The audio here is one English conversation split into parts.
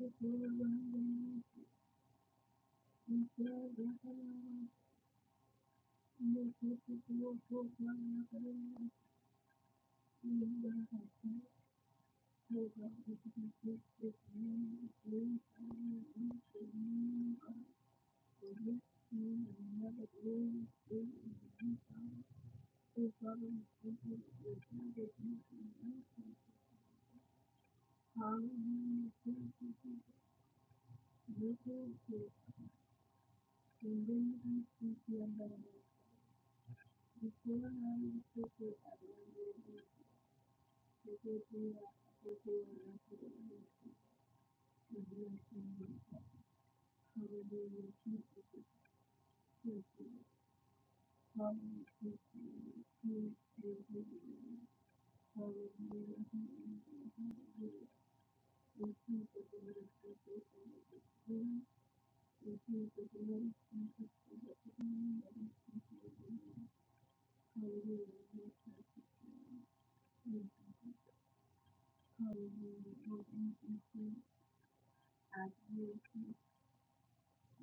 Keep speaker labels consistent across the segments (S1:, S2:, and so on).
S1: Hallelujah.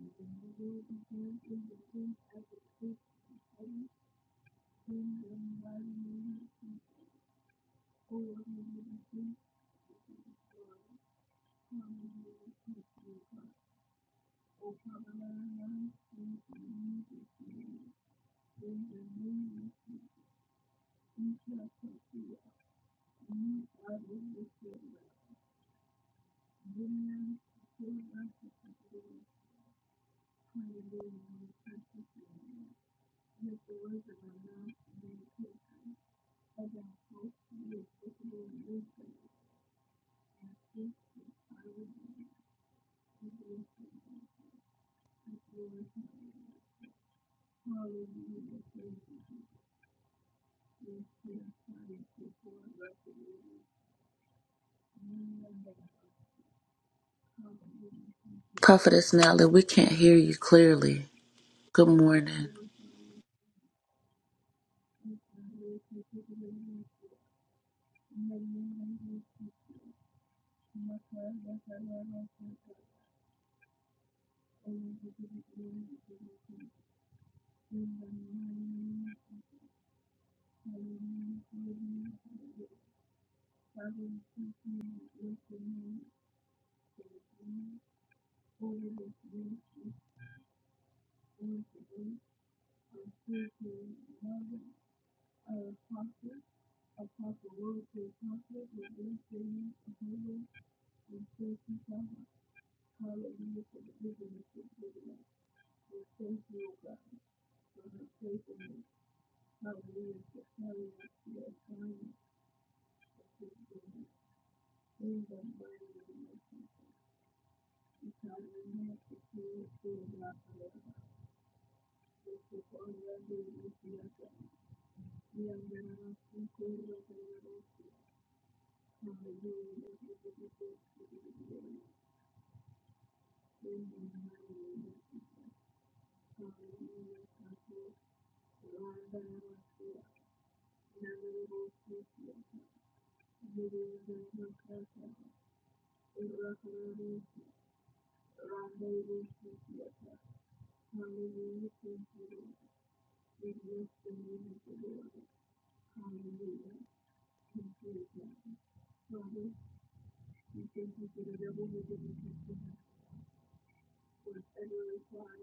S1: Thank
S2: Prophetess Nelly, we can't hear you clearly. Good morning.
S1: you. Spiritual Mother of Apostle, Apostle Word to Apostle, and Illustrating of Heaven, and Spiritual Father. Hallelujah for the vision of the children. We thank you, O God. Praise and hallelujah for carrying the kingdom of God and man to see it through, God. For your name is the Lord. We are now in the kingdom of God. We are now in the kingdom of God. We are now in the kingdom of God. Hallelujah. Thank you, Lord. We bless the name of the Lord. Hallelujah. Thank you, God. Father, we thank you for the devil who didn't ever reply.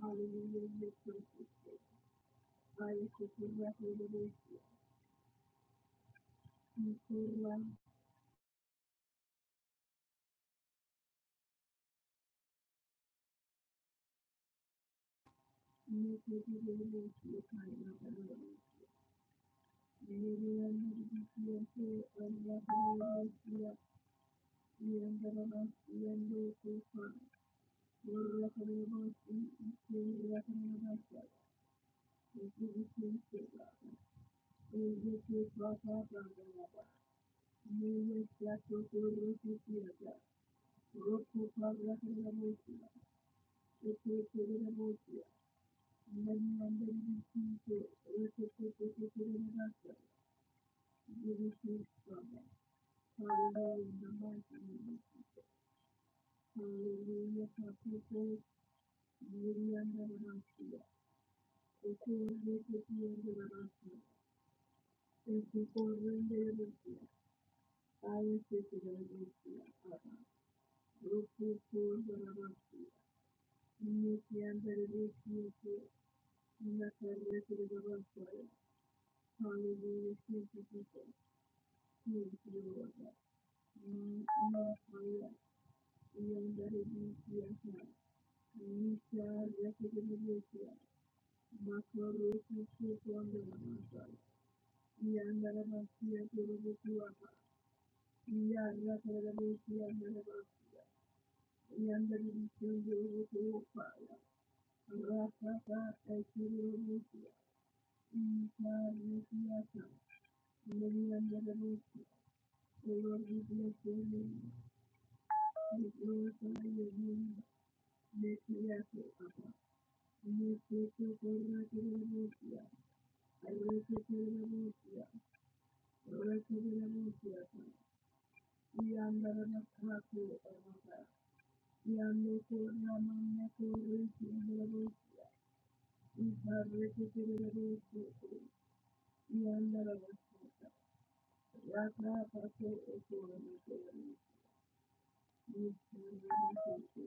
S1: Hallelujah. Yes, I was just a record of a people like you to be the Lord. You kind of the Lord. Maybe I'm not a good person. I'm not a good person. Thank you. Hallelujah, thank you, Jesus. Thank you, Lord. Mm, mm, Hallelujah. We are very grateful, Lord. We shall recognize you. Makoro kusu kwanda na masai. We are very grateful, Lord. We are very grateful, Lord. We are very grateful, Lord. Rapa pa, thank you, Lord. Mm, God, we bless you. Hallelujah, hallelujah. The Lord, we bless your name. We glorify your name. Make me happy, Papa. Make me feel good, like a little boy. I like it, a little boy. I like it, a little boy, Papa. We are not enough happy, Papa. We are no good, no man, no good, we feel a little boy. We are like it, a little boy. We are not enough. Raka, Papa, oh, oh, oh, oh, oh. We are not enough.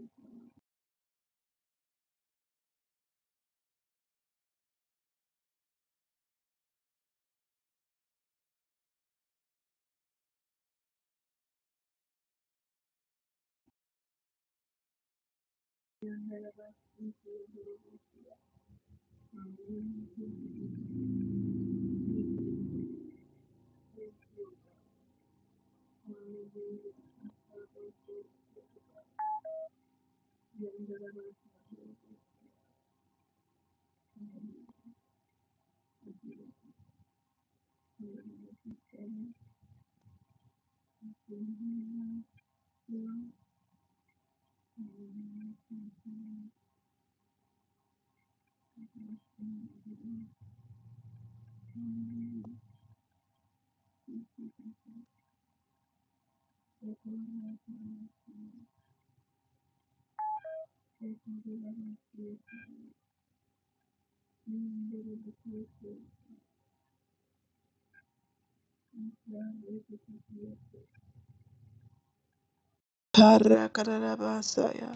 S1: Parakarabasaya.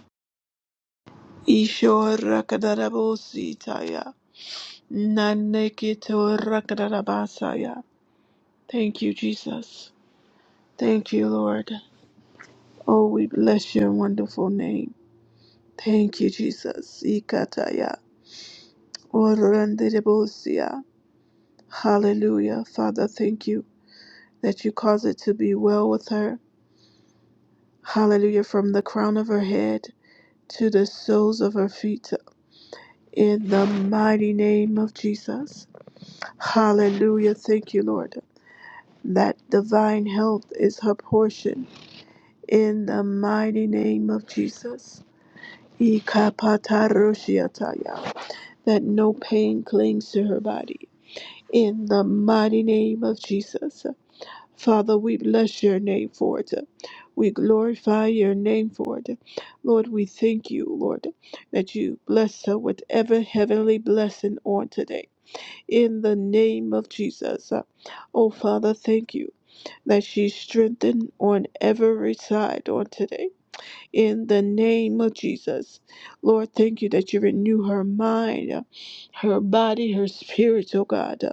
S1: Ishorakarabositaya. Nanekitorakadarabasaya. Thank you, Jesus. Thank you, Lord. Oh, we bless your wonderful name. Thank you, Jesus. Ikataya. Oranderebosia. Hallelujah. Father, thank you that you cause it to be well with her. Hallelujah. From the crown of her head to the soles of her feet. in the mighty name of Jesus. Hallelujah. Thank you, Lord. That divine health is her portion in the mighty name of Jesus. Ikapataroshiataya. That no pain clings to her body in the mighty name of Jesus. Father, we bless your name for it. We glorify your name for it. Lord, we thank you, Lord, that you bless her with every heavenly blessing on today in the name of Jesus. Oh, Father, thank you that she's strengthened on every side on today. In the name of Jesus. Lord, thank you that you renew her mind, uh, her body, her spirit, oh God, uh,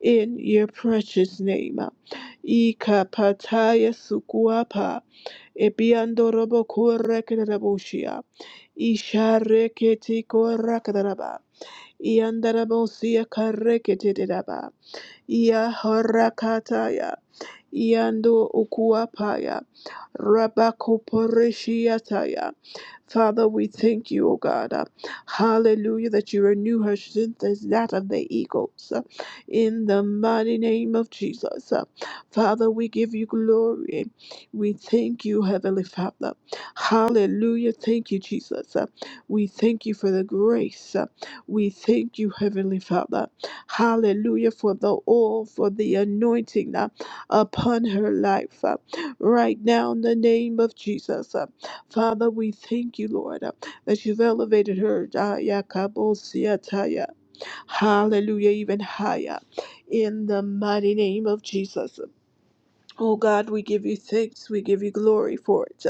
S1: in your precious name. uh. Ika pataya sukuapa, ebiandorobo kurekerabushia, ishareketi korakaraba, iandarabosia kareketedaba. Yahorakataya. Yando Ukuapaya. Rabakoporeshiataya. Father, we thank you, O God. uh, Hallelujah, that you renew her strength as that of the eagles. uh, In the mighty name of Jesus. uh, Father, we give you glory. We thank you, Heavenly Father. Hallelujah. Thank you, Jesus. uh, We thank you for the grace. uh, We thank you, Heavenly Father. Hallelujah, for the oil, for the anointing upon her life uh, right now in the name of Jesus. uh. Father, we thank you, Lord, uh, that you've elevated her. uh, Yakabosiataya. Hallelujah, even higher in the mighty name of Jesus. Oh God, we give you thanks, we give you glory for it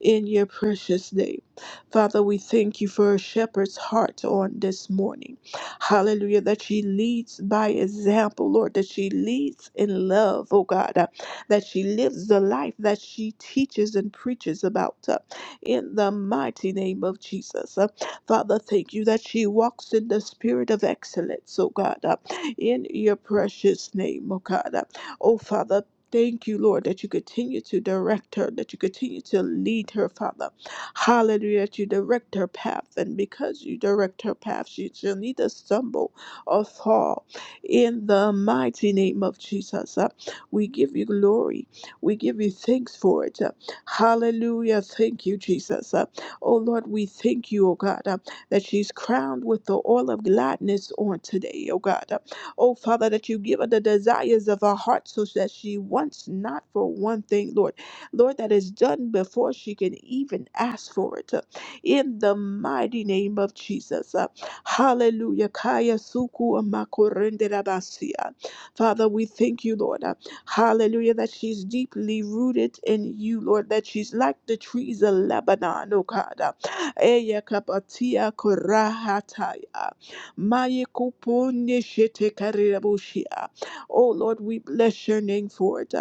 S1: in your precious name. Father, we thank you for a shepherd's heart on this morning. Hallelujah. That she leads by example, Lord, that she leads in love, oh God, uh, that she lives the life that she teaches and preaches about uh, in the mighty name of Jesus. Uh, Father, thank you that she walks in the spirit of excellence, oh God, uh, in your precious name, oh God. Uh, Oh Father, Thank you, Lord, that you continue to direct her, that you continue to lead her, Father. Hallelujah, that you direct her path. And because you direct her path, she shall neither stumble or fall. In the mighty name of Jesus, uh, we give you glory. We give you thanks for it. Uh, Hallelujah. Thank you, Jesus. Uh, Oh, Lord, we thank you, oh God, uh, that she's crowned with the oil of gladness on today, oh God. Uh, Oh, Father, that you give her the desires of her heart so that she wants not for one thing, Lord. Lord, that is done before she can even ask for it. Uh, In the mighty name of Jesus. Uh, Hallelujah. Kaya suku amakorende rabasia. Father, we thank you, Lord. Uh, Hallelujah, that she's deeply rooted in you, Lord, that she's like the trees of Lebanon, oh God. Uh, Eya kapatia korahataya. Maye kupone shete karirabushia. Oh Lord, we bless your name for it.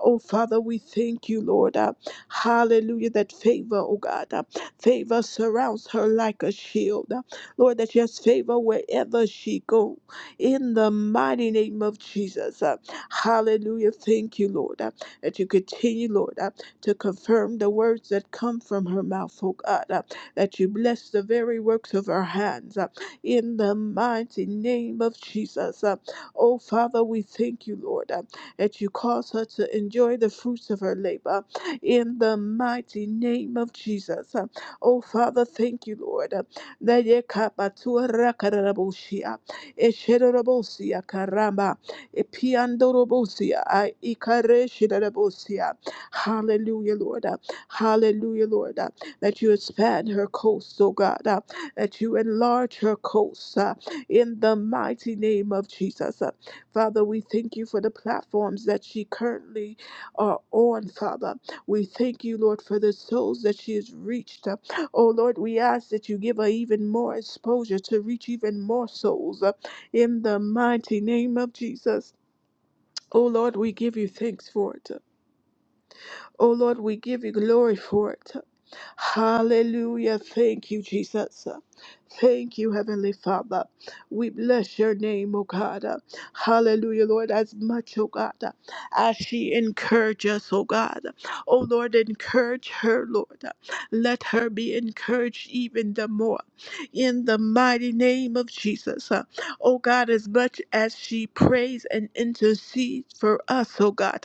S1: Oh Father, we thank you, Lord. Uh, Hallelujah, that favor, oh God. uh, Favor surrounds her like a shield. Uh, Lord, that she has favor wherever she go. In the mighty name of Jesus. Uh, Hallelujah. Thank you, Lord. uh, That you continue, Lord, uh, to confirm the words that come from her mouth, oh God. uh, That you bless the very works of her hands. Uh, in the mighty name of Jesus. Uh, Oh, Father, we thank you, Lord, uh, that you cause her to enjoy the fruits of her labor in the mighty name of Jesus. Uh, Oh, Father, thank you, Lord, uh, that ye kapatua rakarabosia, esherabosia karamba, epiandorobosia, ai- ikareshirabosia. Hallelujah, Lord. uh, Hallelujah, Lord. uh, That you expand her coast, oh God. uh, that you enlarge her coast uh, in the mighty name of Jesus. Uh, Father, we thank you for the platforms that she currently are on, Father. We thank you, Lord, for the souls that she has reached. Uh, oh, Lord, we ask that you give her even more exposure to reach even more souls uh, in the mighty name of Jesus. Oh, Lord, we give you thanks for it. uh. Oh Lord, we give you glory for it. Hallelujah. Thank you, Jesus. Thank you, Heavenly Father. We bless your name, O God. Hallelujah, Lord, as much, O God, as she encourages us, O God. O Lord, encourage her, Lord. Let her be encouraged even the more. In the mighty name of Jesus. O God, as much as she prays and intercedes for us, O God.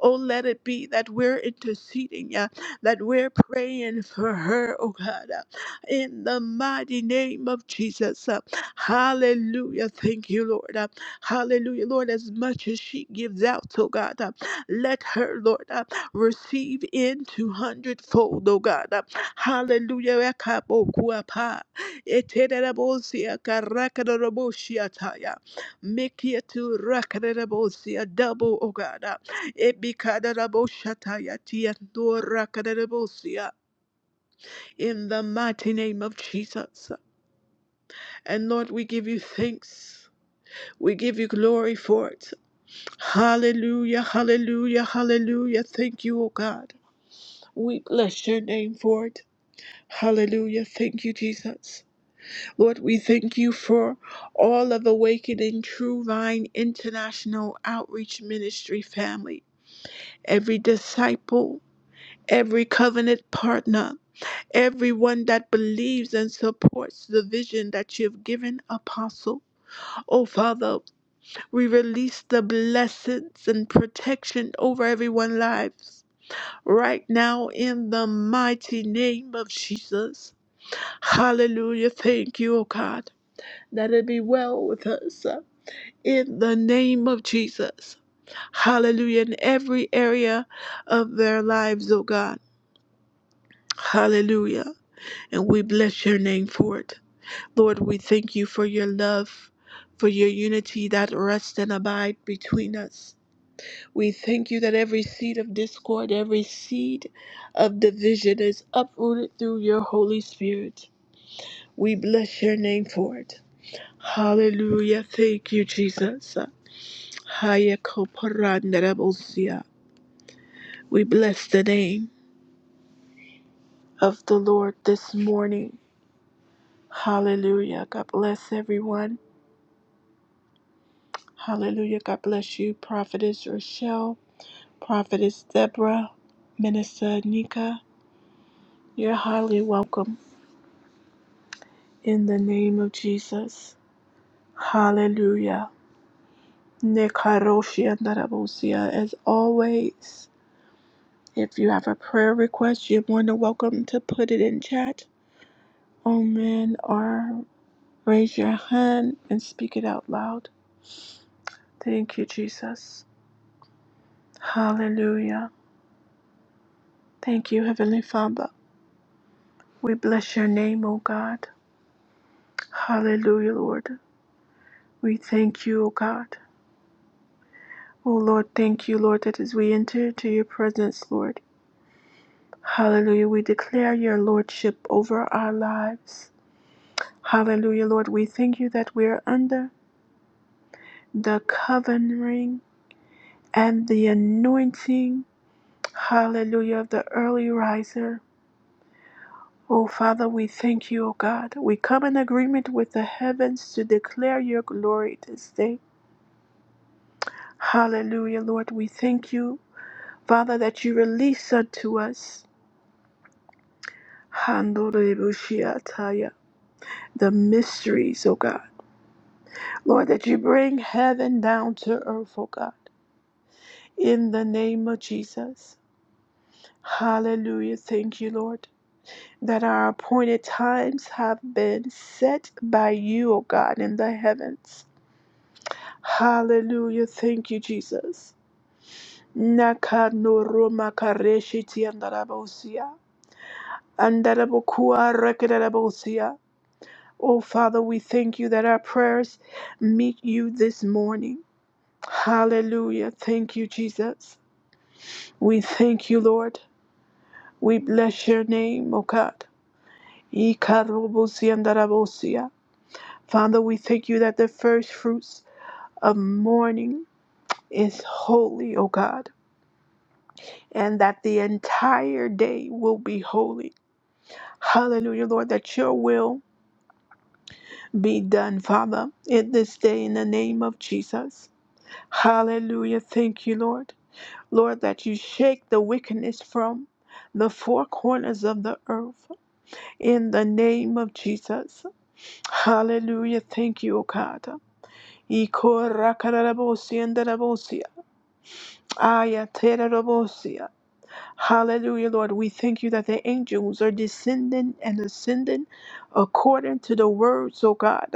S1: Oh, let it be that we're interceding, yeah, that we're praying for her, oh God, uh, in the mighty name of Jesus. uh, Hallelujah. Thank you, Lord. uh, Hallelujah. Lord, as much as she gives out, oh God, uh, let her, Lord, uh, receive in two hundredfold, oh God. uh, Hallelujah. Ekabokuapa, etererebosia, karakadorobosiataya, mikiatu, rakadorebosia, Double, oh God. uh, in the mighty name of Jesus. And Lord, we give you thanks. We give you glory for it. Hallelujah, hallelujah, hallelujah. Thank you, O God. We bless your name for it. Hallelujah. Thank you, Jesus. Lord, we thank you for all of Awakening True Vine International Outreach Ministry family, every disciple, every covenant partner. everyone that believes and supports the vision that you've given, Apostle. Oh, Father, we release the blessings and protection over everyone's lives right now in the mighty name of Jesus. Hallelujah. Thank you, oh God, that it be well with us. uh, In the name of Jesus. Hallelujah. In every area of their lives, oh God. Hallelujah. And we bless your name for it. Lord, we thank you for your love, for your unity that rests and abide between us. We thank you that every seed of discord, every seed of division is uprooted through your Holy Spirit. We bless your name for it. Hallelujah. Thank you, Jesus. Haya koporanderebosia. We bless the name of the Lord this morning. Hallelujah. God bless everyone. Hallelujah. God bless you, Prophetess Rochelle. Prophetess Deborah, Minister Nika, you're highly welcome in the name of Jesus. Hallelujah. Nekaroshi andarabosia. As always, if you have a prayer request, you're more than welcome to put it in chat. Amen. Or raise your hand and speak it out loud. Thank you, Jesus. Hallelujah. Thank you, Heavenly Father. We bless your name, O God. Hallelujah, Lord. We thank you, O God. Oh Lord, thank you, Lord, that as we enter into your presence, Lord, hallelujah, we declare your lordship over our lives. Hallelujah, Lord, we thank you that we are under the covering and the anointing, hallelujah, of the early riser. Oh Father, we thank you, oh God. We come in agreement with the heavens to declare your glory this day. Hallelujah, Lord, we thank you, Father, that you release unto us. the mysteries, oh God. Lord, that you bring heaven down to earth, oh God, in the name of Jesus. Hallelujah. Thank you, Lord, that our appointed times have been set by you, O God, in the heavens. Hallelujah. Thank you, Jesus. Nakanoro makareshi tiandarabosia. Andarabokua rekedarabosia. Oh, Father, we thank you that our prayers meet you this morning. Hallelujah. Thank you, Jesus. We thank you, Lord. We bless your name, O God. Ikarobosia and darabosia. Father, we thank you that the first fruits of morning is holy, O God, and that the entire day will be holy. Hallelujah, Lord, that your will be done, Father, in this day in the name of Jesus. Hallelujah. Thank you, Lord. Lord, that you shake the wickedness from the four corners of the earth in the name of Jesus. Hallelujah. Thank you, O God. Ikorakarabosia and darabosia. Ayaterabosia. Hallelujah, Lord. We thank you that the angels are descending and ascending according to the words, O God.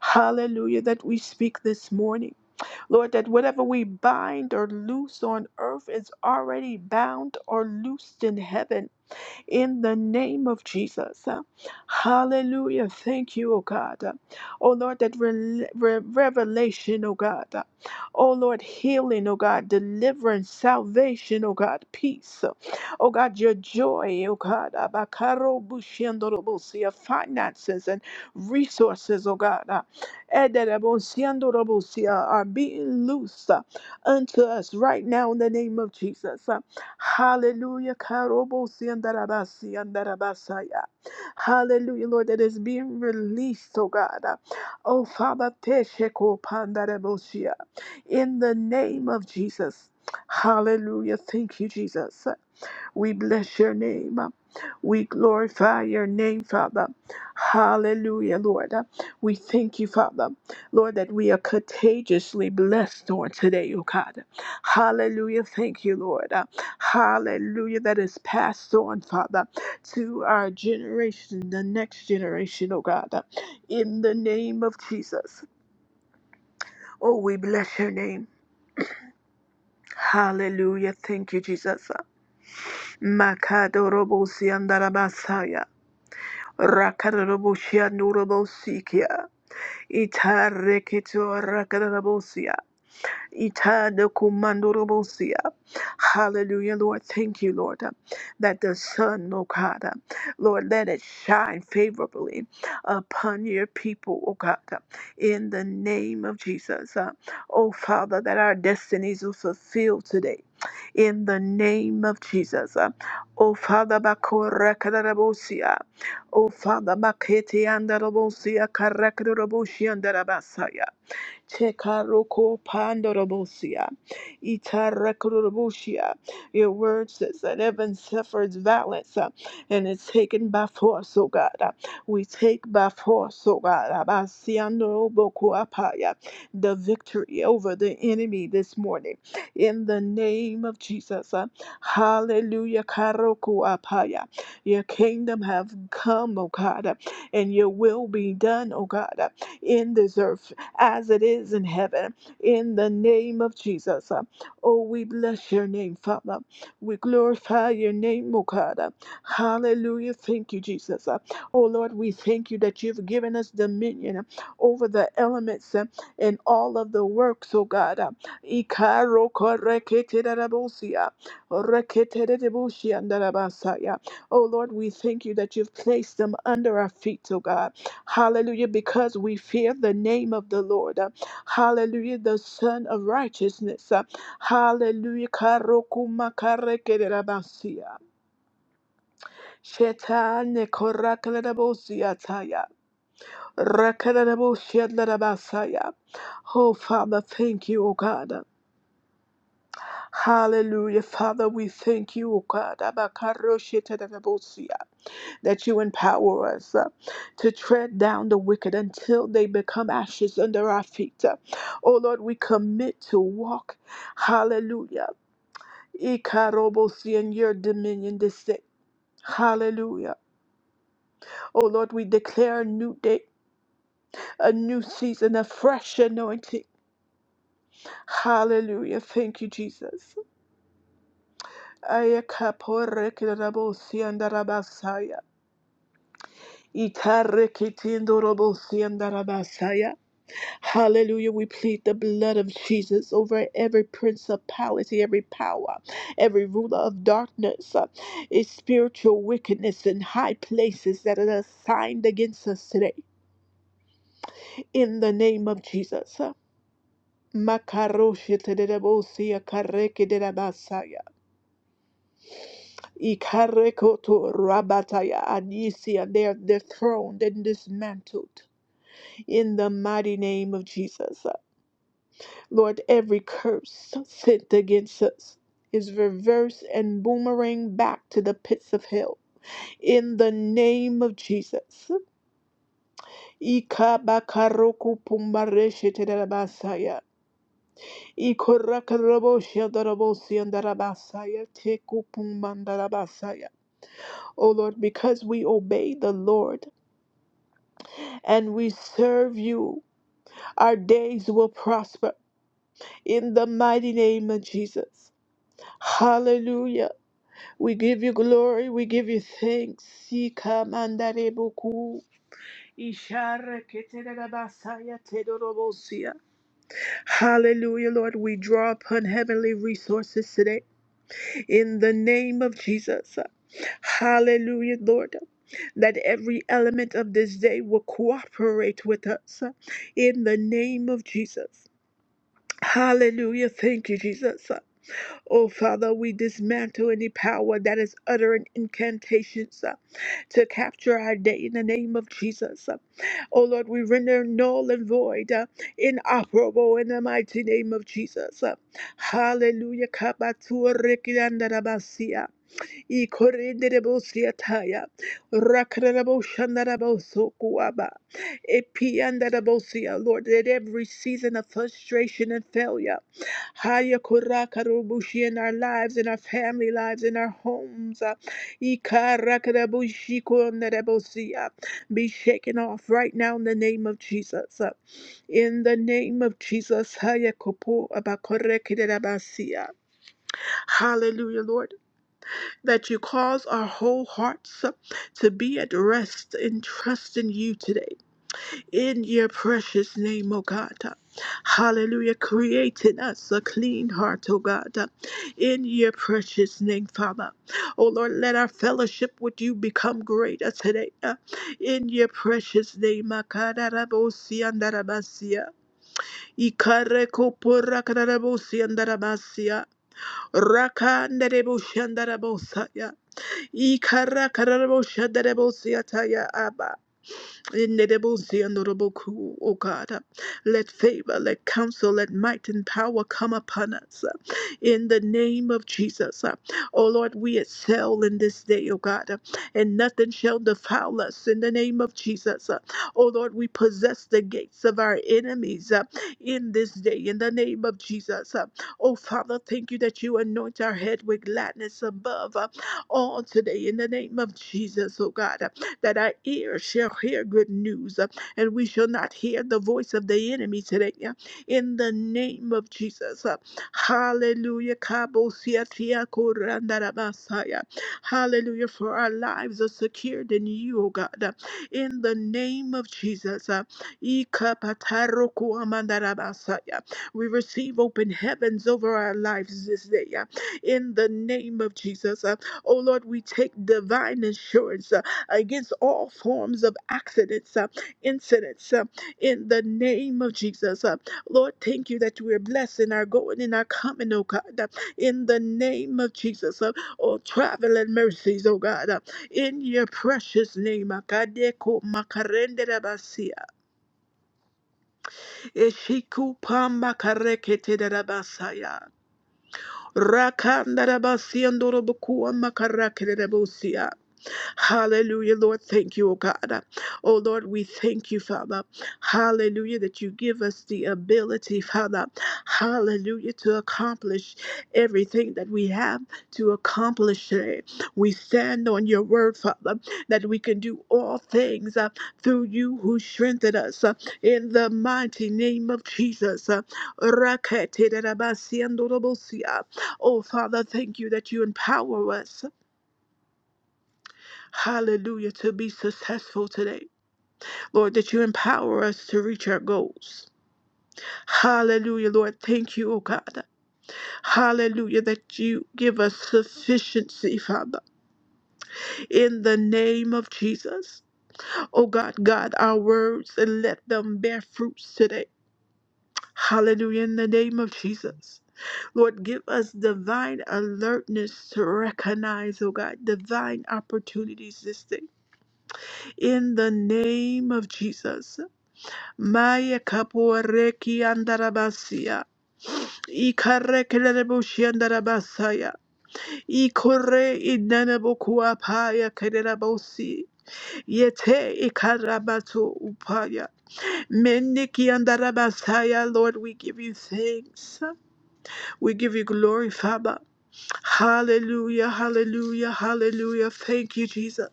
S1: Hallelujah, that we speak this morning. Lord, that whatever we bind or loose on earth is already bound or loosed in heaven in the name of Jesus. Hallelujah. Thank you, oh God. Oh Lord, that re- re- revelation, oh God. Oh Lord, healing, oh God, deliverance, salvation, oh God, peace. Oh God, your joy, oh God, Abakaro bushiandorobosia, finances and resources, oh God, uh, ederebosiandorobosia, are being loosed uh, unto us right now in the name of Jesus. Hallelujah. Karobosi andarabasi andarabasaya. Hallelujah, Lord, that is being released, oh God. Oh Father, tesheko pandarabosia. in the name of Jesus. Hallelujah. Thank you, Jesus. We bless your name. We glorify your name, Father. Hallelujah, Lord. We thank you, Father. Lord, that we are contagiously blessed on today, oh God. Hallelujah. Thank you, Lord. Hallelujah. That is passed on, Father, to our generation, the next generation, oh God. In the name of Jesus. Oh, we bless your name. Hallelujah. Thank you, Jesus. Makadorobo Rakaraboshianurabosia. Itareketo rakarabosia. Itana kumandorobosia. Hallelujah, Lord. Thank you, Lord, uh, that the sun, oh God, uh, Lord, let it shine favorably upon your people, oh God, uh, in the name of Jesus. Uh, Oh Father, that our destinies will fulfill today. In the name of Jesus. Uh, Oh Father, bakorakarabosia. Oh Father, makete andarabosia, karakarabosia, andarabasaya. Tekaroko pandorobosia. Itarakorobosia. Your word says that heaven suffers violence uh, and it's taken by force, oh God. Uh, We take by force, oh God. Abasiandorobokuapaya, The victory over the enemy this morning. In the name of Jesus. uh, Hallelujah. Karokuapaya. Your kingdom have come, oh God, uh, and your will be done, oh God, uh, in this earth as it is in heaven. In the name of Jesus. uh, Oh, we bless your name, Father. We glorify your name, O God. uh, Hallelujah. Thank you, Jesus. uh, Oh, Lord, we thank you that you've given us dominion uh, over the elements uh, and all of the works, O God. uh, Ikaro koreketerabosia, oreketerebosiandarabasaya. Oh Lord, we thank you that you've placed them under our feet, O God. Hallelujah, because we fear the name of the Lord. Uh, Hallelujah, the Son of Righteousness. Uh, Hallelujah, karokuma karekererabasia. Shetane korakelerabosiataya. Rakelerabosialerabasaya. Oh, Father, thank you, O God. Hallelujah, Father, we thank you, O God. Abakaroshetererabosia. that you empower us uh, to tread down the wicked until they become ashes under our feet. Uh, oh Lord, we commit to walk, hallelujah, Ikarobosi in your dominion this day. Hallelujah. Oh Lord, we declare a new day, a new season, a fresh anointing. Hallelujah. Thank you, Jesus. Ayakaporekerabosi andarabasaya. Itarekitindorobosi Hallelujah. We plead the blood of Jesus over every principality, every power, every ruler of darkness, uh, is spiritual wickedness in high places that are assigned against us today. In the name of Jesus. uh, Makaroshetelebosia karekedelabasaya, ikarekoto rabataya anisia. They are dethroned and dismantled in the mighty name of Jesus. uh, Lord, every curse sent against us is reversed and boomerang back to the pits of hell. In the name of Jesus. Ikabakaroku pumbaresheterabasaya. Ikorakarabosyandarabosyandarabasaya. Tekupumbandarabasaya. O Lord, because we obey the Lord and we serve you, our days will prosper. In the mighty name of Jesus. Hallelujah. We give you glory. We give you thanks. Sika mandare buku. Ishara keterera basaya tedorobosia. Hallelujah, Lord. We draw upon heavenly resources today in the name of Jesus. Hallelujah, Lord. That every element of this day will cooperate with us in the name of Jesus. Hallelujah. Thank you, Jesus. Oh, Father, we dismantle any power that is uttering incantations. to capture our day in the name of Jesus. Oh Lord, we render null and void, uh, inoperable in the mighty name of Jesus. Hallelujah. Kabatua I korenderebo siataya. Rakarabo shandarabo sokuaba. Epiandarabo sia. Lord, that every season of frustration and failure, haya korakarabushi in our lives, in our family lives, in our homes, uh, ikarakarabushi korenderebo sia, be shaken off right now in the name of Jesus. uh, In the name of Jesus, haya kopo abakorekereba sia. Hallelujah, Lord that you cause our whole hearts to be at rest and trust in trusting you today. In your precious name, O God. Hallelujah. Create in us a clean heart, O God. In your precious name, Father. O Lord, let our fellowship with you become greater today. In your precious name, Makararabosia andarabasia. Ikareko porakadarabosiandaramasia. Rakandareboshandarabosaya. Ikarakaraboshadarabosiataya aba. Inedible, honorable, O God. Let favor, let counsel, let might and power come upon us. In the name of Jesus. O Lord, we excel in this day, O God, and nothing shall defile us. In the name of Jesus. O Lord, we possess the gates of our enemies in this day. In the name of Jesus. O Father, thank you that you anoint our head with gladness above all today. In the name of Jesus, O God that our ears shall hear good news, uh, and we shall not hear the voice of the enemy today. uh, In the name of Jesus. uh, Hallelujah. Kabosiatia korandarabasaya. Hallelujah. For our lives are secured in you, O God. uh, In the name of Jesus. uh, Ikapatarokuamandarabasaya. We receive open heavens over our lives this day. uh, In the name of Jesus. uh, Oh Lord, we take divine assurance. uh, against all forms of accidents, uh, incidents, uh, in the name of Jesus. Uh, Lord, thank you that we're blessed in our going and our coming, oh God, uh, in the name of Jesus. Uh, oh, travel mercies, oh God, uh, in your precious name. Akadeko makarende rabasia, eshiku pamba karekete rabasaya. Rakandarabasiandorobokua Hallelujah, Lord. Thank you, O God. Oh Lord, we thank you, Father. Hallelujah, that you give us the ability, Father. Hallelujah, to accomplish everything that we have to accomplish today. We stand on your word, Father, that we can do all things uh, through you who strengthen us. uh, in the mighty name of Jesus. Uh, Oh, Father, thank you that you empower us, hallelujah, to be successful today. Lord, that you empower us to reach our goals. Hallelujah, Lord. Thank you, oh God. Hallelujah, that you give us sufficiency, Father, in the name of Jesus. Oh God, God, our words and let them bear fruits today. Hallelujah, in the name of Jesus. Lord, give us divine alertness to recognize, oh God, divine opportunities this day in the name of Jesus. Maya kaporeki andarabasia. Ikarekeleboshi andarabasaya. Ikore inanabokuapaya paya kererabosi. Yete ikarabato upaya. Meniki andarabasaya. Lord, we give you thanks. We give you glory, Father. Hallelujah, hallelujah, hallelujah. Thank you, Jesus.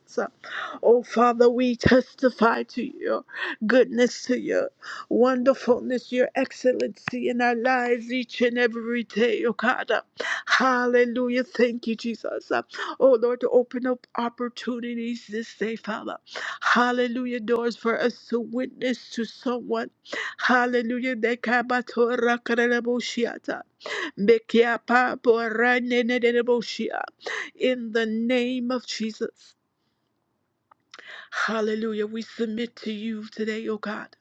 S1: Oh, Father, we testify to your goodness, to your wonderfulness, your excellency in our lives each and every day, oh God. Hallelujah. Thank you, Jesus. Oh, Lord, to open up opportunities this day, Father. Hallelujah. Doors for us to witness to someone. Hallelujah. Mekia pa porane ne ne ne boshia. In the name of Jesus. Hallelujah. We submit to you today, O God,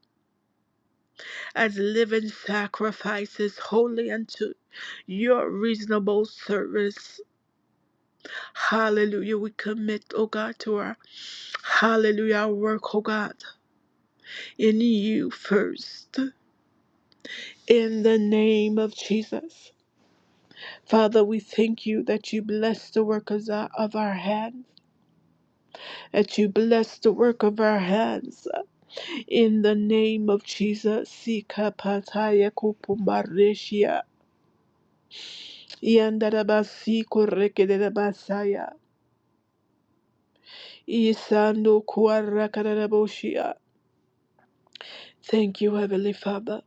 S1: as living sacrifices, holy unto your reasonable service. Hallelujah. We commit, O God, to our hallelujah our work, O God, in you first. In the name of Jesus. Father, we thank you that you bless the workers of our hand. that you bless the work of our hands. In the name of Jesus, Sika Pataya Kupumareshia, Yandarabasi Korekedabasaya, Isando Kuarakaraboshia. Thank you, Heavenly Father.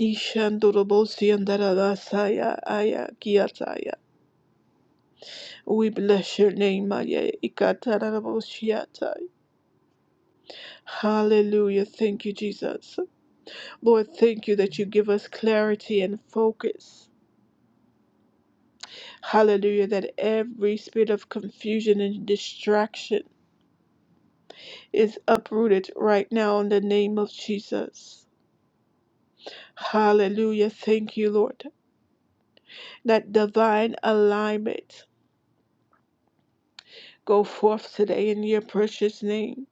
S1: Ishandorobosi andarabasaya aya kiataya. We bless your name, aya ikataraboshiatai. Hallelujah. Thank you, Jesus. Lord, thank you that you give us clarity and focus. Hallelujah. That every spirit of confusion and distraction is uprooted right now in the name of Jesus. Hallelujah. Thank you, Lord. That divine alignment go forth today in your precious name.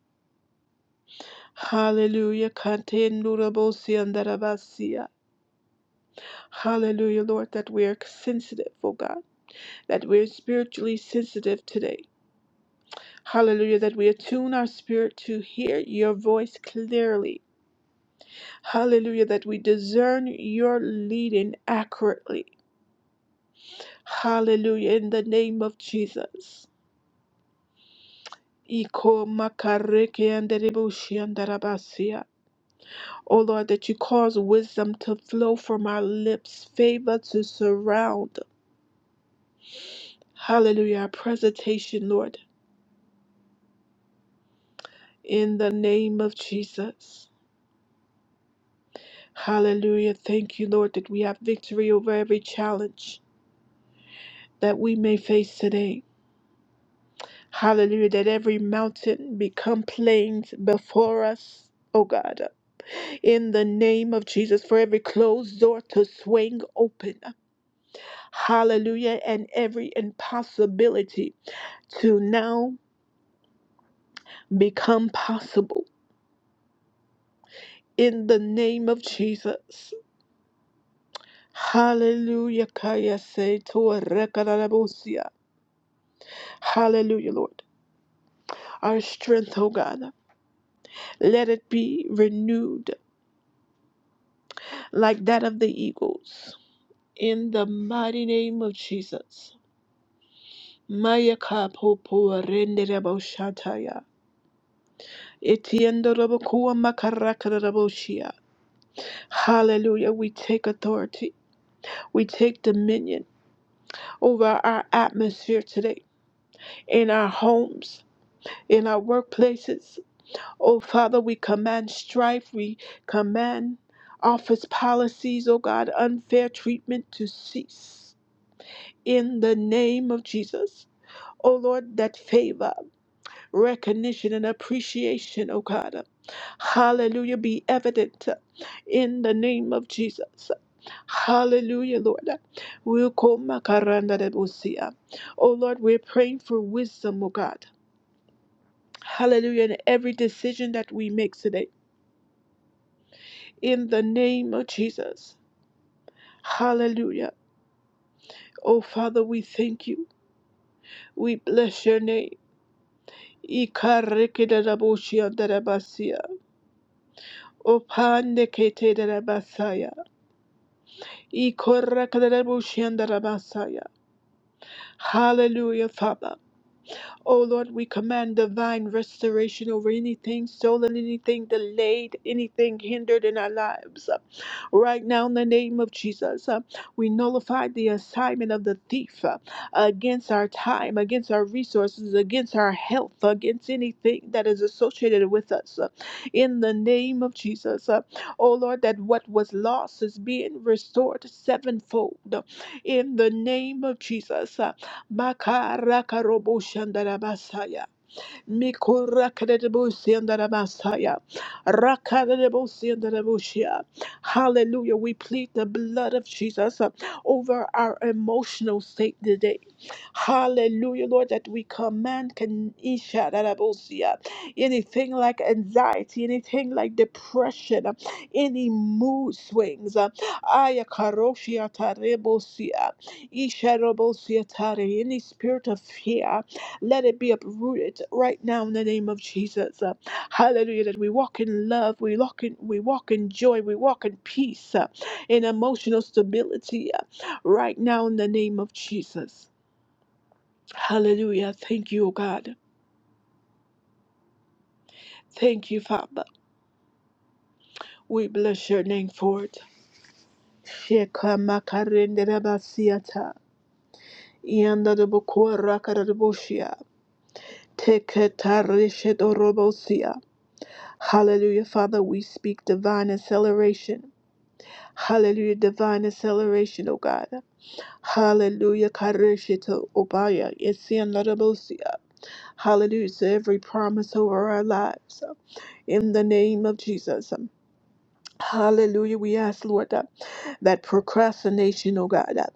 S1: Hallelujah. Kante nurabosi andarabasia. Hallelujah, Lord, that we are sensitive, oh God, that we are spiritually sensitive today. Hallelujah, that we attune our spirit to hear your voice clearly Hallelujah, that we discern your leading accurately. Hallelujah, in the name of Jesus. Iko makareke anderebushi andarabasia. O Lord, that you cause wisdom to flow from our lips, favor to surround. Hallelujah, our presentation, Lord, in the name of Jesus. Hallelujah. Thank you, Lord, that we have victory over every challenge that we may face today. Hallelujah, that every mountain become plains before us, oh God. In the name of Jesus, for every closed door to swing open. Hallelujah, and every impossibility to now become possible. In the name of Jesus. Hallelujah, Kaya say to Rekanarabosia. Hallelujah, Lord. Our strength, oh God, let it be renewed like that of the eagles. in the mighty name of Jesus. Maya kapo po rende shataya. Etiendo rabo kua shia. Hallelujah. We take authority. We take dominion over our atmosphere today, in our homes, in our workplaces. Oh Father, we command strife. We command office policies, oh God, unfair treatment to cease. In the name of Jesus. Oh Lord, that favor. recognition and appreciation, oh God. Hallelujah, be evident in the name of Jesus. Hallelujah, Lord. We'll call Makaranda de Bosia. Oh Lord, we're praying for wisdom, oh God. Hallelujah, in every decision that we make today, in the name of Jesus. Hallelujah. Oh Father, we thank you. We bless your name. Ikareke de la Bosia de la Basia. Opanekete de la Basaya. Hallelujah, Father. Oh Lord, we command divine restoration over anything stolen, anything delayed, anything hindered in our lives. Uh, Right now, in the name of Jesus, uh, we nullify the assignment of the thief uh, against our time, against our resources, against our health, against anything that is associated with us. uh, In the name of Jesus, Uh, oh Lord, that what was lost is being restored sevenfold. uh, In the name of Jesus, uh, Makaraka robo shandara basaya. Mikora kadadabusi andarabasaya. Rakadadabusi andarabushia. Hallelujah. We plead the blood of Jesus uh, over our emotional state today. Hallelujah, Lord, that we command can ishadarabusia. anything like anxiety, anything like depression, uh, any mood swings. uh, ayakaroshia tarebusia, isharabusia tare, Any spirit of fear. Let it be uprooted right now in the name of Jesus. Uh, Hallelujah. That we walk in love, we walk in, we walk in joy, we walk in peace, uh, in emotional stability uh, right now in the name of Jesus. Hallelujah. Thank you, O God. Thank you, Father. We bless your name for it. Sheka makarendera basiata. Yanda de bokora karaboshia. Teketarishe dorobosia. Hallelujah, Father. We speak divine acceleration. Hallelujah, divine acceleration, O God. Hallelujah, Karishito Obaya, Yesian Larabosia. Hallelujah to every promise over our lives. In the name of Jesus. Hallelujah, we ask, Lord that procrastination, oh God, uh,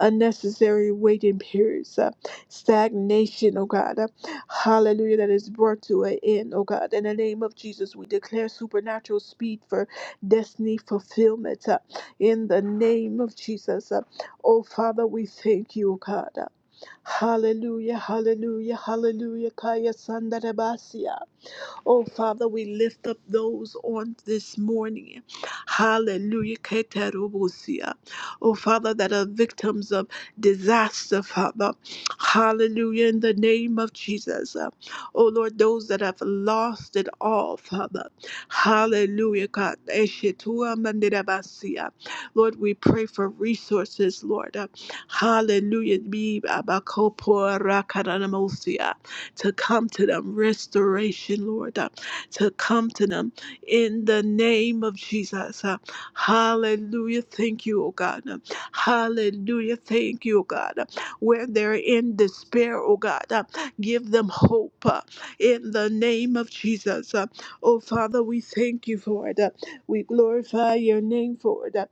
S1: unnecessary waiting periods, uh, stagnation, oh God, uh, hallelujah, that is brought to an end, oh God. In the name of Jesus, we declare supernatural speed for destiny fulfillment uh, in the name of Jesus. uh. oh Father, we thank you, oh God. uh. hallelujah, hallelujah, hallelujah, Kaya Sandarabasia. Oh, Father, we lift up those on this morning. Hallelujah. Keterubusia. Oh, Father, that are victims of disaster, Father. Hallelujah. In the name of Jesus. Oh, Lord, those that have lost it all, Father. Hallelujah. God. Eshetua mandirabasia. Lord, we pray for resources, Lord. Hallelujah. Be abakopo rakaramosia to come to them, restoration, Lord, uh, to come to them in the name of Jesus. uh, Hallelujah. Thank you, oh God. uh, Hallelujah. Thank you, oh God. uh, Where they're in despair, oh God, uh, give them hope uh, in the name of Jesus. uh, Oh Father, we thank you for it. uh, We glorify your name for it. uh,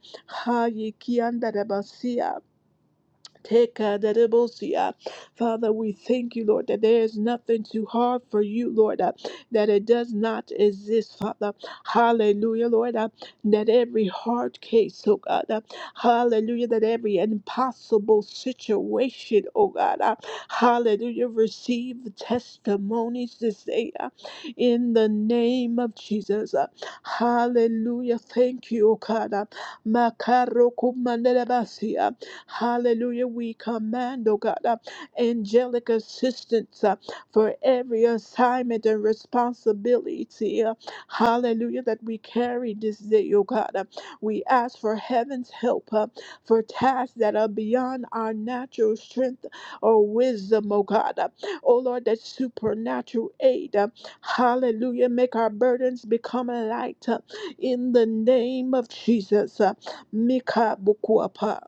S1: Tekadadebosia. Father, we thank you, Lord, that there is nothing too hard for you, Lord, uh, that it does not exist, Father. Hallelujah, Lord, uh, that every hard case, oh God, uh, hallelujah, that every impossible situation, oh God, uh, hallelujah, receive testimonies this day uh, in the name of Jesus. uh, hallelujah, thank you, oh God. Uh, Makarokumanderebasia. Hallelujah. We command, oh God, uh, angelic assistance uh, for every assignment and responsibility. uh, hallelujah. That we carry this day, oh God. Uh, we ask for heaven's help uh, for tasks that are beyond our natural strength or wisdom, oh God. Uh, oh Lord, that supernatural aid. uh, hallelujah. Make our burdens become a light uh, in the name of Jesus. Uh, Mika Bukuapa.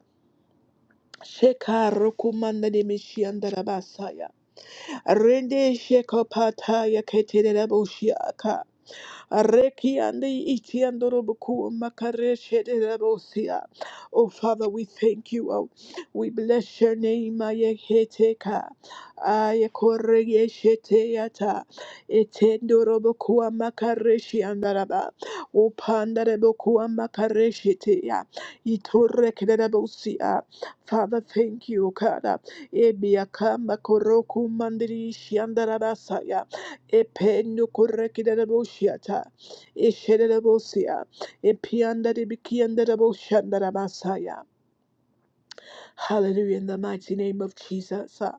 S1: Shekaro kumanda de mishianda rabasaya. Rende shekopata ya ketere rabushia Areki ande iti andorobuku makareshe de rabosia. Oh Father, we thank you. Oh, we bless your name. Ayeketeka. Ayekoreyeshete yata. Etendorobuku makareshi andaraba. Upandareboku makareshi te ya. Itoreke de Father, thank you, Kada. Ebiakamba koroku mandirishi andarabasa Ependo corrected a boshiata, Eshedabosea, Epianda de Bikianda de Boshandara Hallelujah. In the mighty name of Jesus. uh,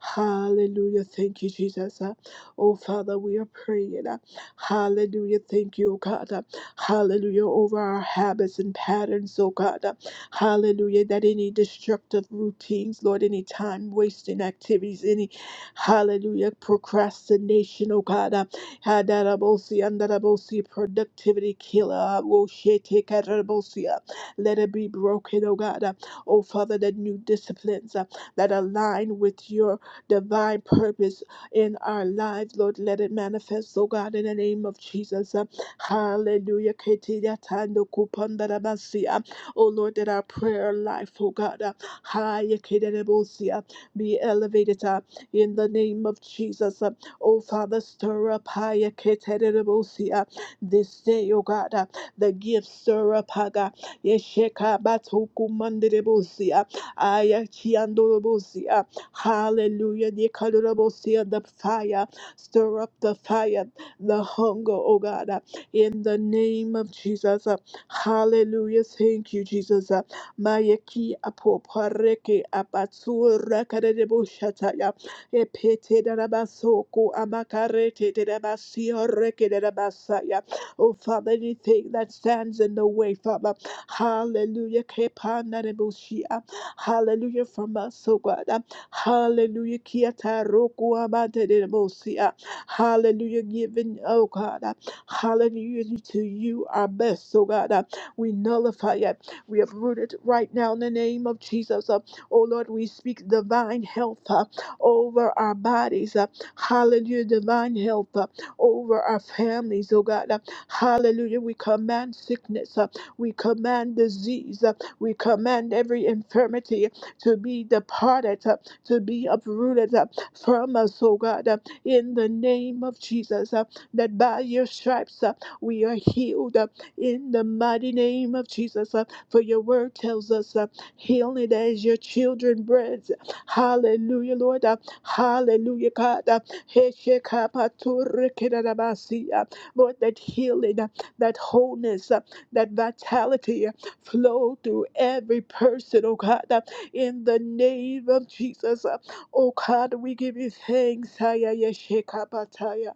S1: Hallelujah. Thank you, Jesus. uh, Oh, Father, we are praying. uh, Hallelujah. Thank you, oh God. uh, Hallelujah. Over our habits and patterns, oh God. uh, Hallelujah. That any destructive routines, Lord, any time wasting activities, any hallelujah procrastination, oh God. uh, Hadarabosi, andarabosi, productivity killer. uh, Woshete, kadarabosi, uh, Let it be broken, oh God oh Father, the new disciplines uh, that align with your divine purpose in our lives, Lord. Let it manifest, oh God, in the name of Jesus. Uh, hallelujah. Ketiriatandokupandarabasia. Oh Lord, that our prayer life, oh God, uh, hayekerebosia, be elevated uh, in the name of Jesus. Uh, oh Father, stir up hayekerebosia, this day, oh God, uh, the gifts stir up, Yesheka batuku manderebosia. Ayachiandorobosia. Hallelujah. Yekadorobosia, The fire. Stir up the fire, the hunger, oh God. In the name of Jesus. Hallelujah. Thank you, Jesus. Mayeki apopareke apatsu rakareboshataya. Epete darabasoko amakarete darabasio reke Oh, Father, anything that stands in the way, Father. Hallelujah. Kepanareboshia. Hallelujah from us, oh God. Hallelujah. Kiatarokuabaterebosia. Hallelujah. Giving, oh God. Hallelujah to you, our best, oh God. We nullify it. We have rooted right now in the name of Jesus. Uh, Oh Lord, we speak divine health uh, over our bodies. uh, Hallelujah. Divine health uh, over our families, oh God. Hallelujah. We command sickness. uh, We command disease. uh, We command every infirmity to be departed, uh, to be uprooted uh, from us, oh God, uh, in the name of Jesus. uh, That by your stripes uh, we are healed uh, in the mighty name of Jesus. uh, For your word tells us uh, healing as your children bread. Hallelujah, Lord. uh, Hallelujah, God. uh, Heshekapaturekedabasi, uh, Lord, that healing, uh, that wholeness, uh, that vitality uh, flow through every person, oh God, uh, in the name of Jesus. uh, Oh God, we give you thanks. Haya yeshekabataya.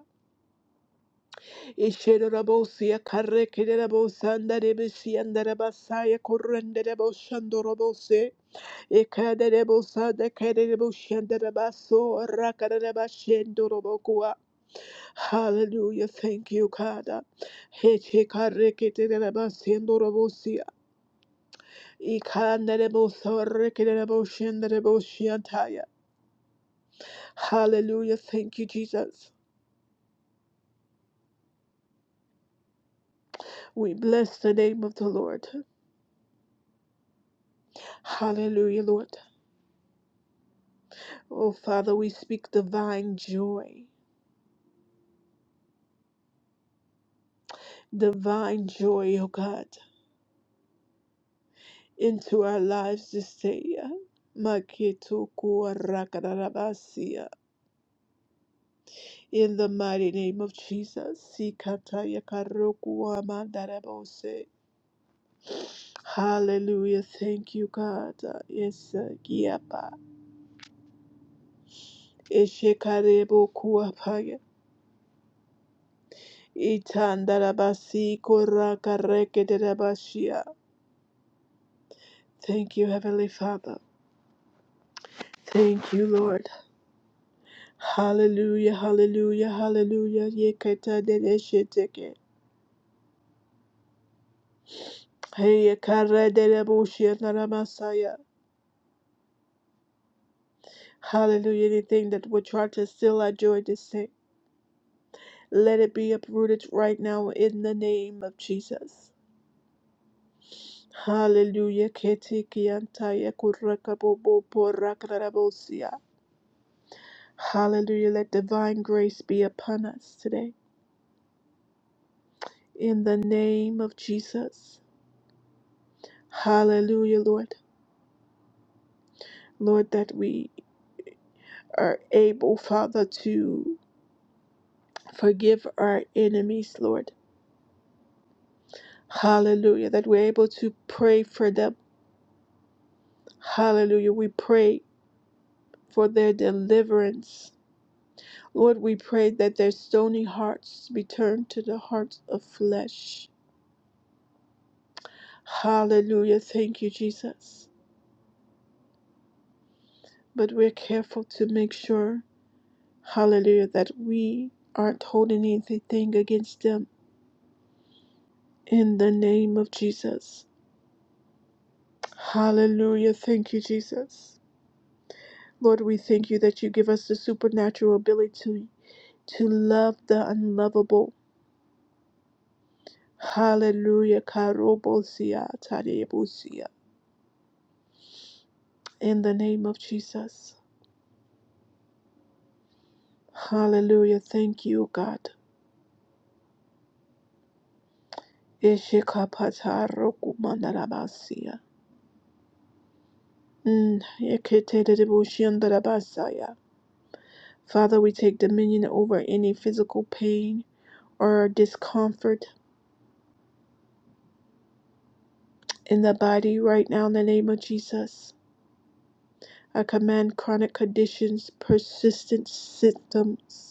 S1: Isherorobosia karekererabosanda rebesianda rabasaya korrendereboshandorobose. Ekaderebo sada kaderebo shandarabaso rakadarabashendorobokua. Hallelujah. Thank you, God. Hechekareketerabasendorobosia. Ikanderebosorekereboshendereboshiantaya. Hallelujah. Thank you, Jesus. We bless the name of the Lord. Hallelujah, Lord. Oh, Father, we speak divine joy. Divine joy, oh God. into our lives this day. Makitukuarakarabasia. In the mighty name of Jesus. Sikatayakarukuamandarabose. Hallelujah. Thank you, God. Yes, Giapa. Eshekarebo Kuapaya. Itandarabasi Korakarekedabashia. Thank you, Heavenly Father. Thank you, Lord. Hallelujah, hallelujah, hallelujah. Yekata Hey, Karadelebushia Naramasaya. Hallelujah. Anything that would try to steal our joy this day, let it be uprooted right now in the name of Jesus. Hallelujah. Ketikiantaya kurakabobo porakarabosia. Hallelujah. Let divine grace be upon us today in the name of Jesus. Hallelujah, Lord. Lord, that we are able, Father, to forgive our enemies, Lord Hallelujah. That we're able to pray for them. Hallelujah. We pray for their deliverance. Lord, we pray that their stony hearts be turned to the hearts of flesh. Hallelujah. Thank you, Jesus. But we're careful to make sure, hallelujah, that we aren't holding anything against them in the name of Jesus. Hallelujah. Thank you, Jesus. Lord, we thank you that you give us the supernatural ability to love the unlovable. Hallelujah. Karobosia, tarebosia. In the name of Jesus. Hallelujah. Thank you, God. Eshekapatarokumanarabasia. Mm, eketerebushiandarabasaya. Father, we take dominion over any physical pain or discomfort in the body right now in the name of Jesus. I command chronic conditions, persistent symptoms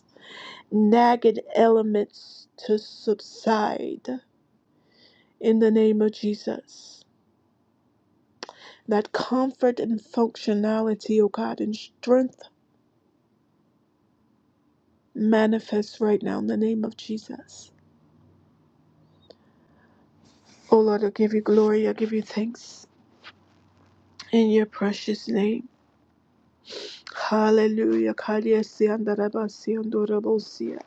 S1: nagged elements to subside in the name of Jesus. That comfort and functionality, oh God, and strength manifest right now in the name of Jesus. Oh Lord, I give you glory, I give you thanks in your precious name. Hallelujah. Kadiasiandarabasiandorobosia.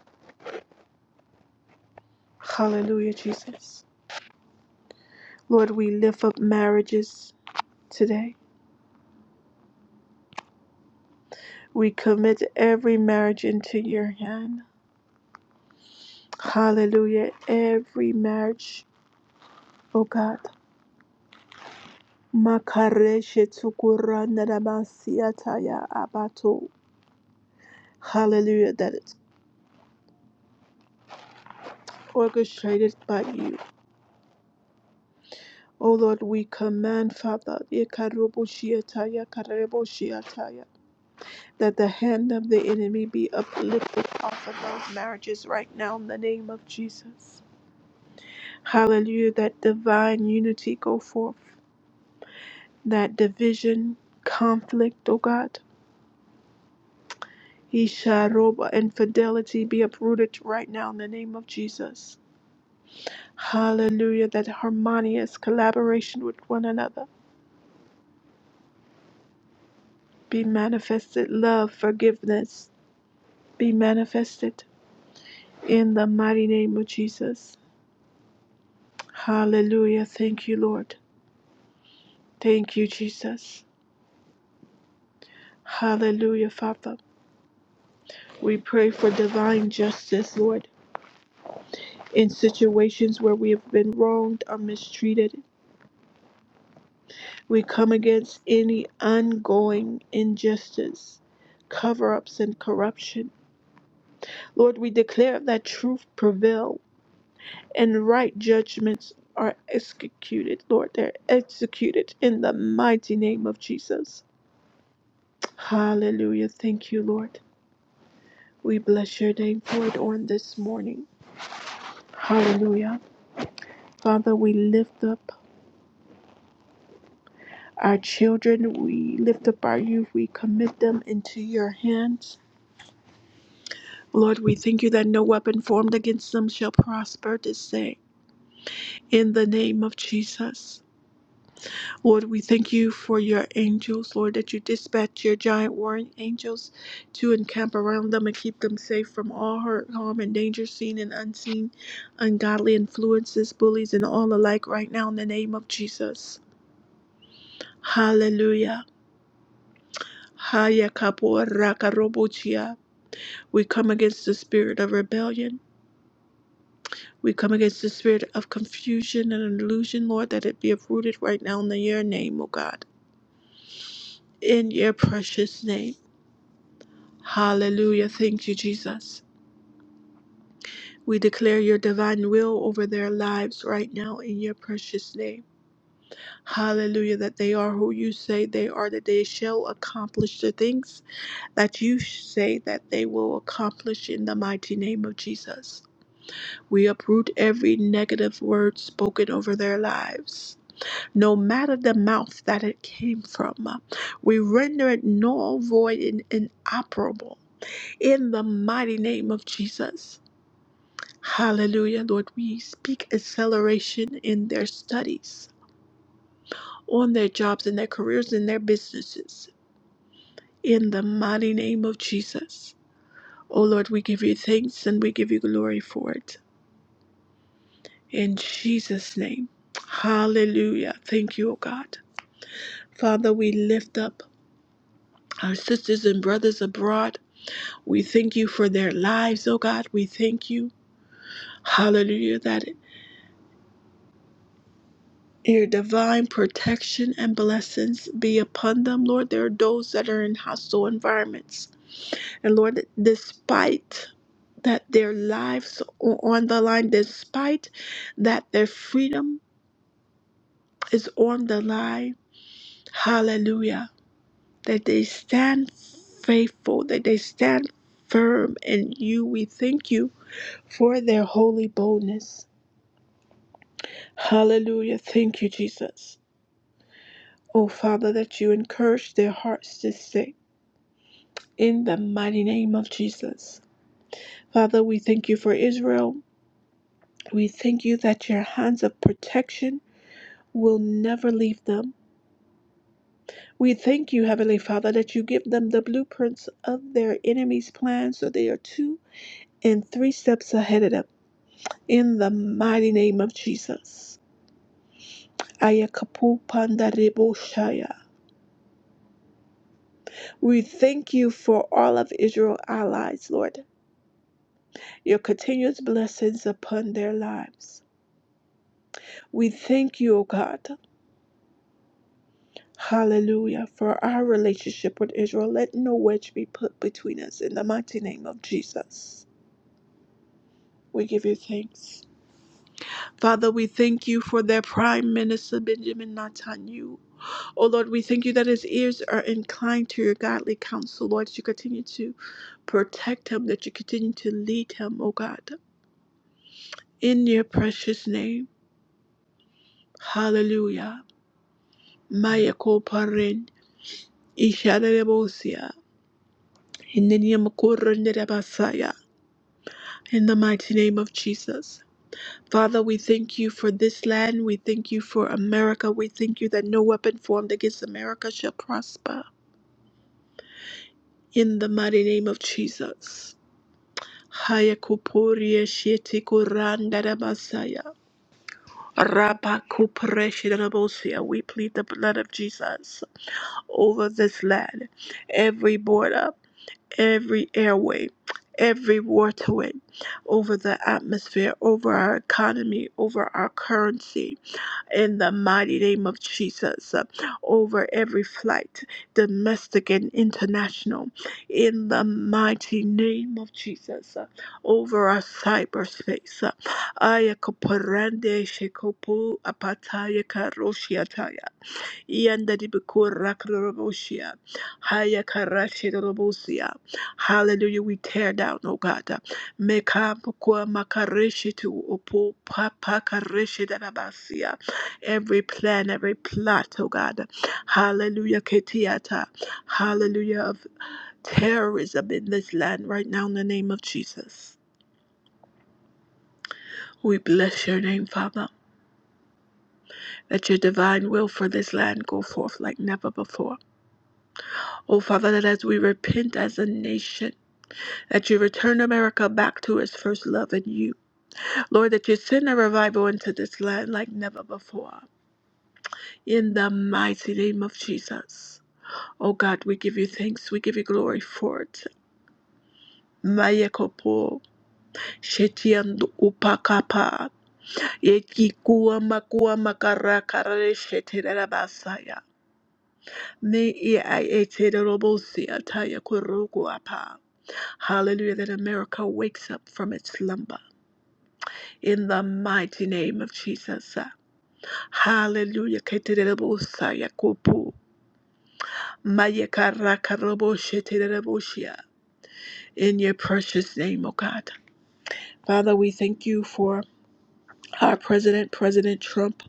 S1: Hallelujah, Jesus. Lord, we lift up marriages today. We commit every marriage into your hand. Hallelujah. Every marriage, oh God. Makareshe tukura narabasiataya abato. Hallelujah. That it's orchestrated by you. Oh Lord, we command, Father, yekaroboshiataya, kareboshiataya, that the hand of the enemy be uplifted off of those marriages right now in the name of Jesus. Hallelujah. That divine unity go forth. That division, conflict, oh God. Isharoba infidelity be uprooted right now in the name of Jesus. Hallelujah. That harmonious collaboration with one another be manifested. Love, forgiveness be manifested in the mighty name of Jesus. Hallelujah. Thank you, Lord. Thank you, Jesus. Hallelujah, Father. We pray for divine justice, Lord, in situations where we have been wronged or mistreated We come against any ongoing injustice, cover ups, and corruption. Lord, we declare that truth prevail and right judgments are executed. Lord, they're executed in the mighty name of Jesus. Hallelujah. Thank you, Lord. We bless your name for it on this morning. Hallelujah. Father, we lift up our children, we lift up our youth, we commit them into your hands. Lord, we thank you that no weapon formed against them shall prosper this day. In the name of Jesus. Lord, we thank you for your angels, Lord, that you dispatch your giant warring angels to encamp around them and keep them safe from all hurt, harm, and danger seen and unseen, ungodly influences, bullies, and all alike right now in the name of Jesus. Hallelujah. Haya kapo raka robochia. We come against the spirit of rebellion We come against the spirit of confusion and illusion, Lord, that it be uprooted right now in your name, O God, in your precious name. Hallelujah. Thank you, Jesus. We declare your divine will over their lives right now in your precious name. Hallelujah, that they are who you say they are, that they shall accomplish the things that you say that they will accomplish in the mighty name of Jesus. We uproot every negative word spoken over their lives no matter the mouth that it came from. We render it null, void, and inoperable in the mighty name of Jesus. Hallelujah, Lord. We speak acceleration in their studies, on their jobs, in their careers, in their businesses, in the mighty name of Jesus. Oh Lord, we give you thanks and we give you glory for it. In Jesus' name. Hallelujah. Thank you, oh God. Father, we lift up our sisters and brothers abroad We thank you for their lives, oh God. We thank you, hallelujah, that your divine protection and blessings be upon them, Lord. There are those that are in hostile environments. And Lord, despite that their lives are on the line, despite that their freedom is on the line, hallelujah, that they stand faithful, that they stand firm in you. We thank you for their holy boldness. Hallelujah. Thank you, Jesus. Oh, Father, that you encourage their hearts to sing in the mighty name of Jesus. Father, we thank you for Israel. We thank you that your hands of protection will never leave them. We thank you, Heavenly Father, that you give them the blueprints of their enemies' plans so they are two and three steps ahead of them. In the mighty name of Jesus. Ayakapu Pandarebo Shaya. We thank you for all of Israel allies, Lord. your continuous blessings upon their lives. We thank you, O God. Hallelujah. For our relationship with Israel, let no wedge be put between us in the mighty name of Jesus. We give you thanks. Father, we thank you for their Prime Minister Benjamin Netanyahu. Oh Lord, we thank you that his ears are inclined to your godly counsel, Lord. that You continue to protect him, that you continue to lead him, O God. In your precious name. Hallelujah. Maya Koparin. Ishadarabosia. Hindidiamakurundirabasaya. In the mighty name of Jesus. Father, we thank you for this land. We thank you for America. We thank you that no weapon formed against America shall prosper. In the mighty name of Jesus. Hayakupuria Sheetikurandaramasaya. Rabakupreshidarabosia. We plead the blood of Jesus over this land, every border. every airway, every waterway, over the atmosphere, over our economy, over our currency, in the mighty name of Jesus, uh, over every flight, domestic and international, in the mighty name of Jesus, uh, over our cyberspace. uh, Aya kaparande shekopu apataya karoshiataya. Yandadi Bukurakrobosia. Haya Karashidorobosia. Hallelujah. We tear down, O God. Meka Bukua to Opo Papakareshidarabasia. Every plan, every plot, O God. Hallelujah. Ketiata. Hallelujah of terrorism in this land right now in the name of Jesus. We bless your name, Father. Let your divine will for this land go forth like never before. Oh, Father, that as we repent as a nation, that you return America back to its first love in you. Lord, that you send a revival into this land like never before. In the mighty name of Jesus. Oh, God, we give you thanks. We give you glory for it. Mayekopo, Shetiandu Upakapa, Yekikuwa Makuwa Makara Karare Shetirabasaya. Ne e a e te re robo si a ta ya ko Hallelujah, that America wakes up from its slumber in the mighty name of Jesus. Hallelujah. ke te re robo sa ya ko po. Ma ye ka ra ka robo she te re robo shi In your precious name, O God. Father, we thank you for our President, President Trump,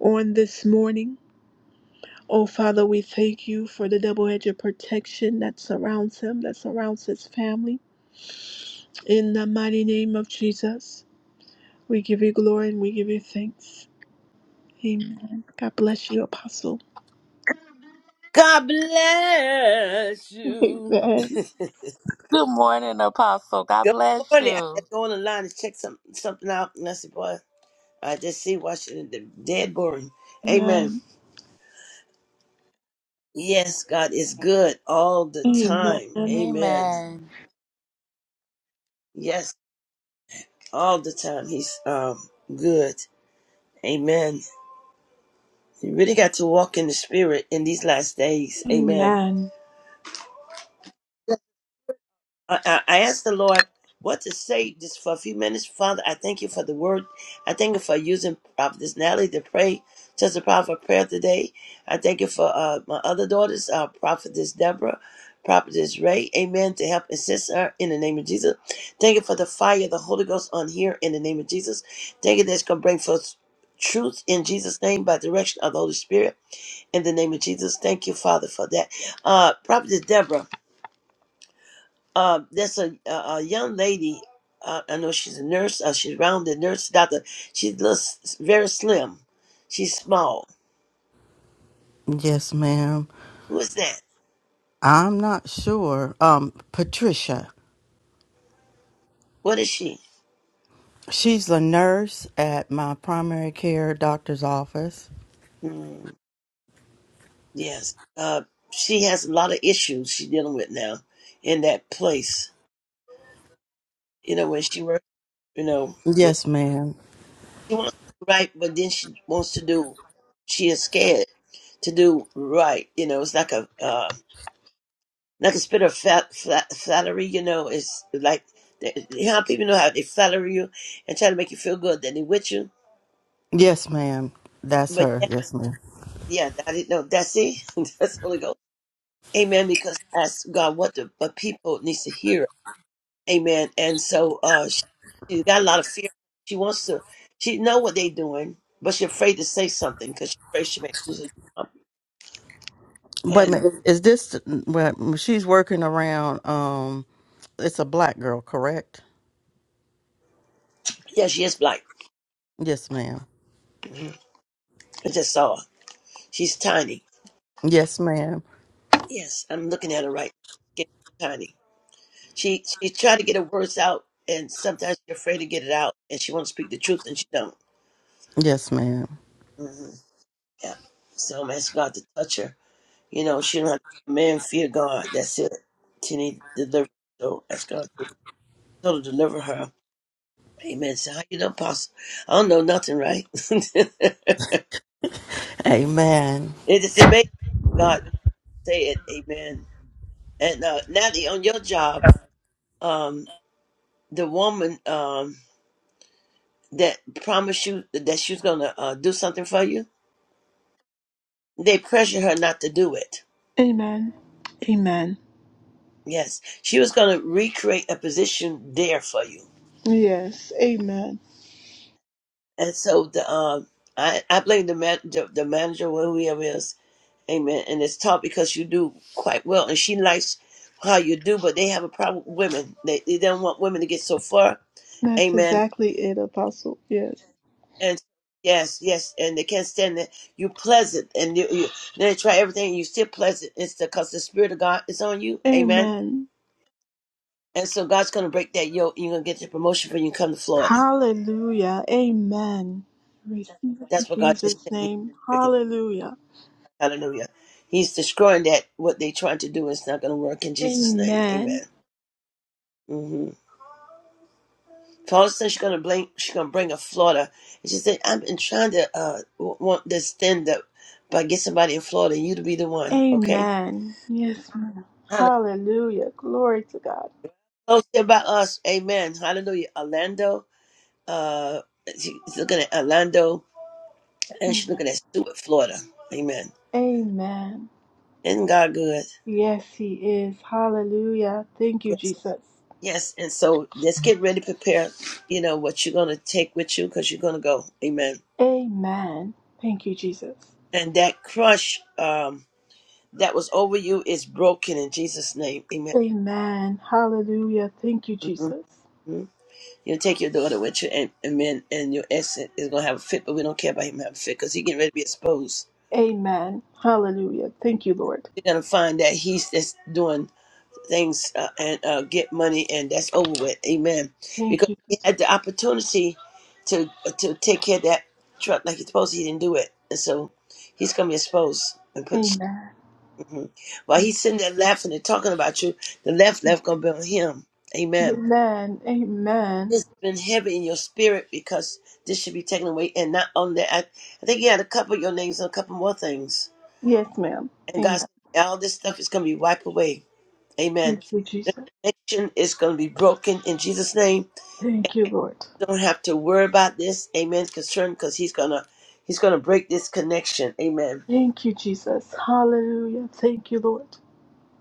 S1: on this morning. Oh, Father, we thank you for the double edged protection that surrounds him, that surrounds his family. In the mighty name of Jesus, we give you glory and we give you thanks. Amen. God bless you, Apostle.
S3: God bless you.
S1: Amen.
S2: Good morning, Apostle. God
S3: Good
S2: bless
S3: morning. I had to
S2: you.
S3: go on the line and check some, something out. And I said, boy, I just see Washington d- dead boring. Amen.
S1: Amen.
S3: Yes, God is good all the time.
S1: Amen.
S3: Amen.
S2: Amen.
S3: Yes, all the time. He's um good. Amen. You really got to walk in the spirit in these last days. Amen.
S1: Amen.
S3: I, I I asked the Lord what to say just for a few minutes. Father, I thank you for the word. I thank you for using Prophetess Natalie to pray to the prophet prayer today. I thank you for uh, my other daughters, uh, Prophetess Deborah, Prophetess Ray, amen, to help assist her in the name of Jesus. Thank you for the fire of the Holy Ghost on here in the name of Jesus. Thank you that's going to bring forth truth in Jesus' name by direction of the Holy Spirit in the name of Jesus. Thank you, Father, for that. Uh, Prophetess Deborah uh, there's a, a, a young lady. Uh, I know she's a nurse. Uh, she's rounded nurse doctor. She looks s- very slim. She's small.
S4: Yes, ma'am.
S3: Who is that?
S4: I'm not sure. Um, Patricia,
S3: What is she?
S4: she's a nurse at my primary care doctor's office.
S3: Mm, yes. Uh, she has a lot of issues she's dealing with now in that place. You know, when she works, you know, the,
S4: Yes, ma'am.
S3: she wants to do right, but then she wants to do, she is scared to do right. You know, it's like a, uh, like a spirit of fat, flat, flattery, you know, it's like they, how people know how they flatter you and try to make you feel good, then they with you.
S4: Yes, ma'am. That's
S3: But
S4: her.
S3: yeah,
S4: Yes, ma'am.
S3: yeah, that is no, that's it. that's Holy Ghost. Amen. Because ask God what the what people needs to hear. Amen. And so uh she, she got a lot of fear. She wants to she know what they doing, but she's afraid to say something because she's afraid she may lose her job.
S4: Wait a
S3: And
S4: minute. Is this well, she's working around um it's a black girl, correct?
S3: yeah, she is black.
S4: Yes, ma'am.
S3: Mhm. I just saw her. She's tiny.
S4: Yes, ma'am.
S3: Yes, I'm looking at her right. She's Tiny She she's trying to get her words out, and sometimes she's afraid to get it out, and she wants to speak the truth, and she don't.
S4: Yes, ma'am.
S3: hmm Yeah. So I'm asking God to touch her. You know, she don't have to man fear God. That's it. She need deliverance. So ask God to to deliver her. Amen. So how you know, Pastor? I don't know nothing, right? it
S4: Amen.
S3: is amazing. God say it. Amen. And uh, Natalie, on your job, um, the woman um, that promised you that she was gonna uh, do something for you. They pressure her not to do it.
S1: Amen. Amen.
S3: Yes, she was going to recreate a position there for you.
S1: Yes. Amen.
S3: And so the um, I I blame the man the, the manager or whoever it is. Amen. And it's taught because you do quite well, and she likes how you do. But they have a problem with women. They they don't want women to get so far.
S1: That's
S3: Amen.
S1: exactly it, Apostle. Yes.
S3: And yes, yes, and they can't stand that you pleasant, and you, you they try everything. and You still pleasant. It's because the spirit of God is on you. Amen.
S1: Amen.
S3: And so God's going to break that yoke. and You're going to get your promotion when you come to Florida.
S1: Hallelujah. Amen. Receive it in
S3: That's what God just
S1: Jesus'
S3: said.
S1: name. Hallelujah.
S3: Hallelujah. He's destroying that. What they trying to do is not going to work in Jesus' name. Amen.
S1: Amen.
S3: Mm-hmm. Paula said she's going to blame. She's going to bring a Florida. And she said, "I've been trying to uh, want this stand up, but get somebody in Florida. You to be the one, okay?"
S1: Amen. Yes, ma'am.
S3: Hallelujah.
S1: Hallelujah. Glory to God.
S3: Close about us. Amen. Hallelujah. Orlando. Uh, she's looking at Orlando, and she's
S1: Amen.
S3: looking at Stuart, Florida. Amen.
S1: Amen.
S3: Isn't God good?
S1: Yes, He is. Hallelujah. Thank you, Jesus.
S3: Yes, and so just get ready, prepare, you know, what you're going to take with you because you're going to go. Amen.
S1: Amen. Thank you, Jesus.
S3: And that crush um, that was over you is broken in Jesus' name. Amen.
S1: Amen. Hallelujah. Thank you,
S3: Mhm.
S1: Jesus.
S3: You'll take your daughter with you, and amen. And your ex is going to have a fit, but we don't care about him having a fit because he's getting ready to be exposed.
S1: Amen. Hallelujah. Thank you, Lord.
S3: You're going to find that he's just doing things uh, and uh, get money and that's over with. Amen.
S1: Thank
S3: Because
S1: you,
S3: he
S1: Jesus.
S3: had the opportunity to uh, to take care of that truck like he's supposed to. He didn't do it, and so he's gonna be exposed and put.
S1: Amen.
S3: Mhm. While he's sitting there laughing and talking about you, the left left gonna be on him. Amen.
S1: Amen. Amen.
S3: It's been heavy in your spirit because this should be taken away, and not only that, I, I think you had a couple of your names and a couple more things,
S1: Yes, ma'am.
S3: and God,
S1: Amen.
S3: said, all this stuff is gonna be wiped away Amen.
S1: Thank you,
S3: The
S1: Jesus.
S3: connection is going to be broken in Jesus' name.
S1: Thank you, Lord.
S3: Don't have to worry about this. Amen. Concern because he's gonna he's gonna break this connection. Amen.
S1: Thank you, Jesus. Hallelujah. Thank you, Lord.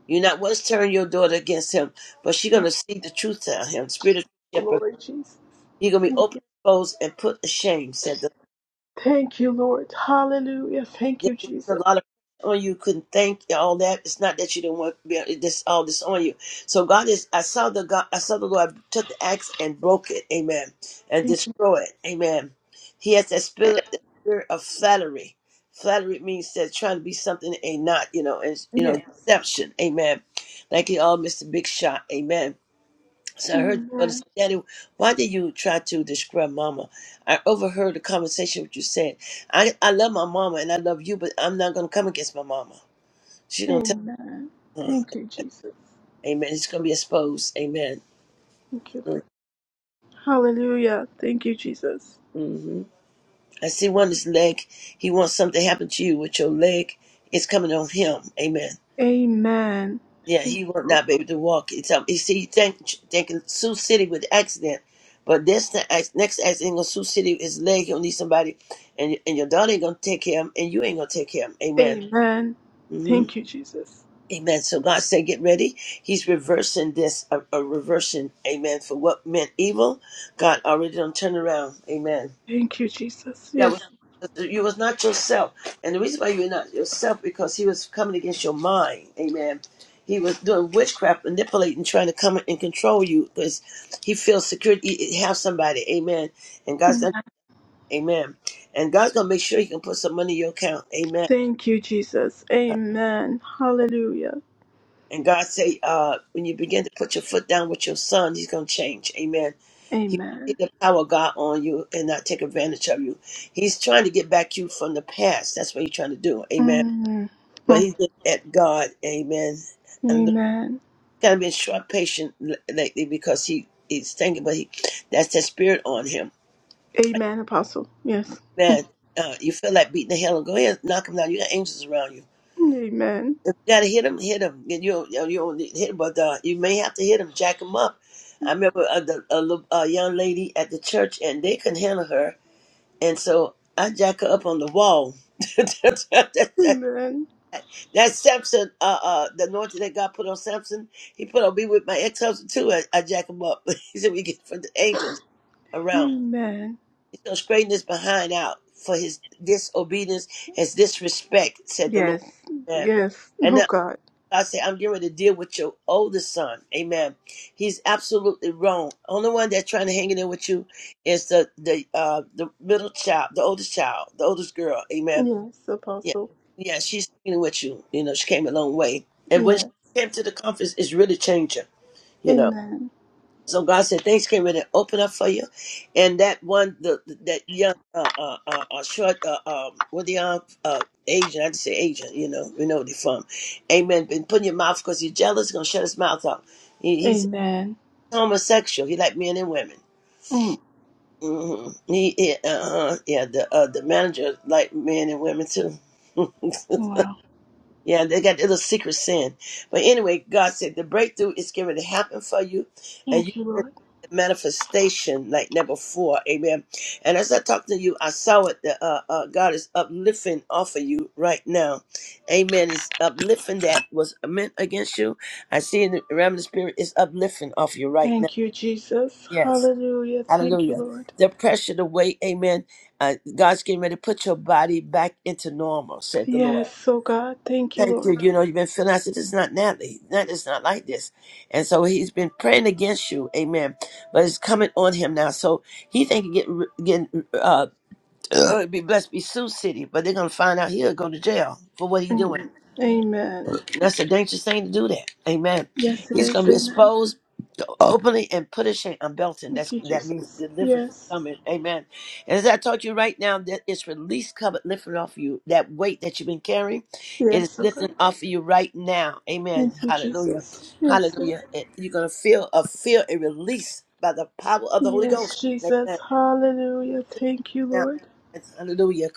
S3: You're not once turn your daughter against him, but she's gonna see the truth to him. Spirit of shepherd.
S1: Glory, Jesus.
S3: He's gonna be open exposed and put ashamed, said the
S1: Thank you, Lord. Hallelujah. Thank
S3: Yes,
S1: you,
S3: it a
S1: Jesus.
S3: lot of pressure on you. Couldn't think all that. It's not that you didn't want to be- this all this on you. So God is. I saw the God. I saw the Lord took the axe and broke it. Amen. And
S1: Thank you.
S3: destroy it. Amen. He has that spirit, that spirit of flattery. Flattery means that trying to be something that ain't not. You know, and you know
S1: Yes.
S3: deception. Amen. Like you all, Mister Big Shot. Amen. So I heard your brother
S1: Amen.
S3: say, Daddy, why did you try to describe mama? I overheard the conversation what you said. I, I love my mama and I love you, but I'm not going to come against my mama. She's going to
S1: Amen.
S3: tell her.
S1: Thank you, Jesus.
S3: Amen. It's going to be exposed. Amen.
S1: Thank you, Lord. Hallelujah. Thank you, Jesus.
S3: hmm I see one his leg. He wants something to happen to you with your leg. It's coming on him. Amen.
S1: Amen.
S3: Yeah,
S1: Thank
S3: he
S1: you,
S3: was
S1: Lord.
S3: not able to walk. It's um, he see, he think thinking Sioux City with the accident, but this the ac- next accident in Sioux City is leg. He'll need somebody, and and your daughter ain't gonna take care of him, and you ain't gonna take care of him. Amen.
S1: Amen.
S3: hmm
S1: Thank you, Jesus.
S3: Amen. So God said, get ready. He's reversing this, a, a reversion. Amen. For what meant evil, God already done turned around. Amen
S1: Thank you, Jesus.
S3: that was
S1: Yes.
S3: you was not yourself. And the reason why you were not yourself because he was coming against your mind. Amen. He was doing witchcraft, manipulating, trying to come and control you because he feels secure. He he have somebody. Amen. And God's
S1: Amen.
S3: done. Amen. And God's gonna make sure He can put some money in your account. Amen.
S1: Thank you, Jesus. Amen. Hallelujah.
S3: And God say, uh, when you begin to put your foot down with your son, He's gonna change. Amen. He see
S1: Amen.
S3: the power of God on you and not take advantage of you. He's trying to get back you from the past. That's what He's trying to do. Amen
S1: Mm.
S3: but
S1: Mm.
S3: he's been at God, Amen. And the-
S1: Amen.
S3: kind of been short patient l- lately because he he's thinking, but he that's that spirit on him,
S1: Amen, Apostle. Yes.
S3: man. Uh, you feel like beating the hell and go ahead, knock him down. You got angels around you.
S1: Amen.
S3: If you gotta hit him, hit him. And you don't, you don't you don't need to hit him, but uh, you may have to hit him, jack him up. I remember a, the, a, little- a young lady at the church, and they couldn't handle her, and so I jack her up on the wall.
S1: Amen.
S3: That Samson, uh, uh, the anointing that God put on Samson, he put on me with my ex husband too. I, I jack him up. he said, We get from the angels around.
S1: Amen.
S3: He's going to straighten his behind out for his disobedience, his disrespect, said the Lord.
S1: Yes.
S3: Amen.
S1: Yes.
S3: And
S1: Oh
S3: now
S1: God.
S3: I say, I'm getting ready to deal with your oldest son. Amen. He's absolutely wrong. Only one that's trying to hang in there with you is the, the, uh, the middle child, the oldest child, the oldest girl. Amen
S1: Yes,
S3: yeah,
S1: Apostle.
S3: yeah, she's hanging with you. You know, she came a long way. And when she
S1: Yes.
S3: came to the conference, it's really changed her, you know.
S1: Amen.
S3: So God said things came really open up for you. And that one, the that young, uh, uh, uh, uh short, uh, um, what the young, uh, Asian, I just say Asian, you know, we know where they from. Amen. Been putting your mouth because he's jealous, gonna shut his mouth up. He, he's
S1: Amen.
S3: homosexual. He like men and women.
S1: Mm.
S3: mm hmm He, uh, uh, yeah, the uh, the manager like men and women too.
S1: Wow.
S3: Yeah, they got a little secret sin. But anyway, God said the breakthrough is going to happen for you, and you
S1: Thank you,
S3: get
S1: Lord.
S3: the manifestation like never before. Amen. And as I talked to you, I saw it. That, uh, uh, God is uplifting off of you right now. Amen. It's uplifting that was meant against you. I see in the realm of the spirit is uplifting off you right now.
S1: Thank you, Jesus.
S3: Yes.
S1: Hallelujah. Thank you,
S3: Hallelujah.
S1: Lord.
S3: The pressure, the weight, amen. Uh, God's getting ready to put your body back into normal, said the
S1: Yes,
S3: Lord.
S1: oh God. Thank you,
S3: Thank you.
S1: Lord.
S3: You know, you've been feeling. I said, "This is not Natalie. That is not like this." And so he's been praying against you, Amen. But it's coming on him now. So he think he getting getting uh, be blessed, be Sioux City, but they're gonna find out he'll go to jail for what he doing.
S1: Mm. Amen.
S3: That's a dangerous thing to do. That, Amen.
S1: Yes, it
S3: He's gonna
S1: is.
S3: be
S1: Amen.
S3: exposed Openly and punishing and belting.
S1: Thank
S3: That's
S1: you,
S3: that means
S1: Jesus.
S3: deliverance is
S1: Yes.
S3: coming. Amen. And as I told you right now, that it's release covered lifted off you. That weight that you've been carrying, it is
S1: Yes, oh God.
S3: lifting off of you right now. Amen.
S1: Thank you,
S3: Hallelujah.
S1: Jesus. Yes, Lord.
S3: Hallelujah. And you're gonna feel a feel a release by the power of the Holy Ghost.
S1: Yes,
S3: Amen.
S1: Jesus. Hallelujah. Thank you,
S3: Now,
S1: Lord.
S3: hallelujah.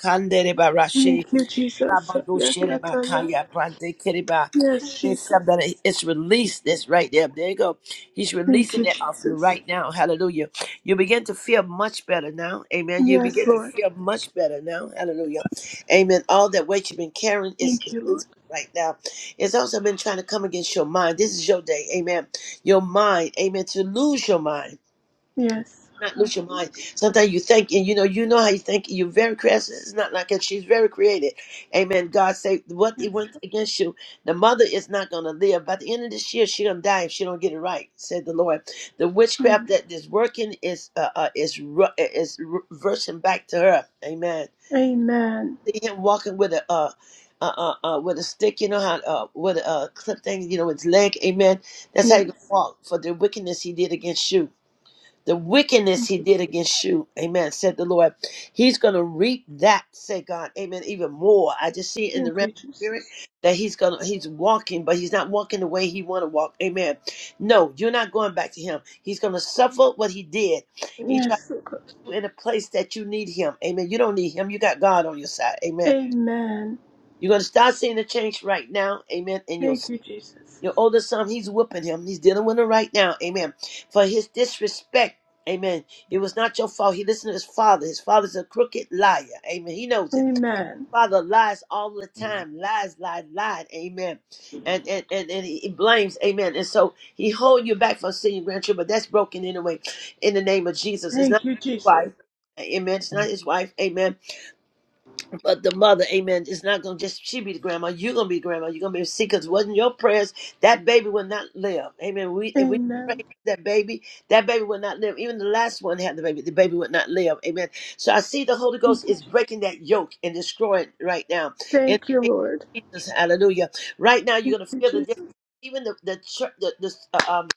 S1: Thank you, Jesus.
S3: Rabando Shereba
S1: Yakataya.
S3: Kaya Brande Kiriba.
S1: Yes,
S3: It's
S1: Jesus.
S3: something that it's released. That's right there. There you go. He's
S1: Thank
S3: releasing
S1: you,
S3: it off you
S1: Jesus.
S3: right now. Hallelujah. You begin to feel much better now. Amen. You
S1: Yes,
S3: begin to
S1: Lord.
S3: feel much better now. Hallelujah. Amen. All that weight you've been carrying is
S1: Thank
S3: is
S1: you, Lord.
S3: loose right now. It's also been trying to come against your mind. This is your day. Amen. Your mind. Amen. To lose your mind
S1: Yes.
S3: not lose your
S1: Hallelujah.
S3: mind. Sometimes you think, and you know, you know how you think. You're very creative. It's not like that. She's very creative. Amen. God say what he
S1: Yes.
S3: went against you. The mother is not gonna live. By the end of this year, she gonna die if she don't get it right. Said the Lord. The witchcraft
S1: Amen.
S3: that is working is uh, uh is ru- uh, is reversing back to her. Amen.
S1: Amen.
S3: See him walking with a uh. Uh, uh, uh, with a stick, you know how, uh, with a uh, clip thing, you know, with his leg, amen. That's how you gonna
S1: Yes.
S3: walk for the wickedness he did against you the wickedness
S1: Thank
S3: he
S1: you.
S3: did against you. Amen. Said the Lord. He's going to reap that, say God. Amen. Even more. I just see it in the
S1: Thank
S3: realm of
S1: you, Jesus.
S3: spirit that he's going to, he's walking, but he's not walking the way he want to walk. Amen. No, you're not going back to him. He's going to suffer what he did. He tried
S1: Yes, Lord. God.
S3: you in a place that you need him. Amen. You don't need him. You got God on your side. Amen.
S1: Amen.
S3: You're going to start seeing the change right now. Amen. In your
S1: Thank you, Jesus.
S3: your older son, he's whooping him. He's dealing with it right now. Amen. For his disrespect. Amen. It was not your fault. He listened to his father. His father's a crooked liar. Amen. He knows it.
S1: Amen.
S3: Father lies all the time. Lies, lies, lied. Amen. And and and, and he blames. Amen. And so he hold you back from seeing your grandchildren, but that's broken anyway. In the name of Jesus, it's not
S1: Thank you,
S3: his
S1: Jesus.
S3: wife. Amen. It's not his wife. Amen but the mother, amen, is not going to just, she be the grandma, you're going to be the grandma, you're going to be sick because it wasn't your prayers, that baby will not live. Amen. We If we pray
S1: Amen.
S3: for that baby, that baby will not live. Even the last one had the baby, the baby would not live. Amen. So I see the Holy Ghost
S1: Thank you,
S3: is
S1: Je-
S3: breaking that yoke and destroying it right now. In
S1: Thank you
S3: the
S1: Lord.
S3: name of Jesus, hallelujah. Right now,
S1: Thank
S3: you're going to
S1: you,
S3: feel the
S1: Jesus.
S3: difference.
S1: Thank
S3: Even the the, church, the, the uh, um,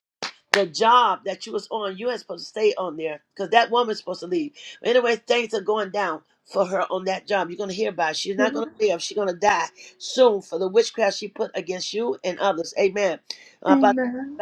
S3: the job that you was on, you ain't supposed to stay on there because that woman's supposed to leave. Anyway, things are going down for her on that job. You're gonna hear about it. She's
S1: you,
S3: not gonna
S1: Lord.
S3: live. She's gonna die soon for the witchcraft she put against you and others. Amen.
S1: Amen.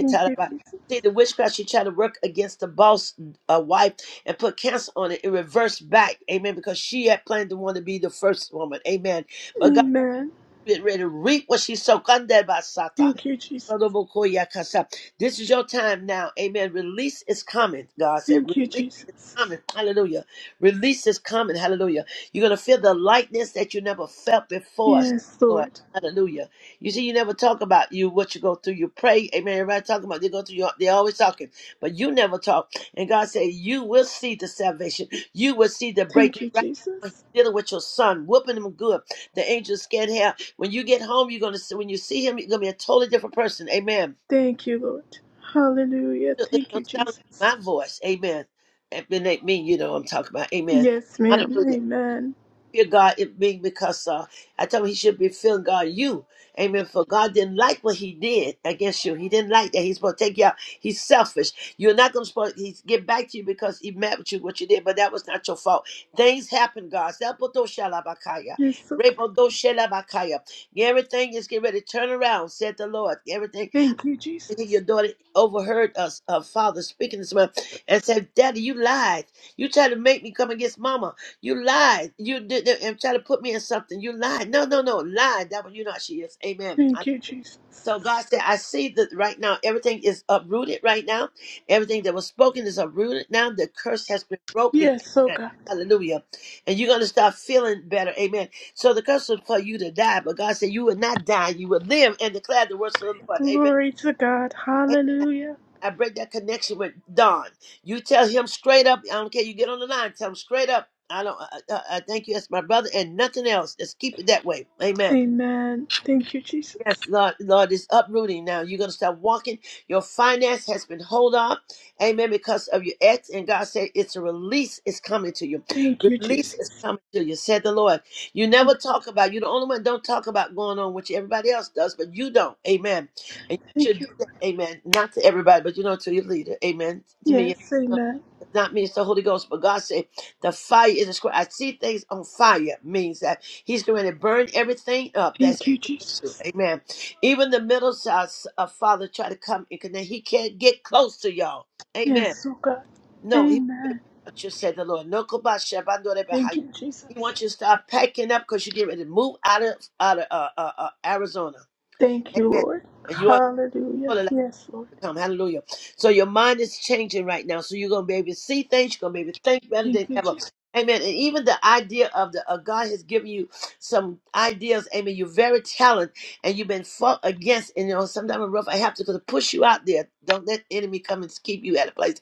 S1: Thank you, Jesus.
S3: See the witchcraft she tried to work against the boss uh, wife and put cancer on it. It reversed back. Amen. Because she had planned to want to be the first woman. Amen. But God.
S1: Amen.
S3: Get ready to reap what she sowed. Kande basata.
S1: Thank you, Jesus.
S3: Kodobokoya kasa. This is your time now. Amen. Release is coming. God said,
S1: Thank you, Jesus.
S3: common. Hallelujah. Release this common. Hallelujah. You're going to feel the lightness that you never felt before,
S1: Yes,
S3: Lord.
S1: Lord.
S3: Hallelujah. You see, you never talk about you what you go through. You pray, Amen. Everybody talking about they go through. Your, they're always talking, but you never talk. And God said, you will see the salvation. You will see the
S1: Thank
S3: breakthrough.
S1: you,
S3: Right now, He's
S1: Jesus.
S3: dealing with your son, whooping him good. The angels scared hair. When you get home, you're gonna see, when you see him, you're gonna be a totally different person. Amen.
S1: Thank you, Lord. Hallelujah.
S3: It's
S1: Thank
S3: gonna
S1: you,
S3: sound
S1: Jesus.
S3: like my voice. Amen. It then they mean you know what I'm talking about. Amen.
S1: Yes, ma'am.
S3: Hallelujah.
S1: Amen.
S3: Fear God it being because uh, I told him he should be fearing God you. Amen. For God didn't like what he did against you. He didn't like that. He's supposed to take you out. He's selfish. You're not gonna he's get back to you because he mad with you what you did, but that was not your fault. Things happen, God. Zapotoshalabakaya.
S1: Yes, so God.
S3: Repodoshalabakaya. Everything is getting ready to turn around, said the Lord. Everything
S1: Thank you, Jesus.
S3: your daughter overheard us, her father speaking this way, and said, "Daddy, you lied. You tried to make me come against Mama. You lied. You did did- and tried to put me in something. You lied. No, no, no, lied. That one, you know how she is. Amen." I-
S1: Thank you, Jesus.
S3: so God said, I see that right now everything is uprooted right now. Everything that was spoken is uprooted now. The curse has been broken.
S1: Yes, so
S3: Amen.
S1: God.
S3: Hallelujah. And you're going to start feeling better. Amen. So the curse was for you to die, but God said you would not die. You would live and declare the words of the Lord. Amen.
S1: Glory to God. Hallelujah.
S3: I break that connection with Don. You tell him straight up. I don't care. You get on the line. Tell him straight up. I don't. I, I, I thank you. That's my brother, and nothing else. Let's keep it that way. Amen.
S1: Amen. Thank you,
S3: Yes,
S1: Jesus.
S3: Lord, Lord is uprooting now. You're going to start walking. Your finance has been hold up. Amen. Because of your ex. And God said, it's a release is coming to you.
S1: Thank you,
S3: Release
S1: Jesus.
S3: is coming to you, said the Lord. You never talk about, you're the only one don't talk about going on what everybody else does, but you don't. Amen. And you
S1: Thank
S3: should do
S1: you.
S3: that. Amen. Not to everybody, but you know, to your leader. Amen. To me.
S1: Yes, amen.
S3: It's not me, it's the Holy Ghost. But God said, the fire is a square." I see things on fire means that. He's going to burn everything up. That's
S1: Thank you, Jesus.
S3: amen. Even the middle size of father try to come in, connect. he can't get close to y'all. Amen.
S1: Yes, so God.
S3: No, he won't be able
S1: Amen.
S3: to touch you, said the Lord. No kobasha, bandore
S1: Thank
S3: bahaya.
S1: you,
S3: He
S1: Jesus.
S3: wants you to start packing up because you get ready to move out of out of uh, uh, uh, Arizona.
S1: Thank you,
S3: Amen.
S1: Lord.
S3: And you
S1: Hallelujah.
S3: are
S1: Yes, Lord.
S3: come. Hallelujah. So your mind is changing right now. So you're going to be able to see things. You're going to be able to think better than
S1: Thank you,
S3: ever.
S1: Jesus.
S3: Amen. And even the idea of the uh, God has given you some ideas. Amen. You're very talented and you've been fought against. And you know, sometimes a rough I have to because push you out there. Don't let the enemy come and keep you at a place.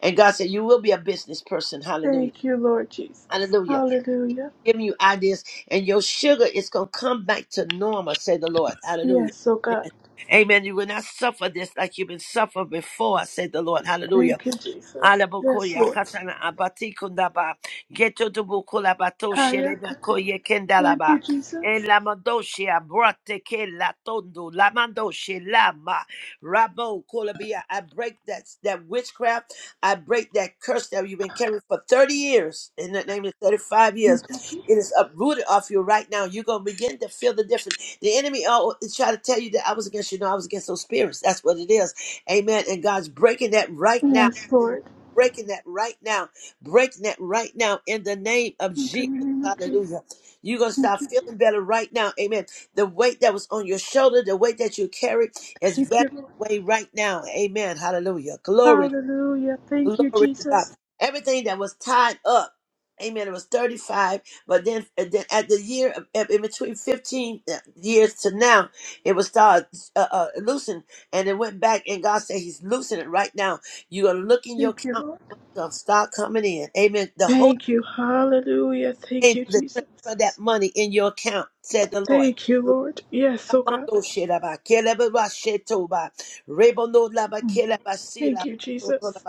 S3: And God said, You will be a business person. Hallelujah.
S1: Thank you, Lord Jesus.
S3: Hallelujah
S1: Hallelujah.
S3: giving you ideas, and your sugar is going to come back to normal, say the Lord. Hallelujah.
S1: Yes, oh God.
S3: Amen. You will not suffer this like you've been suffering before, said the Lord. Hallelujah.
S1: Thank you, Jesus. Yes,
S3: Alabokoya
S1: Lord.
S3: katana abati kundaba. Geto dubukula bato
S1: Haya
S3: shelena
S1: continue.
S3: koye
S1: Thank you,
S3: kendalaba. E
S1: Jesus.
S3: la mandoshia brate ke la tondo la mandoshe lama rabo kolabia. I break that that witchcraft. I break that curse that you've been carrying for 30 years. In the name of 35 years,
S1: Thank you,
S3: it
S1: Jesus.
S3: is uprooted off you right now. You're gonna begin to feel the difference. The enemy oh try to tell you that I was against you. No, I was against those spirits. That's what it is. Amen. And God's breaking that right now
S1: Yes, Lord.
S3: breaking that right now, breaking that right now in the name of
S1: In the
S3: Jesus.
S1: name of Jesus.
S3: Hallelujah. You're going to
S1: Thank
S3: start
S1: you, Jesus.
S3: feeling better right now. Amen. The weight that was on your shoulder, the weight that you carried is
S1: Thank you,
S3: better
S1: Lord.
S3: away right now. Amen. Hallelujah. Glory
S1: Hallelujah.
S3: Glory
S1: Thank you,
S3: to God.
S1: Jesus.
S3: Everything that was tied up. Amen. It was 35, but then, and then at the year, of- of- in between 15 years to now, it was started uh, uh, loosened and it went back. And God said, He's loosening it right now. You're going to look in your
S1: Thank you,
S3: account,
S1: Lord.
S3: money's going to start coming in. Amen. The whole
S1: Thank you. Hallelujah. Thank
S3: angel
S1: you,
S3: that
S1: Jesus.
S3: transfer that money in your account, said the Lord.
S1: Thank you, Lord. Yes, oh God.
S3: Rebono laba
S1: Mm.
S3: kelaba
S1: Thank you, Jesus.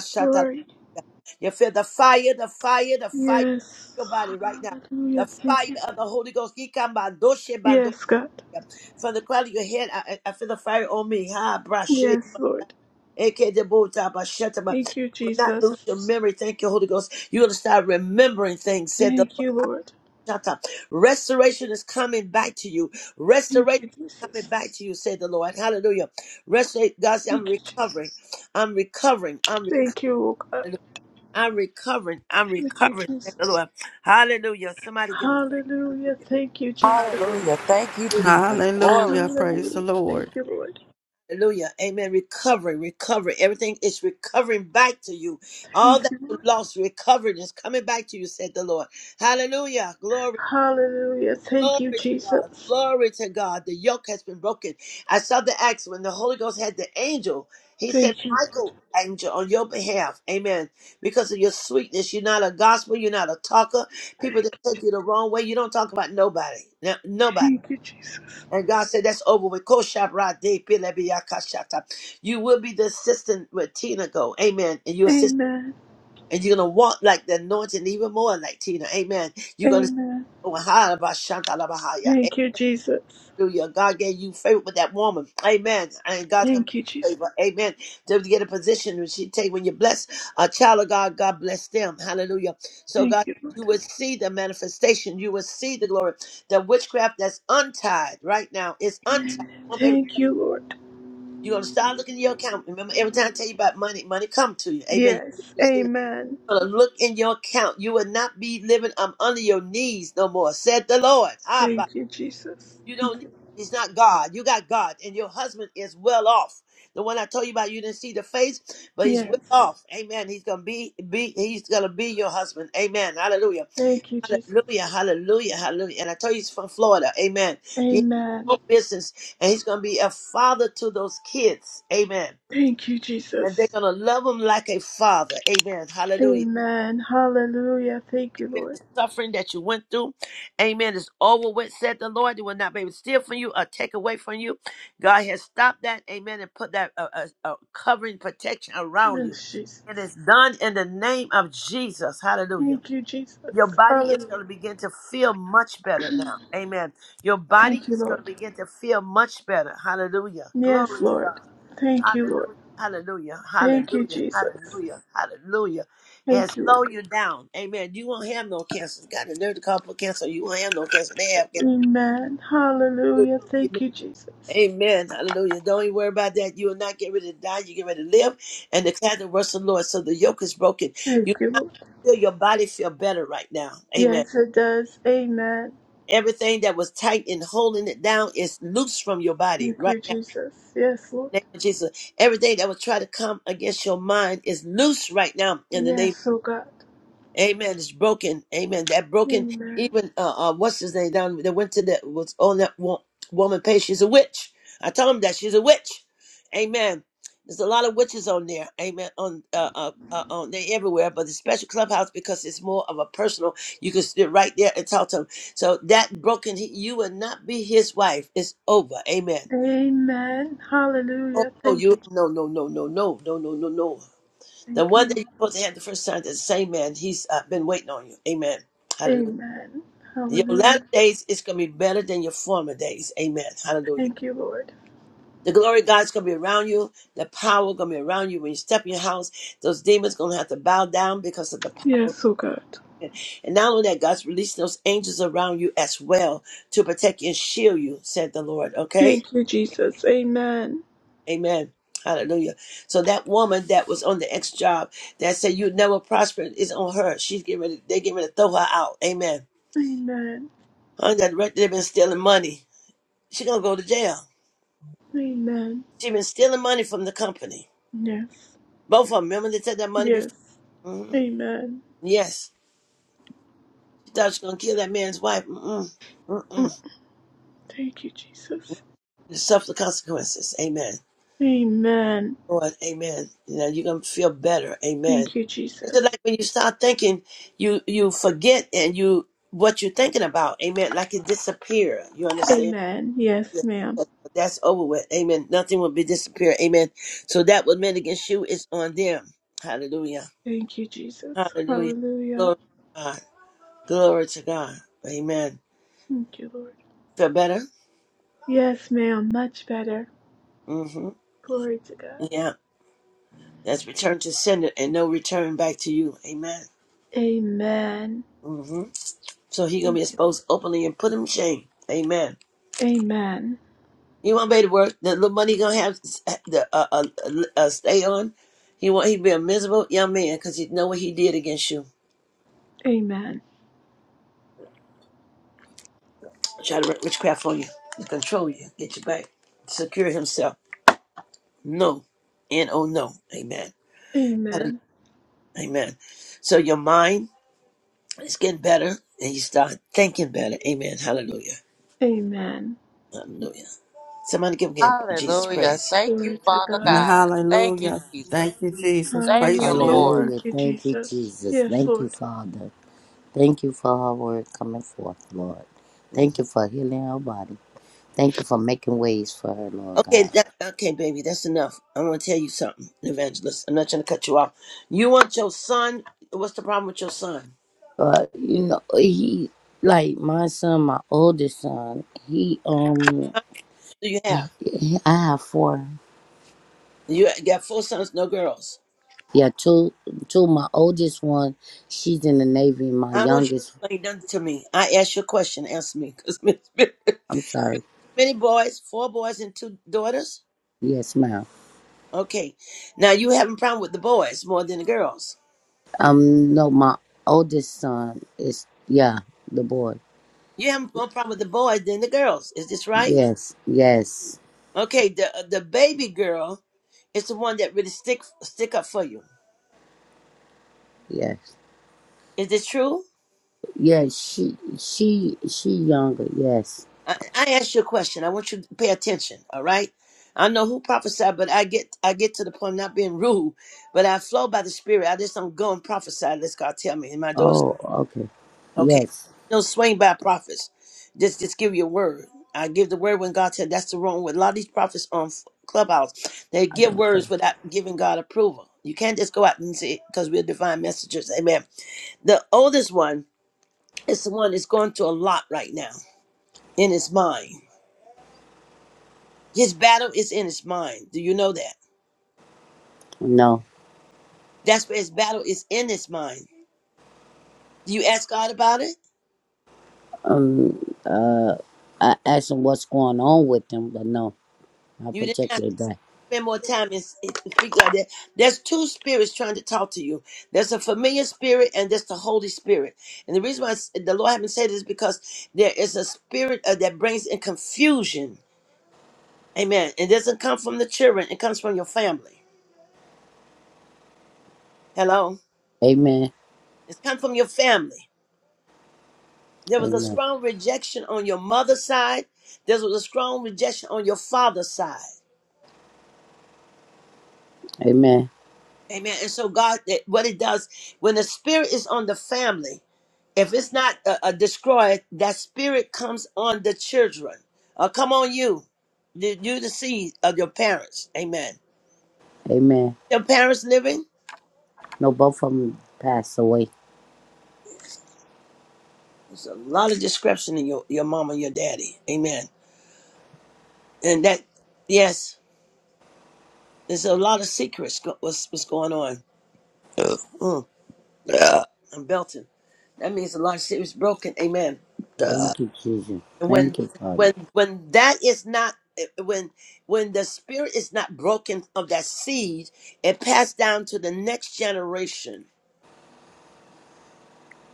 S3: sila.
S1: Glory.
S3: You feel the fire, the fire, the fire in
S1: Yes.
S3: your body right now. The
S1: Hallelujah. Thank
S3: fire
S1: you.
S3: of the Holy Ghost. Ikambadoshe bandoya.
S1: Yes, God.
S3: From the crown of your head, I, I I feel the fire on me. Ha, brashe.
S1: Yes, Lord.
S3: Eke debota bashetaba.
S1: Thank you,
S3: Will Not lose
S1: Jesus.
S3: your memory. Thank you, Holy Ghost. You're going to start remembering things, said the
S1: Thank
S3: Lord.
S1: you,
S3: Ah,
S1: Lord.
S3: shata. Restoration is coming back to you.
S1: Thank
S3: Restoration
S1: you,
S3: is coming
S1: Jesus.
S3: back to you, said the Lord. Hallelujah. Restoration. God said, I'm
S1: Thank you, Jesus.
S3: recovering. I'm recovering. I'm recovering.
S1: Thank you, oh God.
S3: I'm recovering. I'm
S1: Thank you,
S3: recovering. Thank
S1: Jesus.
S3: the Lord. Hallelujah. Somebody give him praise.
S1: Hallelujah.
S3: Hallelujah.
S1: Thank you, Jesus.
S2: Hallelujah. Thank you,
S3: Hallelujah.
S2: Jesus. Glory
S4: Hallelujah.
S2: to
S4: Praise the
S1: Hallelujah. Thank
S4: Lord.
S1: you, Lord.
S3: Hallelujah. Amen. Recovery, recovery. Everything is recovering back to you. All
S1: Thank
S3: that
S1: you,
S3: you
S1: Lord.
S3: lost, recovered is coming back to you, said the Lord. Hallelujah. Glory.
S1: Hallelujah.
S3: Glory
S1: Thank you,
S3: to God.
S1: Jesus.
S3: Glory to God. The yoke has been broken. I saw the acts when the Holy Ghost had the angel. He said,
S1: Thank you.
S3: Michael, angel, on your behalf. Amen. Because of your sweetness. You're not a gospel. You're not a talker. People
S1: Thank
S3: that
S1: you.
S3: take you the wrong way. You don't talk about nobody. No- Nobody.
S1: Thank you, Jesus.
S3: And God said, that's over with. Koshabrade pilebiyakashata. You will be the assistant with Tina go. Amen. And your assist,
S1: Amen.
S3: And you're going to walk like the anointing even more like Tina. Amen. You're going
S1: Amen.
S3: to.
S1: Thank you, Jesus.
S3: Hallelujah. God gave you favor with that woman. Amen. And God's going
S1: Thank you,
S3: to
S1: Jesus.
S3: favor. Amen. To get a position that she take when you bless a child of God, God bless them. Hallelujah. So God,
S1: Thank you,
S3: you
S1: Lord.
S3: will see the manifestation. You will see the glory. The witchcraft that's untied right now is untied. Oh, baby,
S1: Thank you, Lord.
S3: you're going to start looking in your account. Remember, every time I tell you about money, money come to you. Amen.
S1: Yes.
S3: You see it.
S1: Amen.
S3: You're gonna Look in your account. You will not be living um, under your knees no more, said the Lord. Ah,
S1: Thank you, Jesus.
S3: you don't
S1: Thank
S3: need
S1: you.
S3: he's not God. You got God. And your husband is well off. The one I told you about, you didn't see the face, but he's well
S1: Yes.
S3: off. Amen. He's gonna be be he's gonna be your husband. Amen. Hallelujah.
S1: Thank you, Jesus.
S3: Hallelujah. Hallelujah. Hallelujah. And I told you he's from Florida. Amen. He has
S1: Amen.
S3: no business and he's gonna be a father to those kids. Amen.
S1: Thank you,
S3: And they're
S1: Jesus.
S3: gonna love him like a father. Amen. Hallelujah.
S1: Amen. Hallelujah. Thank you,
S3: Amen. The
S1: Lord.
S3: suffering that you went through, amen, is over with, said the Lord. They will not be able to steal from you or take away from you. God has stopped that, amen, and put that uh, uh, uh, covering protection around you.
S1: Yes,
S3: It
S1: Jesus.
S3: is done in the name of Jesus. Hallelujah.
S1: Thank you,
S3: Your
S1: Jesus.
S3: body is
S1: Hallelujah.
S3: going to begin to feel much better now. Amen. Your body
S1: Thank you,
S3: is going to
S1: Lord.
S3: begin to feel much better. Hallelujah.
S1: Yes,
S3: Glory to
S1: Lord.
S3: God.
S1: Thank you, Lord.
S3: Hallelujah. Hallelujah.
S1: Thank you,
S3: Hallelujah.
S1: Jesus.
S3: Hallelujah. Hallelujah. And
S1: Thank you,
S3: slow
S1: Lord.
S3: you down. Amen. You won't have no cancer. God, the nerve to call for cancer. You won't have no cancer. They have
S1: Amen.
S3: cancer.
S1: Hallelujah. Thank
S3: Amen.
S1: you, Jesus.
S3: Amen. Hallelujah. Don't even worry about that. You will not get ready to die. You get ready to live and declare the words of the Lord. So the yoke is broken. You
S1: Thank you, Lord.
S3: feel your body feel better right now. Amen.
S1: Yes, it does. Amen.
S3: Everything that was tight and holding it down is loose from your body
S1: Thank
S3: right
S1: you,
S3: now.
S1: Jesus. Yes,
S3: In
S1: Lord.
S3: the name of Jesus. Everything that will try to come against your mind is loose right now in the name
S1: Yes, oh God.
S3: Amen. It's broken. Amen. That broken.
S1: Amen.
S3: Even uh, uh what's his name down? They went to that was on that wo- woman page. She's a witch. I told him that she's a witch. Amen. There's a lot of witches on there. Amen. On uh, uh, uh on they everywhere, but the special clubhouse because it's more of a personal. You can sit right there and talk to him. So that broken, he, you will not be his wife. It's over. Amen.
S1: Amen.
S3: Oh
S1: Hallelujah.
S3: no,
S1: Thank
S3: you
S1: you.
S3: no no no no no no no no no. The
S1: Thank you.
S3: one that
S1: Lord.
S3: you're supposed to have the first time, that's the same man, he's uh, been waiting on you. Amen. Hallelujah.
S1: Amen.
S3: Your latter
S1: Hallelujah.
S3: days is going to be better than your former days. Amen. Hallelujah.
S1: Thank you, Lord.
S3: The glory of God's going to be around you. The power going to be around you. When you step in your house, those demons going to have to bow down because of the power.
S1: Yes, oh God.
S3: And not only that, God's releasing those angels around you as well to protect and shield you, said the Lord. Okay?
S1: Thank you, Jesus. Amen.
S3: Amen. Hallelujah. So that woman that was on the ex job that said you never prosper is on her. She's getting ready. They're getting ready to throw her out. Amen.
S1: Amen.
S3: Under that record, they've been stealing money. She gonna go to jail.
S1: Amen.
S3: She been stealing money from the company.
S1: Yes.
S3: Both of them. Remember they took that money
S1: Yes.
S3: before. Mhm.
S1: Amen.
S3: Yes. She thought she gonna kill that man's wife. Mm-mm.
S1: Mm.
S3: Mm-mm.
S1: Thank you, Jesus.
S3: Suffer the consequences. Amen.
S1: Amen.
S3: Lord, amen. You know, you're gonna feel better, amen.
S1: Thank you,
S3: It's
S1: Jesus.
S3: like when you start thinking, you you forget and you what you're thinking about, amen. Like it disappear. You understand?
S1: Amen. Yes, ma'am.
S3: Yeah, That's over with, amen. Nothing will be disappear, amen. So that what meant against you is on them. Hallelujah,
S1: Thank you, Jesus.
S3: hallelujah.
S1: Hallelujah.
S3: Glory to God, glory to God, amen.
S1: Thank you, Lord.
S3: Feel better?
S1: Yes, ma'am. Much better.
S3: Mm-hmm.
S1: Glory to God.
S3: Yeah, that's return to sender and no return back to you, amen.
S1: Amen.
S3: Mm-hmm. So he gonna be
S1: Thank you, Lord.
S3: exposed openly and put him to shame. Amen.
S1: Amen.
S3: He won't be able to work. The little money he gonna have the uh, uh, uh, uh, stay on. He want he be a miserable young man because he know what he did against you.
S1: Amen.
S3: Try to wreak witchcraft on you, to control you, get you back, secure himself. No, and oh no, amen, Hallelujah.
S1: Amen.
S3: amen. So your mind is getting better, and you start thinking better. Amen. Hallelujah.
S1: Amen.
S3: Hallelujah. Somebody give him Jesus
S2: Hallelujah.
S3: praise.
S2: Thank you,
S1: Glory to
S2: Father
S1: God.
S2: God. Thank you,
S4: Hallelujah.
S2: Jesus.
S4: Thank you, Jesus.
S2: Thank
S4: Praise
S2: you,
S4: the
S1: Hallelujah.
S4: Lord.
S2: Lord.
S5: Hallelujah.
S1: Thank you,
S5: Thank you,
S1: Jesus.
S5: Jesus.
S1: Yes,
S5: Thank you,
S1: Lord.
S5: Father. Thank you for our word coming forth, Lord. Thank you for healing her body. Thank you for making ways for her, Lord
S3: Okay,
S5: God.
S3: that, okay, baby, that's enough. I want to tell you something, evangelist. I'm not trying to cut you off. You want your son? What's the problem with your son?
S5: But you know, he like my son, my oldest son, he um
S3: Do you have?
S5: I have four.
S3: You got four sons, no girls.
S5: Yeah, two two my oldest one, she's in the Navy, my
S3: I don't want you
S5: youngest
S3: to explain nothing to me. I asked you a question. Answer me, because
S5: I'm sorry.
S3: many boys, four boys and two daughters.
S5: Yes, ma'am.
S3: Okay, now you having a problem with the boys more than the girls.
S5: Um no, my oldest son is yeah, the boy.
S3: You having more problem with the boys than the girls. Is this right?
S5: Yes, yes.
S3: Okay, the the baby girl is the one that really stick stick up for you.
S5: Yes.
S3: Is this true?
S5: Yes, she she she younger, yes.
S3: I, I asked you a question. I want you to pay attention. All right. I know who prophesied, but I get I get to the point of not being rude, but I flow by the spirit. I just don't go and prophesy unless God tell me. And my daughter's
S5: Oh, okay.
S3: okay.
S5: Yes.
S3: don't swing by prophets. Just just give your word. I give the word when God said that's the wrong with a lot of these prophets on Clubhouse. They give
S5: Okay.
S3: words without giving God approval. You can't just go out and say because we're divine messengers. Amen. The oldest one is the one that's going through a lot right now in his mind. His battle is in his mind. Do you know that?
S5: No.
S3: That's where his battle is in his mind. Do you ask God about it?
S5: Um uh I asked him what's going on with them, but no, I
S3: You didn't ask
S5: protected that.
S3: spend more time in in speak like that. There's two spirits trying to talk to you. There's a familiar spirit and there's the Holy Spirit. And the reason why I s- the Lord haven't said this is because there is a spirit uh, that brings in confusion. Amen. It doesn't come from the children. It comes from your family. Hello.
S5: Amen.
S3: It's come from your family. There was a
S5: Amen.
S3: strong rejection on your mother's side. There was a strong rejection on your father's side.
S5: Amen.
S3: Amen. And so God, that- what it does when the spirit is on the family, if it's not uh, uh, destroyed, that spirit comes on the children. Uh, come on, you, you, you the seed of your parents. Amen.
S5: Amen.
S3: Your parents living.
S5: No, both of them passed away.
S3: There's a lot of description in your your mama, your daddy. Amen. And that, yes, there's a lot of secrets. Go, what's what's going on? Uh, mm, uh, I'm belting. That means a lot of secrets broken. Amen.
S5: Thank you, Jesus.
S3: when
S5: Thank you, Father.
S3: when when that is not eh, when when the spirit is not broken of that seed it passed down to the next generation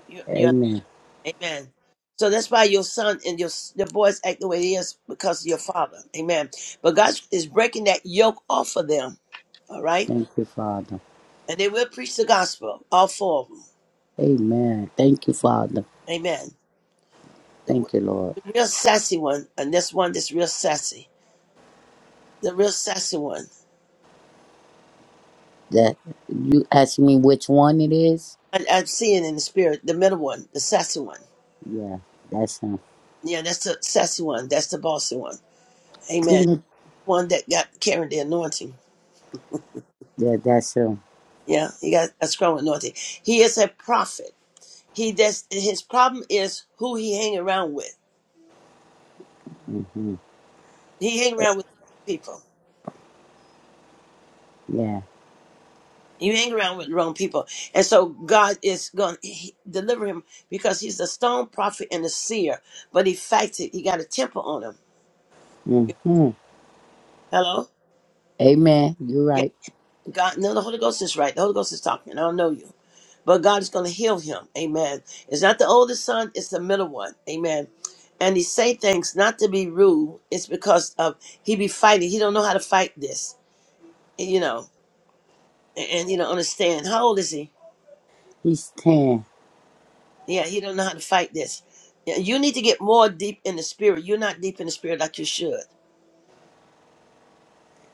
S3: you, you,
S5: Amen.
S3: amen so that's why your son and your the boys act the way they is because of your father amen but god is breaking that yoke off of them all right
S5: Thank you, Father.
S3: and they will preach the gospel all four of them
S5: Amen. Thank you, Father.
S3: amen the, w-
S5: Thank you, Lord.
S3: the real sassy one and this one that's real sassy the real sassy one
S5: That you asked me which one it is?
S3: I, I'm seeing in the spirit the middle one, the sassy one.
S5: Yeah, that's him.
S3: Yeah, that's the sassy one. That's the bossy one. Amen. One that got carrying the anointing.
S5: Yeah, that's him.
S3: Yeah, he got a strong anointing. He is a prophet. He that's his problem is who he hang around with.
S5: hmm
S3: He hang around with people.
S5: Yeah.
S3: You hang around with the wrong people, and so God is going to deliver him because he's a stone prophet and a seer. But he fights it. He got a temper on him. You-
S5: hmm
S3: Hello.
S5: Amen. You're
S3: Yeah,
S5: right.
S3: God. No, the Holy Ghost is right. The Holy Ghost is talking. I don't know you. but God is going to heal him. Amen. It's not the oldest son, it's the middle one. Amen. And he say things not to be rude. It's because of he be fighting. He don't know how to fight this. And, you know, and, and he don't understand. How old is he?
S5: He's 10.
S3: Yeah, he don't know how to fight this. Yeah, You need to get more deep in the spirit. You're not deep in the spirit like you should.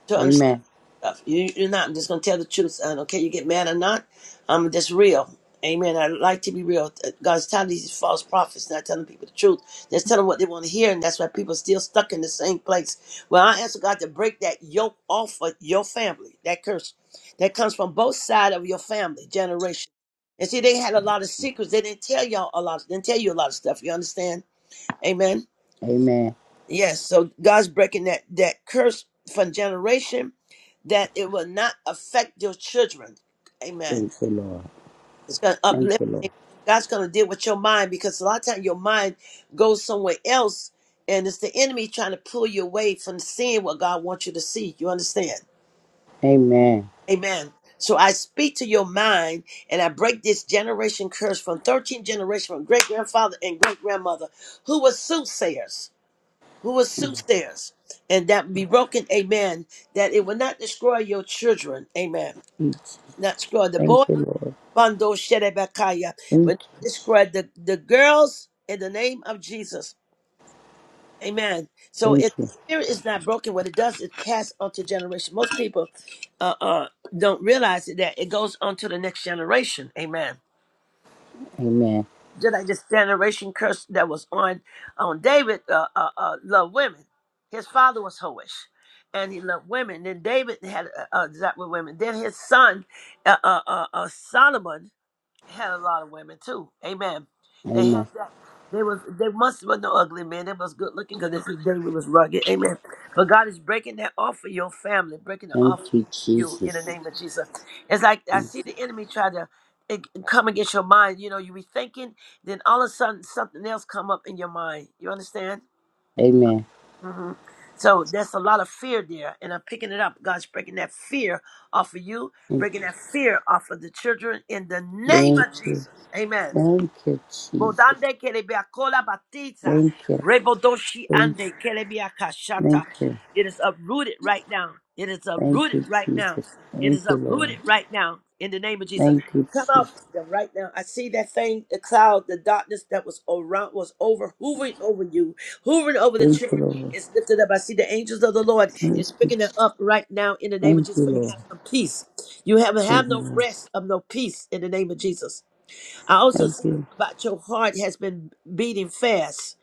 S3: to understand.
S5: Amen.
S3: stuff. You, you're not. I'm just going to tell the truth. I don't care you get mad or not. I'm just real. Amen. I like to be real. Uh, God's tired of these false prophets not telling people the truth. Just telling what they want to hear, and that's why people are still stuck in the same place. Well, I ask God to break that yoke off of your family, that curse that comes from both sides of your family generation. And see, they had a lot of secrets. They didn't tell y'all a lot. Didn't tell you a lot of stuff. You understand? Amen.
S5: Amen.
S3: Yes, so God's breaking that that curse from generation that it will not affect your children. Amen.
S5: Thank you, Lord.
S3: It's gonna
S5: Thank
S3: uplift.
S5: you, Lord.
S3: God's gonna deal with your mind because a lot of times your mind goes somewhere else, and it's the enemy trying to pull you away from seeing what God wants you to see. You understand?
S5: Amen.
S3: Amen. So I speak to your mind, and I break this generation curse from thirteenth generation from great grandfather and great grandmother who were soothsayers who was soothsayers, and that be broken, amen, that it will not destroy your children, amen. Not destroy the
S5: Thank
S3: boy,
S5: you, Lord.
S3: Bando Sherebakaya,
S5: Thank
S3: will not
S5: you.
S3: destroy the, the girls in the name of Jesus, amen. So
S5: Thank
S3: if
S5: you.
S3: the spirit is not broken, what it does is pass on to generation. Most people uh, uh, don't realize that it goes on to the next generation, amen.
S5: Amen.
S3: just like this generation curse that was on on David uh, uh, uh, loved women. His father was hoish, and he loved women. Then David had uh, uh, desire with women. Then his son uh, uh, uh, uh, Solomon had a lot of women too. Amen. They had
S5: Amen.
S3: that. They was they must have no ugly men. They was good looking because this David was rugged. Amen. But God is breaking that off of your family, breaking it
S5: Thank
S3: off for
S5: you,
S3: you in the
S5: Jesus.
S3: name of Jesus. It's like I see the enemy try to eh, come against your mind. You know, you be thinking, then all of a sudden something else come up in your mind. You understand?
S5: Amen.
S3: hmm So there's a lot of fear there, and I'm picking it up. God's breaking that fear off of you,
S5: Thank
S3: breaking that fear off of the children in the name
S5: thank
S3: of
S5: you.
S3: Jesus. Amen.
S5: Thank you, Jesus.
S3: Modande kelebia kola batiza.
S5: Thank you.
S3: Rebodoshi
S5: Thank,
S3: ande kelebia
S5: thank
S3: kashata.
S5: you.
S3: It is uprooted right now. It is
S5: Thank
S3: uprooted
S5: you,
S3: right now.
S5: Jesus.
S3: It
S5: Thank
S3: is
S5: you, Lord.
S3: uprooted right now. In the name of Jesus.
S5: Thank you,
S3: Come out
S5: Jesus.
S3: them right now. I see that thing, the cloud, the darkness that was around was over, hovering over you, hovering over the
S5: Thank you,
S3: children.
S5: Lord.
S3: It's lifted up. I see the angels of the Lord
S5: Thank
S3: is
S5: you.
S3: picking it
S5: Jesus.
S3: up right now in the name of
S5: Thank
S3: Jesus.
S5: you,
S3: For you
S5: Lord.
S3: have some peace. You have have
S5: Thank you,
S3: no
S5: Lord.
S3: rest of no peace in the name of Jesus. I also
S5: Thank
S3: see
S5: you.
S3: about your heart has been beating fast.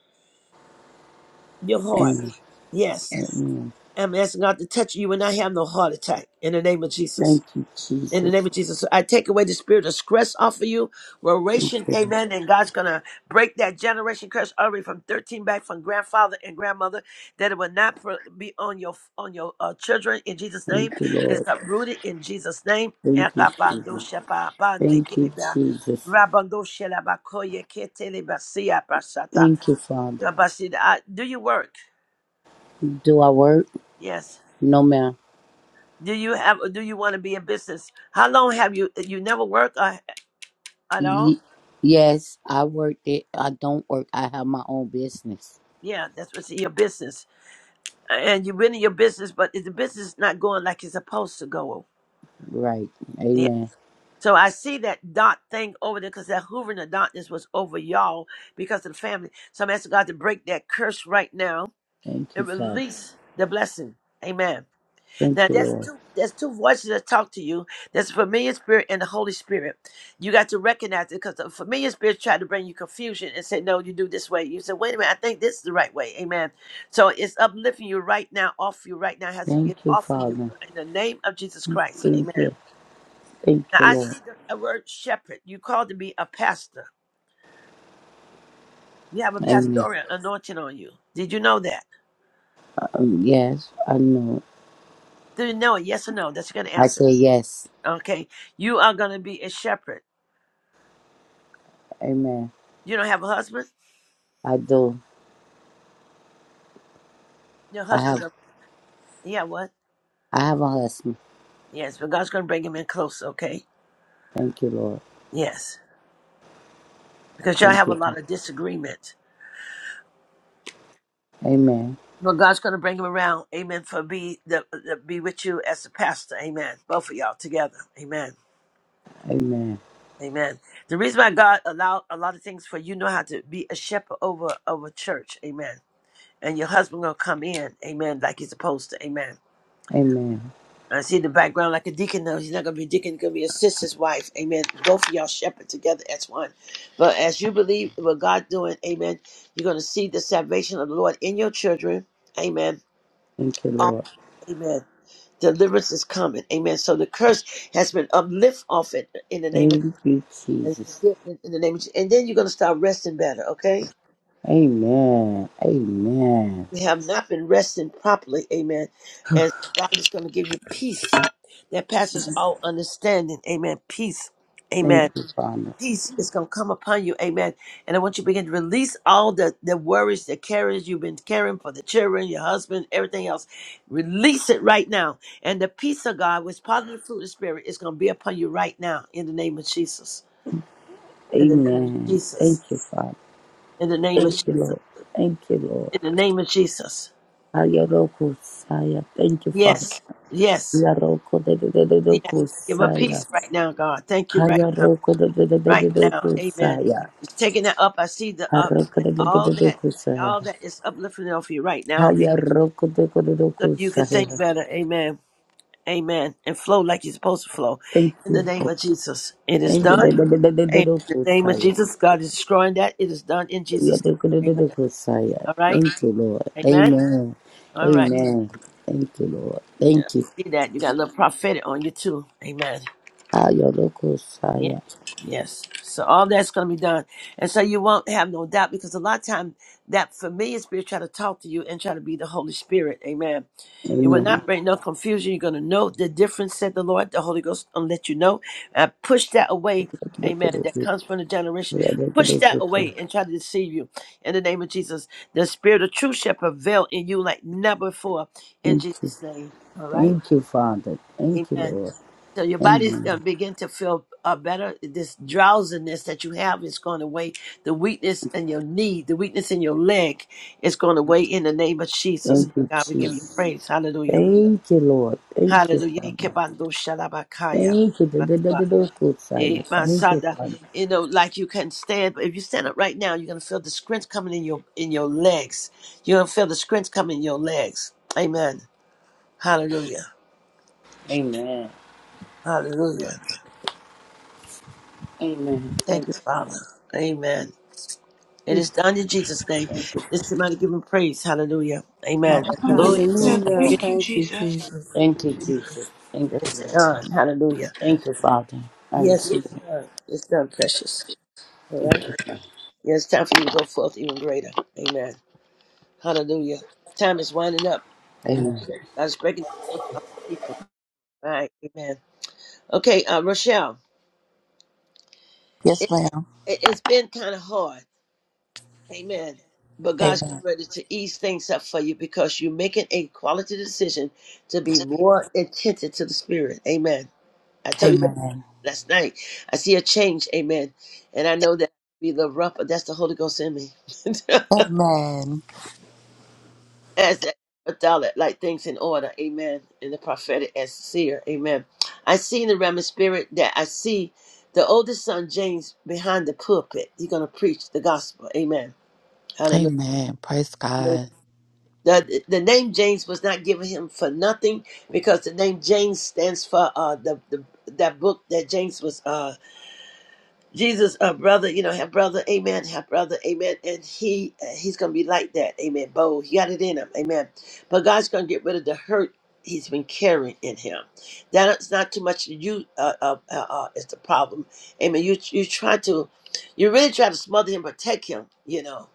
S3: Your heart.
S5: Amen.
S3: Yes.
S5: Amen.
S3: I'm asking God to touch you and not have no heart attack in the name of Jesus.
S5: Thank you,
S3: In the name
S5: Jesus.
S3: of Jesus, I take away the spirit of stress off of you.
S5: Thank
S3: Reration,
S5: you, Lord.
S3: amen. And God's going to break that generation curse already from 13 back from grandfather and grandmother that it will not pro- be on your on your uh, children in Jesus' name.
S5: Thank you,
S3: It's
S5: Lord.
S3: uprooted in Jesus' name.
S5: Thank you, Jesus. Thank you, Jesus. Thank you, Father.
S3: Do you work?
S5: Do I work?
S3: Yes.
S5: No, ma'am.
S3: Do you have? Do you want to be in business? How long have you? You never work uh, at all?
S5: Ye- yes, I work it. I don't work. I have my own business.
S3: Yeah, that's what's in your business. And you've been in your business, but if the business is not going like it's supposed to go.
S5: Right.
S3: Yeah.
S5: Amen.
S3: So I see that dot thing over there because that hoovering of darkness was over y'all because of the family. So I'm asking God to break that curse right now
S5: Thank you,
S3: and
S5: Father.
S3: release the blessing. Amen. Now
S5: Thank you,
S3: that's
S5: Lord.
S3: two that's two voices that talk to you. That's the familiar spirit and the Holy Spirit. You got to recognize it because the familiar spirit tried to bring you confusion and say, No, you do this way. You say, wait a minute, I think this is the right way. Amen. So it's uplifting you right now, off you right now, It has to get
S5: Thank you,
S3: off of you
S5: Father.
S3: in the name of Jesus Christ.
S5: Thank
S3: Amen.
S5: you. Thank
S3: Now
S5: you,
S3: I
S5: Lord.
S3: see the a word shepherd. You called to be a pastor. You have a
S5: Amen.
S3: pastoral anointing on you. Did you know that?
S5: Um, yes, I know.
S3: Do you know it? Yes or no? That's your gonna
S5: I
S3: answer.
S5: say yes.
S3: Okay. You are gonna be a shepherd.
S5: Amen.
S3: You don't have a husband?
S5: I do.
S3: Your
S5: I have.
S3: husband, go- yeah, what?
S5: I have a husband.
S3: Yes, but God's going to bring him in close, okay?
S5: Thank you, Lord.
S3: Yes, because y'all
S5: Thank
S3: have a
S5: you.
S3: lot of disagreement.
S5: Amen.
S3: But God's going to bring him around, amen, for be the, the, be with you as the pastor, amen. Both of y'all together, amen,
S5: Amen.
S3: amen. The reason why God allowed a lot of things for you know how to be a shepherd over of a church, amen. And your husband gonna come in, amen, like he's supposed to, amen.
S5: Amen.
S3: I see in the background like a deacon. No, he's not going to be a deacon. He's going to be a sister's wife. Amen. Both of y'all shepherd together as one. But as you believe what God doing, amen, you're going to see the salvation of the Lord in your children. Amen.
S5: Thank you,
S3: Oh,
S5: Lord.
S3: amen. Deliverance is coming. Amen. So the curse has been uplift off it in the name of
S5: Thank you,
S3: in
S5: Jesus.
S3: the name of, and then you're going to start resting better. Okay.
S5: Amen. Amen.
S3: You have not been resting properly. Amen. And God is going to give you peace that passes all understanding. Amen. Peace. Amen
S5: Thank you, Father.
S3: peace is going to come upon you. Amen. And I want you to begin to release all the, the worries, the cares you've been caring for the children, your husband, everything else. Release it right now. And the peace of God, which is part of the fruit of the Spirit, is going to be upon you right now in the name of Jesus. In the name of
S5: Amen. Thank
S3: Jesus.
S5: you, Father.
S3: In the name of,
S5: Thank you, Lord. Thank you, Lord.
S3: in the name of Jesus.
S5: Hayaroko Saya. Thank you, Father.
S3: Yes. Yes.
S5: Yaroko de de de de
S3: Yes.
S5: doko
S3: Give her
S5: Saya.
S3: peace right now, God. Thank you right now.
S5: Hayaroko de de de de de
S3: right now.
S5: doko
S3: Amen.
S5: Saya.
S3: He's taking that up. I see the up
S5: Haroko
S3: that
S5: de de de
S3: all
S5: de
S3: that
S5: doko Saya.
S3: all that is uplifting off you right now. Amen.
S5: Hayaroko de de de
S3: So
S5: doko
S3: you can think
S5: Saya.
S3: better. Amen. Amen. And flow like you're supposed to flow.
S5: Thank
S3: In
S5: you.
S3: the
S5: Lord.
S3: name of Jesus. It is
S5: Thank you, Lord.
S3: done.
S5: Yeah, do- do-
S3: Amen. In the name of Jesus. God is destroying that. It is done in Jesus' name.
S5: do- do- do-
S3: Amen.
S5: Kusaya.
S3: All right.
S5: Thank you, Lord.
S3: Amen.
S5: Amen.
S3: All right.
S5: Amen. Thank you, Lord.
S3: Yeah.
S5: Thank you.
S3: See that. You got a little prophetic on you too. Amen.
S5: Ah, your local
S3: Yeah.
S5: Saya.
S3: Yes. So all that's going to be done. And so you won't have no doubt because a lot of time that familiar spirit try to talk to you and try to be the Holy Spirit. Amen. It will not
S5: Amen.
S3: bring no confusion. You're going to know the difference, said the Lord. The Holy Ghost will let you know. I push that away.
S5: Look at
S3: Amen. That
S5: this.
S3: comes from the generation.
S5: Yeah, look at
S3: Push
S5: this.
S3: that away and try to deceive you. In the name of Jesus, the spirit of truth shall prevail in you like never before. In
S5: Thank you.
S3: Jesus' name. All right.
S5: Thank you, Father. Thank you,
S3: Amen.
S5: Lord.
S3: So your body's going
S5: Amen.
S3: to begin to feel uh, better. This drowsiness that you have is going away. the weakness in your knee, the weakness in your leg is going away in the name of Jesus.
S5: Thank you,
S3: God, we give you
S5: Jesus.
S3: praise. Hallelujah.
S5: Thank you, Lord. Thank you,
S3: Hallelujah.
S5: Father.
S3: Ikebando shalabakaya.
S5: Thank you. Do- do- do- do-
S3: Batba.
S5: do- Kusaya.
S3: Eh,
S5: Thank you,
S3: Masada.
S5: Father.
S3: You know, like you can stand, but if you stand up right now, you're going to feel the strength coming in your in your legs. You're going to feel the strength coming in your legs. Amen. Hallelujah.
S5: Amen.
S3: Hallelujah.
S5: Amen.
S3: Thank
S5: Thank
S3: you,
S5: you.
S3: Father. Amen. It is done in Jesus' name.
S5: Thank you.
S3: This somebody give him praise. Hallelujah. Amen.
S5: Hallelujah.
S2: Hallelujah.
S5: Thank
S1: Hallelujah.
S5: you,
S4: Hallelujah.
S5: Lord.
S1: Thank you,
S4: Thank you,
S1: Jesus.
S4: Jesus.
S5: Thank you, Jesus. Thank you,
S3: It's
S5: Lord.
S3: done. Hallelujah.
S5: Thank you, Father. I
S3: Yes,
S5: receive
S3: it's
S5: it.
S3: done. It's done, precious. All
S5: Thank
S3: right.
S5: you. Father.
S3: Yeah, it's time for you to go forth even greater. Amen. Hallelujah. Time is winding up.
S5: Amen.
S3: I was breaking the yoke off the people. All right. Amen. Okay, uh, Rochelle, it,
S2: Yes, ma'am.
S3: it, it's been kind of hard. Amen. But God's getting
S2: Amen.
S3: ready to ease things up for you because you're making a quality decision to be more attentive to the Spirit. Amen. I told you that
S2: Amen.
S3: last night. I see a change. Amen. And I know that be the rough, but that's the Holy Ghost in me.
S2: Amen.
S3: as that dollar, like things in order. Amen. In the prophetic as seer. Amen. I see in the realm of spirit that I see the oldest son James behind the pulpit. He's going to preach the gospel. Amen. Hallelujah.
S2: Amen. Praise God.
S3: The, the name James was not given him for nothing because the name James stands for uh, the, the that book that James was uh, Jesus uh, brother you know have brother amen have brother amen and he uh, he's gonna be like that amen bold he got it in him amen but God's gonna get rid of the hurt he's been carrying in him that's not too much you uh, uh, uh, uh, is the problem amen you you try to you really try to smother him protect him you know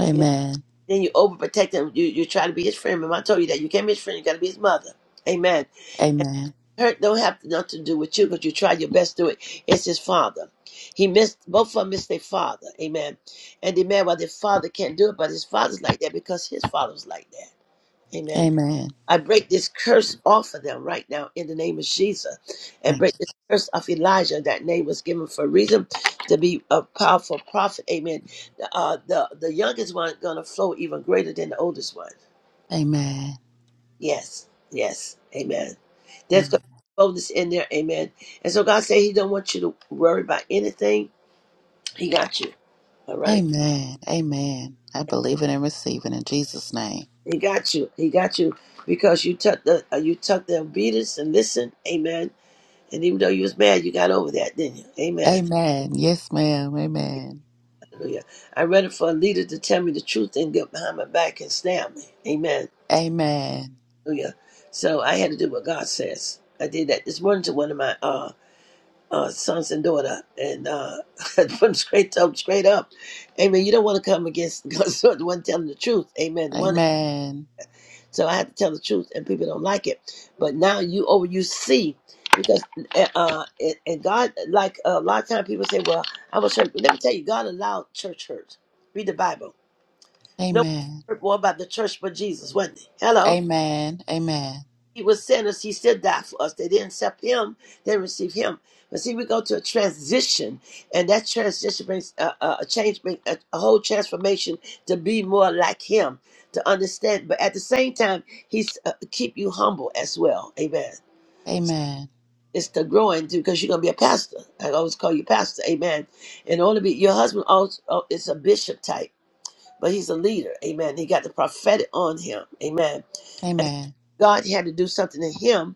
S2: Amen.
S3: then you overprotect him. You you try to be his friend. Remember, I told you that you can't be his friend. You got to be his mother. Amen.
S2: Amen.
S3: Hurt don't have nothing to do with you because you tried your best to do it. It's his father. He missed both of them missed their father. Amen. And they mad why their father can't do it, but his father's like that because his father was like that. Amen.
S2: Amen.
S3: I break this curse off of them right now in the name of Jesus, and
S2: Thank
S3: break
S2: you.
S3: this curse of Elijah. That name was given for a reason to be a powerful prophet. Amen. The uh, the the youngest one gonna flow even greater than the oldest one.
S2: Amen.
S3: Yes, yes, amen. There's
S2: Amen.
S3: gonna be boldness in there, amen. And so God said He don't want you to worry about anything. He got you, all right.
S2: Amen. Amen. I believe it and receive it in Jesus' name.
S3: He got you. He got you because you took the uh, you took the obedience and listened, amen. And even though you was mad, you got over that, didn't you? Amen.
S2: Amen. Yes, ma'am. Amen.
S3: Hallelujah. I read it for a leader to tell me the truth and get behind my back and stab me. Amen.
S2: Amen.
S3: Hallelujah. So I had to do what God says. I did that this morning to one of my uh uh, sons and daughter, and uh, put them straight up, straight up. Amen. You don't want to come against because the one telling the truth. Amen. The one,
S2: Amen.
S3: so I had to tell the truth, and people don't like it. But now you over, you see, because uh, uh, and, and God, like a lot of times, people say, well, I was hurt. But let me tell you, God allowed church hurt. Read the Bible. No one
S2: Amen.
S3: hurt more about the church but Jesus, wasn't he?
S2: Amen.
S3: Hello.
S2: Amen.
S3: He was sinners. He still died for us. They didn't accept him. They didn't receive him. But see, we go to a transition, and that transition brings a, a, a change, brings a, a whole transformation to be more like him, to understand. But at the same time, he's uh, keep you humble as well. Amen.
S2: Amen.
S3: It's the growing too, because you're gonna be a pastor. I always call you pastor. Amen. And only be your husband. Also, is a bishop type, but he's a leader. Amen. He got the prophetic on him. Amen
S2: Amen.
S3: God had to do something to him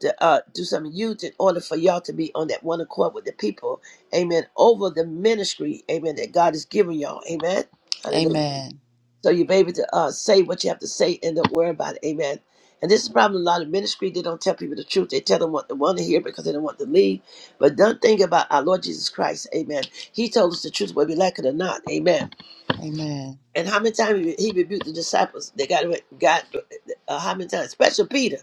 S3: to uh, do something to you in order for y'all to be on that one accord with the people. Amen. Over the ministry, amen, that God has given y'all. Amen. Hallelujah.
S2: Amen.
S3: So you're able to uh, say what you have to say and don't worry about it. Amen. And this is probably a lot of ministry. They don't tell people the truth. They tell them what they want to hear because they don't want to leave. But don't think about our Lord Jesus Christ. Amen. He told us the truth, whether we like it or not. Amen.
S2: Amen.
S3: And how many times he rebuked the disciples? They got, got uh, how many times? Special Peter.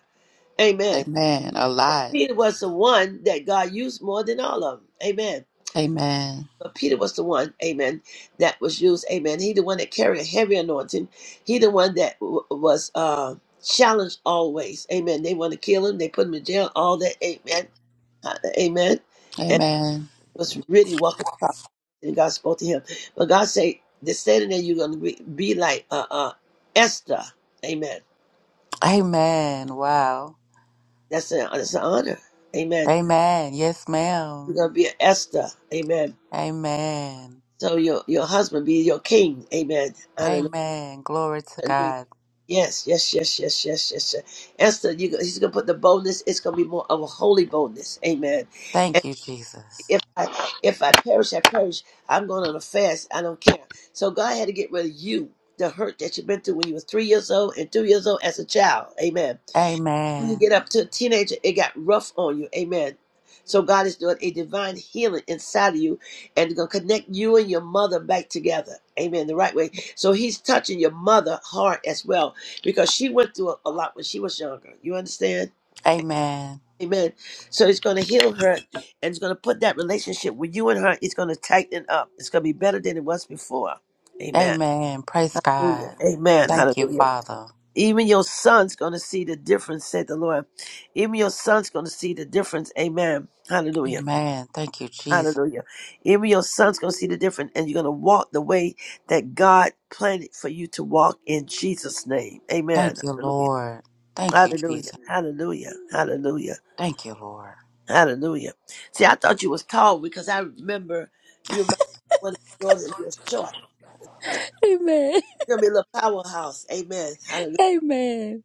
S3: Amen.
S2: Amen. A lot.
S3: Peter was the one that God used more than all of them. Amen.
S2: Amen.
S3: But Peter was the one, amen, that was used, amen. He the one that carried a heavy anointing. He the one that w- was uh, challenged always, amen. They want to kill him. They put him in jail, all that, amen, Uh, amen. And
S2: Amen.
S3: he was really walking the top. And God spoke to him. But God say, "They're standing there, you're going to be, be like uh, uh, Esther, amen.
S2: Amen. Wow.
S3: That's an, that's an honor, amen.
S2: Amen. Yes,
S3: You're
S2: ma'am.
S3: going to be an Esther, amen
S2: Amen.
S3: So your your husband be your king. Amen. Hallelujah.
S2: Amen. Glory to
S3: Hallelujah.
S2: God.
S3: Yes, yes, yes, yes, yes, yes, yes. Esther, you, go- he's gonna put the boldness. It's gonna be more of a holy boldness. Amen. And
S2: Thank you, Jesus.
S3: if I if I perish, I perish. I'm going on a fast. I don't care. So God had to get rid of you, the hurt that you've been through when you were three years old and two years old as a child. Amen when you
S2: Amen.
S3: get up to a teenager, it got rough on you. Amen. So God is doing a divine healing inside of you and gonna connect you and your mother back together. Amen. The right way. So he's touching your mother heart as well. Because she went through a, a lot when she was younger. You understand?
S2: Amen.
S3: Amen. So he's gonna heal her and it's gonna put that relationship with you and her, it's gonna tighten up. It's gonna be better than it was before. Amen.
S2: Amen. Praise
S3: Hallelujah.
S2: God.
S3: Amen.
S2: Thank you,
S3: Hallelujah.
S2: Father.
S3: Even your son's going to see the difference, said the Lord. Even your son's going to see the difference. Amen. Hallelujah.
S2: Amen. Thank you, Jesus.
S3: Hallelujah. Even your son's going to see the difference, and you're going to walk the way that God planned it for you to walk in Jesus' name. Amen.
S2: Thank you,
S3: Hallelujah.
S2: Lord. Thank you,
S3: Hallelujah.
S2: Jesus.
S3: Hallelujah. Hallelujah.
S2: Thank you, Lord.
S3: Hallelujah. See, I thought you was tall because I remember you remember when you were short.
S2: Amen.
S3: You're going to be a little powerhouse. Amen. Hallelujah.
S2: Amen.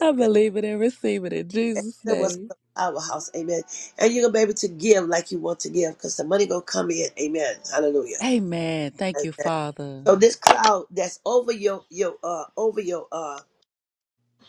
S2: I believe it and receive it in
S3: And
S2: Jesus'
S3: there was
S2: name.
S3: the powerhouse, amen. And you're gonna be able to give like you want to give, because the money gonna come in, amen. Hallelujah.
S2: Amen. Thank you,
S3: Amen.
S2: Father.
S3: So this cloud that's over your your uh over your uh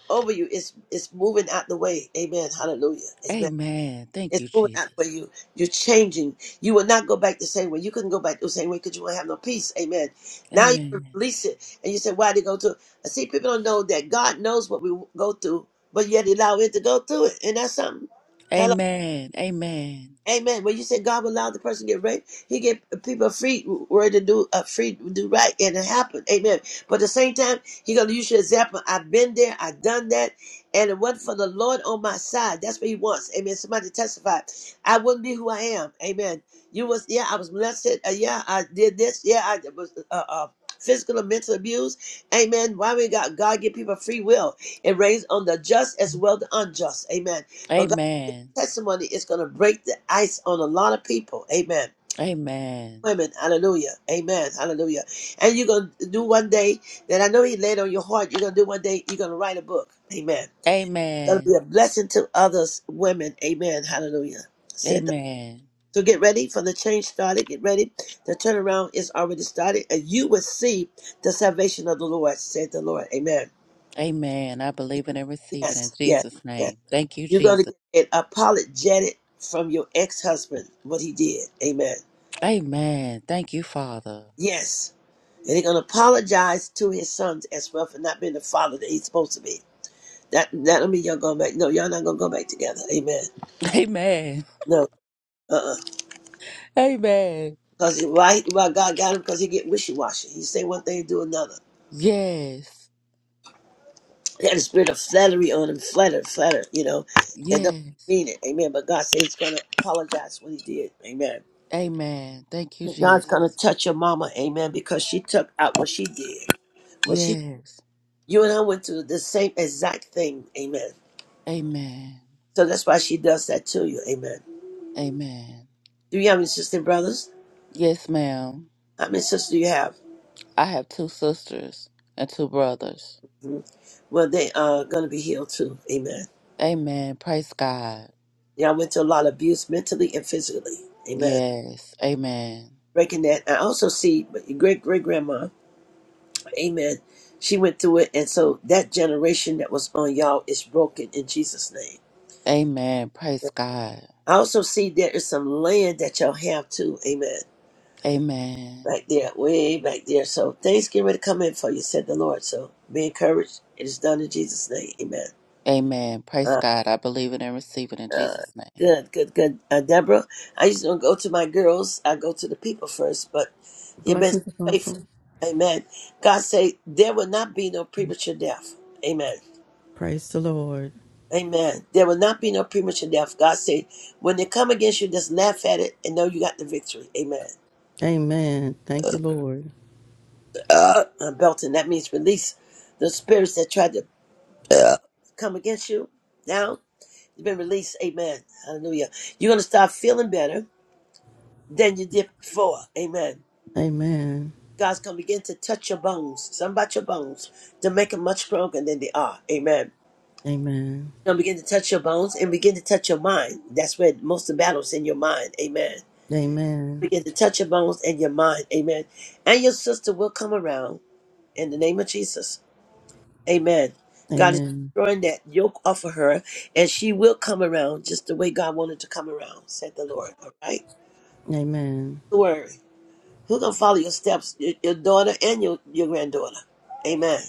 S3: over you is is moving out the way, amen. Hallelujah, amen.
S2: Amen. Thank
S3: It's
S2: you,
S3: moving out the
S2: Jesus.
S3: way you you're changing. You will not go back the same way. You couldn't go back the same way because you won't have no peace, amen. Now you can
S2: Amen.
S3: release it, and you say, why did it go through? See, people don't know that God knows what we go through, but yet allow it to go through it, and that's something.
S2: Amen. Amen.
S3: Amen. When you said God will allow the person to get raped, He give people a free word to do uh, free to do right, and it happened. Amen. But at the same time, He gonna use your example. I've been there. I've done that, and it wasn't for the Lord on my side. That's what He wants. Amen. Somebody testify. I wouldn't be who I am. Amen. You was yeah. I was molested. Uh, yeah, I did this. Yeah, I was. Uh, uh, Physical and mental abuse, Amen. Why we got God give people free will? It rains on the just as well the unjust, Amen. But
S2: Amen.
S3: testimony is going to break the ice on a lot of people. Amen.
S2: Amen.
S3: Women, hallelujah. Amen. Hallelujah. And you're going to do one day that I know He laid on your heart. You're going to do one day, you're going to write a book. Amen. That'll be
S2: Amen.
S3: a blessing to others, women. Amen. Hallelujah. Said the
S2: Amen.
S3: so get ready for the change started. Get ready. The turnaround is already started, and you will see the salvation of the Lord, said the Lord. Amen.
S2: Amen. I believe it and receive it in
S3: Yes, yes,
S2: Jesus'
S3: yes.
S2: name. Thank you,
S3: You're going
S2: Jesus.
S3: to get apologetic from your ex husband, what he did. Amen.
S2: Amen. Thank you, Father.
S3: Yes. And he's gonna apologize to his sons as well for not being the father that he's supposed to be. That that'll mean y'all going back. No, y'all not gonna go back together. Amen.
S2: Amen.
S3: No. Uh uh
S2: Amen.
S3: Cause why why God got him because he get wishy washy. He say one thing and do another.
S2: Yes.
S3: He had a spirit of flattery on him, flatter, flatter, you know, and don't
S2: Yes.
S3: mean it. Amen. But God said he's gonna apologize what he did. Amen.
S2: Amen. Thank you,
S3: God's gonna
S2: Jesus.
S3: touch your mama, amen, because she took out what she did. What she
S2: Yes.
S3: you and I went through the same exact thing, amen.
S2: Amen.
S3: So that's why she does that to you. Amen.
S2: Amen.
S3: Do you have any sisters and brothers?
S2: Yes, ma'am.
S3: How many sisters do you have?
S2: I have two sisters and two brothers.
S3: Mhm. Well, they are going to be healed too. Amen.
S2: Amen. Praise God.
S3: Y'all went through a lot of abuse mentally and physically. Amen.
S2: Yes. Amen.
S3: Breaking that. I also see but your great great grandma. Amen. She went through it. And so that generation that was on y'all is broken in Jesus' name.
S2: Amen. Praise God.
S3: I also see there is some land that y'all have too. Amen.
S2: Amen.
S3: Back there, way back there. So things get ready to come in for you, said the Lord. So be encouraged. It is done in Jesus' name. Amen.
S2: Amen. Praise
S3: Uh,
S2: God. I believe it and receive it in
S3: uh,
S2: Jesus' name.
S3: good, good, good. Uh, Deborah, I just don't go to my girls. I go to the people first, but you've been
S4: Blessings,
S3: so faithful.
S4: Apostle.
S3: Amen. God say there will not be no premature death. Amen.
S4: Praise the Lord.
S3: Amen. There will not be no premature death. God said when they come against you, just laugh at it and know you got the victory. Amen.
S4: Amen. Thank you, Lord.
S3: Uh, uh, Belton, that means release the spirits that tried to uh, come against you. Now you've been released. Amen. Hallelujah. You're going to start feeling better than you did before. Amen.
S4: Amen.
S3: God's going to begin to touch your bones, something about your bones, to make them much stronger than they are. Amen.
S4: Amen.
S3: He's going to begin to touch your bones and begin to touch your mind. That's where most of the battle's in your mind. Amen.
S4: Amen.
S3: Begin to touch your bones and your mind. Amen. And your sister will come around in the name of Jesus. Amen. God is
S4: Amen.
S3: destroying that yoke off of her, and she will come around just the way God wanted to come around, said the Lord. All right?
S4: Amen.
S3: Don't worry. Who's going to follow your steps? Your, your daughter and your, your granddaughter. Amen.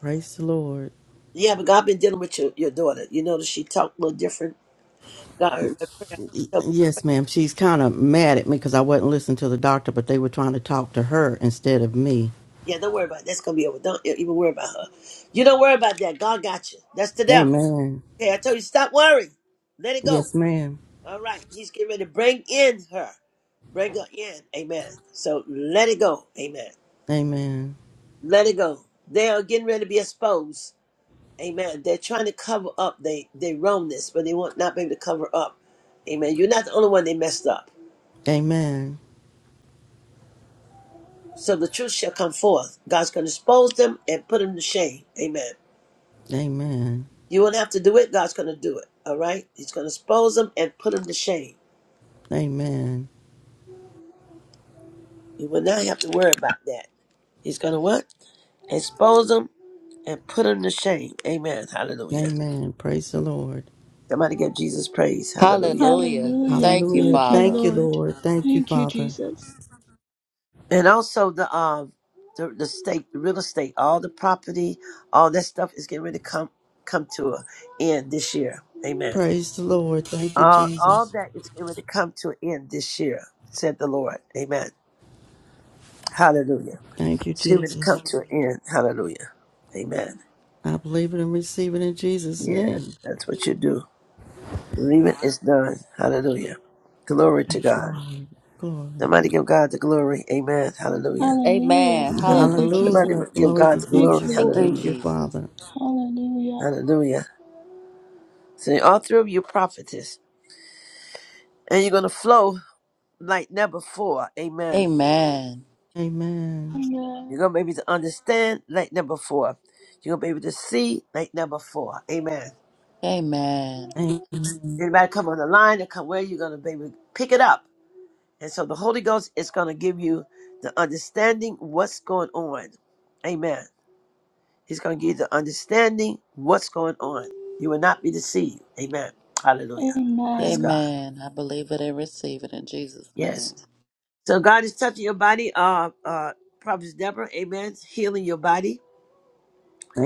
S4: Praise the Lord.
S3: Yeah, but God been dealing with your, your daughter. You notice she talked a little different. God heard me.
S4: Y-
S3: So,
S4: Yes, ma'am. She's kind of mad at me because I wasn't listening to the doctor, but they were trying to talk to her instead of me.
S3: Yeah, don't worry about it. That's gonna be over. Don't e- even worry about her. You don't worry about that. God got you. That's the devil.
S4: Amen.
S3: Okay, I told you stop worrying. Let it go.
S4: Yes, ma'am.
S3: All right. He's getting ready to bring in her. Bring her in. Amen. So let it go. Amen.
S4: Amen.
S3: Let it go. They are getting ready to be exposed. Amen. They're trying to cover up they they wrongness, but they will not be able to cover up. Amen. You're not the only one they messed up.
S4: Amen.
S3: So the truth shall come forth. God's going to expose them and put them to shame. Amen.
S4: Amen.
S3: You won't have to do it. God's going to do it. All right? He's going to expose them and put them to shame.
S4: Amen.
S3: You will not have to worry about that. He's going to what? Expose them and put them to shame. Amen. Hallelujah.
S4: Amen. Praise the Lord.
S3: Somebody give Jesus praise. Hallelujah.
S2: Hallelujah.
S1: Hallelujah.
S2: Thank you,
S4: Hallelujah.
S1: Thank you,
S2: Father.
S4: Thank you,
S1: Lord.
S4: Lord. Thank you,
S1: Thank you,
S4: Father.
S1: Jesus.
S3: And also the um the, the state, the real estate, all the property, all that stuff is getting ready to come come to an end this year. Amen.
S4: Praise the Lord. Thank you,
S3: All, all
S4: Jesus.
S3: that is going to come to an end this year, said the Lord. Amen. Hallelujah.
S4: Thank you,
S3: It's going to come
S4: Jesus.
S3: to an end. Hallelujah. Amen.
S4: I believe it and receive it in Jesus'
S3: Yeah,
S4: name.
S3: that's what you do. Believe is done. Hallelujah. Glory to
S4: Thank you,
S3: God.
S4: Lord. Glory.
S3: Somebody give God the glory. Amen. Hallelujah.
S1: Hallelujah.
S2: Amen.
S1: Thank you,
S2: Hallelujah.
S1: Jesus.
S3: Somebody
S4: Hallelujah.
S3: give
S4: Glory
S3: God
S4: to
S3: the glory.
S1: Thank you,
S4: Jesus.
S2: Thank you,
S1: Lord.
S4: Thank
S3: Hallelujah.
S4: you,
S2: Jesus.
S4: Father.
S1: Hallelujah.
S3: Hallelujah. So all three of you prophetess, and you're going to flow like never before. Amen.
S2: Amen.
S4: Amen.
S3: You're
S1: Amen.
S3: going to be able to understand like number four. You're going to be able to see like number four. Amen.
S2: Amen.
S4: Amen.
S3: Anybody come on the line and come where you're going to be able to pick it up. And so the Holy Ghost is going to give you the understanding what's going on. Amen. He's going to give you the understanding what's going on. You will not be deceived. Amen. Hallelujah. Praise
S1: Amen.
S3: God.
S2: Amen. I believe it and receive it in Jesus' name.
S3: Yes. So God is touching your body. Uh, uh, Prophet Deborah. Amen. Healing your body.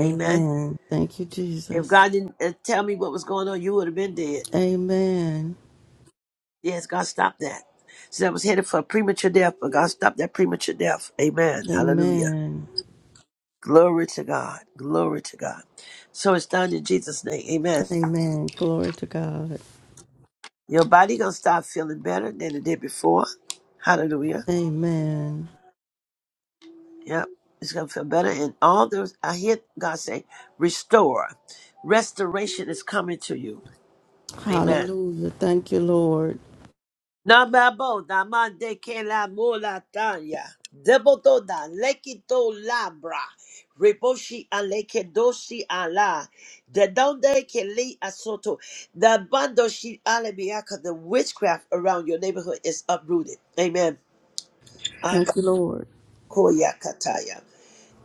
S3: Amen.
S4: Thank you,
S3: If
S4: Jesus.
S3: God didn't uh, tell me what was going on, you would have been dead.
S4: Amen.
S3: Yes, God stopped that. So I was headed for premature death, but God stopped that premature death. Amen. Hallelujah.
S4: Amen.
S3: Glory to God. Glory to God. So it's done in Jesus' name. Amen.
S4: Amen. Glory to God.
S3: Your body gonna start feeling better than it did before. Hallelujah.
S4: Amen.
S3: Yep. It's gonna feel better. And all those I hear God say, restore. Restoration is coming to you. Amen.
S4: Hallelujah. Thank you, Lord.
S3: Namabo, namande ke la mola tanya. Deboto lekito labra. Reboshi aleke doshi ala. The donde ke li asoto. The bando shi alebiaka. The witchcraft around your neighborhood is uprooted. Amen. Abakoya
S4: Thank you, Lord.
S3: kataya.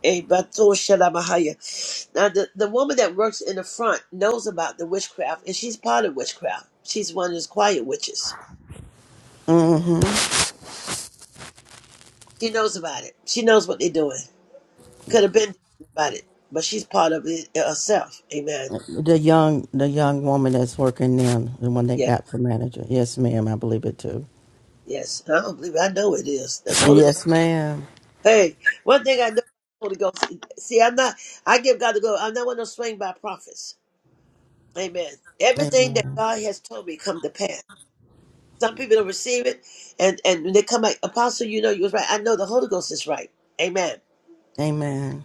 S3: Ebato shalamahaya. Now, the, the woman that works in the front knows about the witchcraft, and she's part of witchcraft. She's one of those quiet witches.
S4: hmm
S3: She knows about it. She knows what they're doing. Could have been about it, but she's part of it uh, herself. Amen.
S4: The young, the young woman that's working now, the one they
S3: Yes,
S4: got for manager. Yes, ma'am. I believe it too.
S3: yes. I don't believe it. I know it is. That's the Holy Ghost.
S4: Yes, ma'am.
S3: Hey, one thing I know, about the Holy Ghost. See, I'm not. I give God the glory. I'm not one of those swing by prophets. Amen. Everything that
S4: Amen.
S3: God has told me come to pass. Some people don't receive it, and and when they come like apostle. You know, you was right. I know the Holy Ghost is right. Amen.
S4: Amen.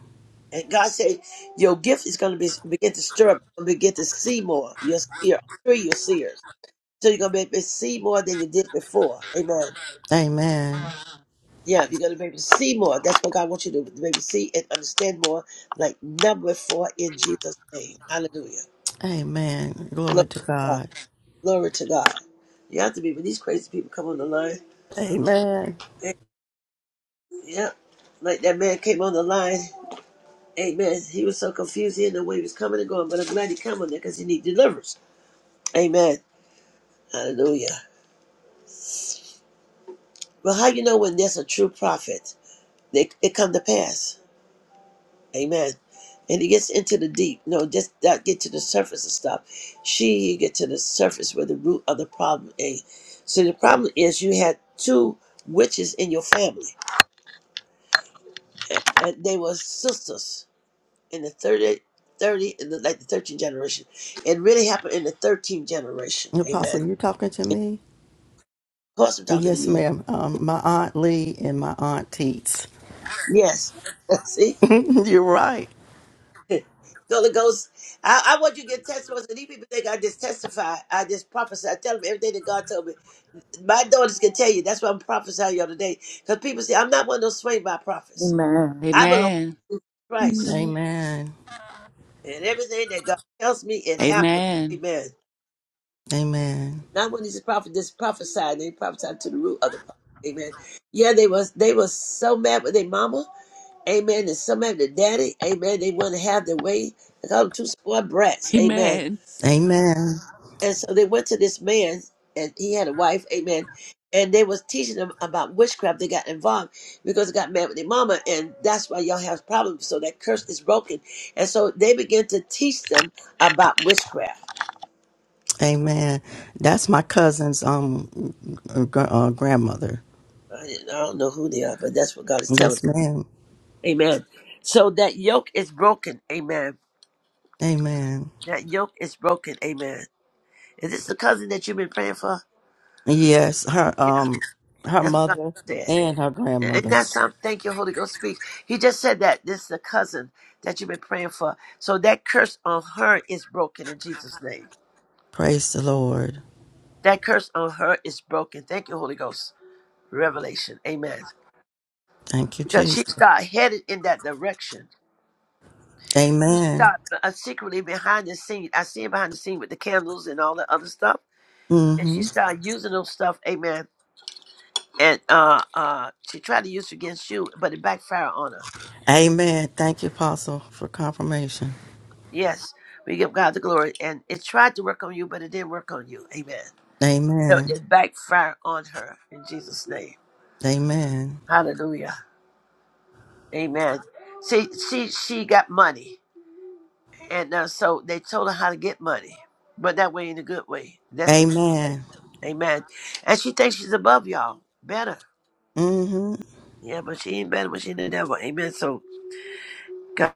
S3: And God said, your gift is going to be begin to stir up, You'll begin to see more. You're a seer. Three, you're seers. So you're gonna be able to see more than you did before. Amen.
S4: Amen.
S3: Yeah, you're gonna be able to see more. That's what God wants you to be able to see and understand more. Like number four in Jesus' name. Hallelujah.
S4: Amen.
S3: Glory
S4: Glory to
S3: to God.
S4: God.
S3: Glory to God. You have to be when these crazy people come on the line.
S4: Amen.
S3: eh, Yeah. Like that man came on the line. Amen. He was so confused. He didn't know where he was coming and going, but I'm glad he came on there because he needs deliverance. Amen. Hallelujah. Well, how you know when there's a true prophet? They, it come to pass. Amen. And he gets into the deep. No, just not get to the surface of stuff. She get to the surface where the root of the problem is. So the problem is you had two witches in your family. And they were sisters in the 30, 30 in the, like the 13th generation. It really happened in the 13th generation. Amen.
S4: Apostle, you
S3: Of
S4: talking to me?
S3: course I'm talking to
S4: Yes,
S3: you.
S4: ma'am. Um, my aunt Lee and my aunt Teets.
S3: Yes. See?
S4: You're right.
S3: The Holy Ghost, I, I want you to get testimonies. And these people think I just testify. I just prophesy. I tell them everything that God told me. my daughters can tell you. That's why I'm prophesying y'all today. Because people say, I'm not one of those swayed by prophets.
S2: Amen.
S3: I belong
S2: Amen.
S3: to Christ.
S1: Amen.
S4: Amen.
S3: And everything that God tells me, it happens.
S2: Amen.
S3: Amen.
S4: Amen.
S3: Not when these prophets just prophesied. They prophesied to the root of the prophet. Amen. Yeah, they was they was so mad with their mama. Amen. And so mad with their daddy. Amen. They want to have their way. They call them two spoiled brats. Amen.
S2: Amen.
S4: Amen.
S3: And so they went to this man, and he had a wife, amen. And they was teaching them about witchcraft. They got involved because they got mad with their mama, and that's why y'all have problems. So that curse is broken, and so they begin to teach them about witchcraft.
S4: Amen. That's my cousin's um gr- uh, grandmother.
S3: I didn't- I don't know who they are, but that's what God is telling. them.
S4: Yes, ma'am.
S3: Amen. So that yoke is broken. Amen.
S4: Amen.
S3: That yoke is broken. Amen. Is this the cousin that you've been praying for?
S4: Yes, her
S3: Yeah,
S4: um her
S3: that's what God
S4: mother
S3: said.
S4: and her
S3: And
S4: grandmother.
S3: that's how thank you, Holy Ghost speaks. He just said that this is the cousin that you've been praying for. So that curse on her is broken in Jesus' name.
S4: Praise the Lord.
S3: That curse on her is broken. Thank you, Holy Ghost. Revelation. Amen.
S4: Thank you,
S3: Because
S4: Jesus.
S3: she's got headed in that direction. She's
S4: Amen.
S3: got uh, secretly behind the scene. I see it behind the scene with the candles and all that other stuff. And she
S4: hmm
S3: started using those stuff, amen. And uh uh she tried to use it against you, but it backfired on her.
S4: Amen. Thank you, Apostle, for confirmation.
S3: Yes, we give God the glory. And it tried to work on you, but it didn't work on you. Amen. So
S4: Amen.
S3: it backfired on her in Jesus' name.
S4: Amen.
S3: Hallelujah. Amen. See, she she got money, and uh, so they told her how to get money, but that way in a good way. That's the way.
S4: Amen.
S3: Amen. And she thinks she's above y'all, better.
S4: hmm
S3: Yeah, but she ain't better, but she the devil. Amen. So God,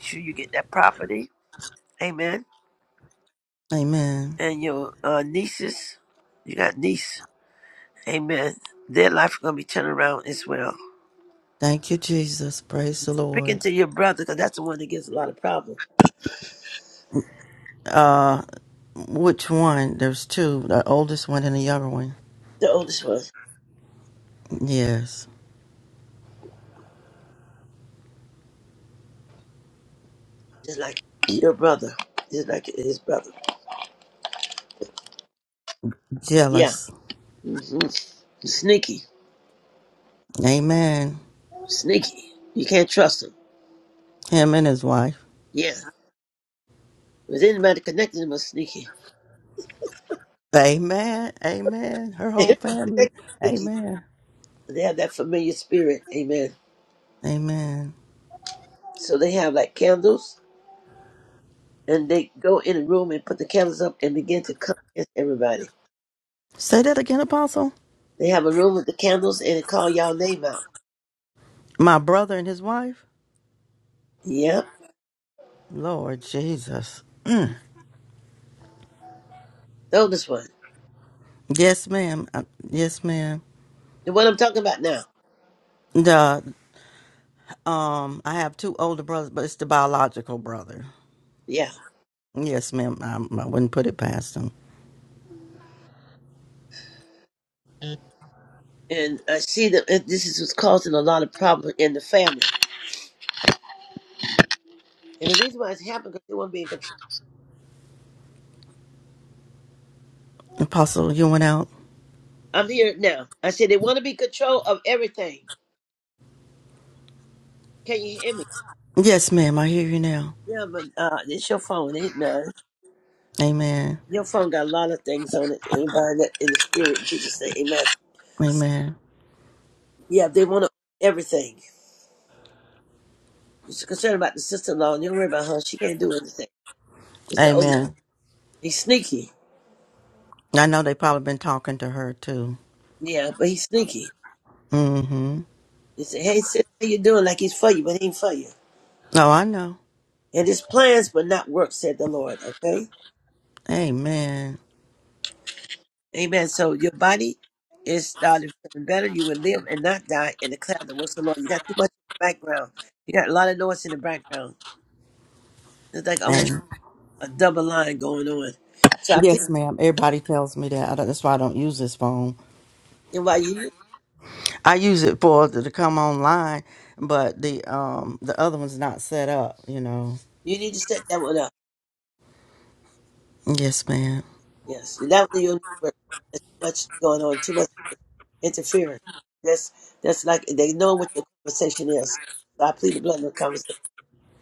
S3: make sure you get that property. Amen.
S4: Amen.
S3: And your uh, nieces, you got niece. Amen. Their life gonna be turned around as well.
S4: Thank you, Jesus. Praise the
S3: Speaking
S4: Lord.
S3: to your brother, because that's the one that gets a lot of problems.
S4: Uh, which one? There's two. The oldest one and the younger one.
S3: The oldest one,
S4: Yes.
S3: just like your brother, just like his brother. Yeah.
S4: Jealous.
S3: hmm Sneaky,
S4: Amen.
S3: sneaky. You can't trust him.
S4: Him and his wife.
S3: Yeah. But anybody connected to him is sneaky.
S4: Amen. Amen. Her whole
S3: Everybody connected
S4: family.
S3: is sneaky.
S4: Amen.
S3: They have that familiar spirit. Amen.
S4: Amen.
S3: So they have like candles, and they go in a room and put the candles up and begin to come against everybody.
S4: Say that again, Apostle.
S3: They have a room with the candles and they call y'all name out.
S4: My brother and his wife.
S3: Yeah.
S4: Lord Jesus.
S3: The oldest one.
S4: Yes, ma'am. Uh, yes, ma'am.
S3: The one I'm talking about now.
S4: The um, I have two older brothers, but it's the biological brother.
S3: Yeah.
S4: Yes, ma'am. I, I wouldn't put it past him.
S3: And I see that it- this is what's causing a lot of problems in the family. And the reason why it's happening because they want to be in control.
S4: Apostle, you went out.
S3: I'm here now. I said they want to be control of everything. Can you hear me?
S4: Yes, ma'am. I hear you now.
S3: Yeah, but uh, it's your phone, ain't mine.
S4: Amen.
S3: Your phone got a lot of things on it. Everybody that in the spirit, Jesus say, Amen.
S4: Amen.
S3: Yeah, they want to everything. It's concerned about the sister-in-law. And you don't worry about her. She can't do anything. It's the old.
S4: Amen.
S3: He's sneaky.
S4: I know they probably been talking to her too.
S3: Yeah, but he's sneaky.
S4: Mm-hmm.
S3: He said, Hey, sis, how you doing? Like he's for you, but he ain't for you.
S4: Oh, I know.
S3: And his plans, but not work, said the Lord. Okay?
S4: Amen.
S3: Amen. So your body is starting feeling better. You will live and not die in the cloud that works the Lord. You got too much in the background. You got a lot of noise in the background. It's like almost a double line going on. So I please
S4: Yes, ma'am. Everybody tells me that. I don't- That's why I don't use this phone.
S3: invite you.
S4: I use it for to, to come online, but the um the other one's not set up. You know.
S3: You need to set that one up.
S4: Yes, ma'am.
S3: Yes. That one you need to work. There's too much going on, too much interference. That's that's like they know what your conversation is. So I plead the blood of the conversation.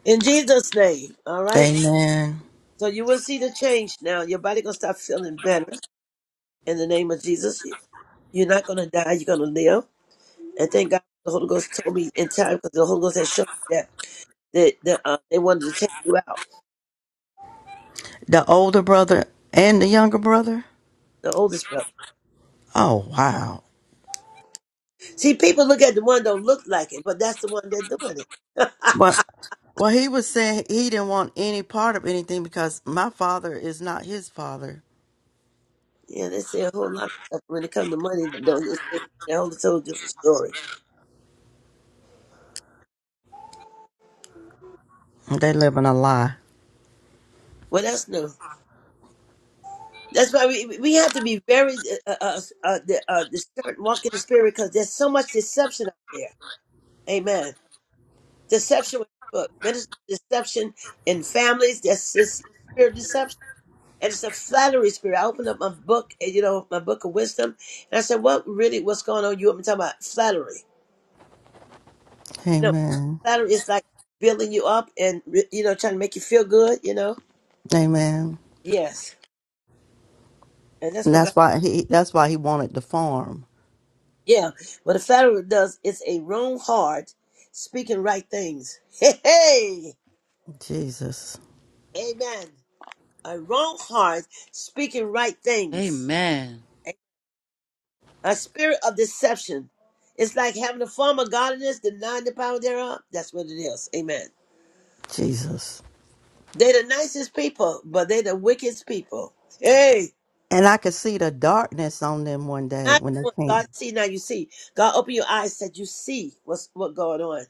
S3: In Jesus' name. All right.
S4: Amen.
S3: So you will see the change now. Your body gonna start feeling better in the name of Jesus. You- You're not gonna die. You're gonna live. And thank God the Holy Ghost told me in time because the Holy Ghost had shown me that that, that uh, they wanted to take you out.
S4: The older brother and the younger brother.
S3: The oldest brother.
S4: Oh wow.
S3: See, people look at the one don't look like it, but that's the one that's doing it.
S4: But well, he was saying he didn't want any part of anything because my father is not his father.
S3: yeah, they say a whole lot of stuff when it comes to money. That don't. They say a whole total different story.
S4: They live in a lie.
S3: Well, that's new. That's why we we have to be very uh, uh, uh, the, uh, the spirit, walk in the spirit, because there's so much deception out there. Amen. Deception with people, minister deception in families. That's this spirit of deception, and it's a flattery spirit. I opened up my book, and you know my book of wisdom, and I said, "What really? What's going on? You want me to talk about flattery? You know,
S4: Amen.
S3: flattery is like building you up and re- you know trying to make you feel good. You know,
S4: Amen.
S3: yes, and that's
S4: And
S3: what
S4: that's why he. That's why he wanted the farm.
S3: Yeah, what a Pharaoh does is a wrong heart speaking right things. Hey, hey,
S4: Jesus.
S3: amen. A wrong heart speaking right
S2: Amen.
S3: things. A spirit of deception. It's like having a form of godliness, denying the power thereof. That's what it is. Amen.
S4: Jesus.
S3: They're the nicest people, but they're the wickedest people. Hey,
S4: And I could see the darkness on them one
S3: now
S4: day
S3: you
S4: when they
S3: want- God
S4: came.
S3: to see, now you see. God open your eyes, said you see what's what going on.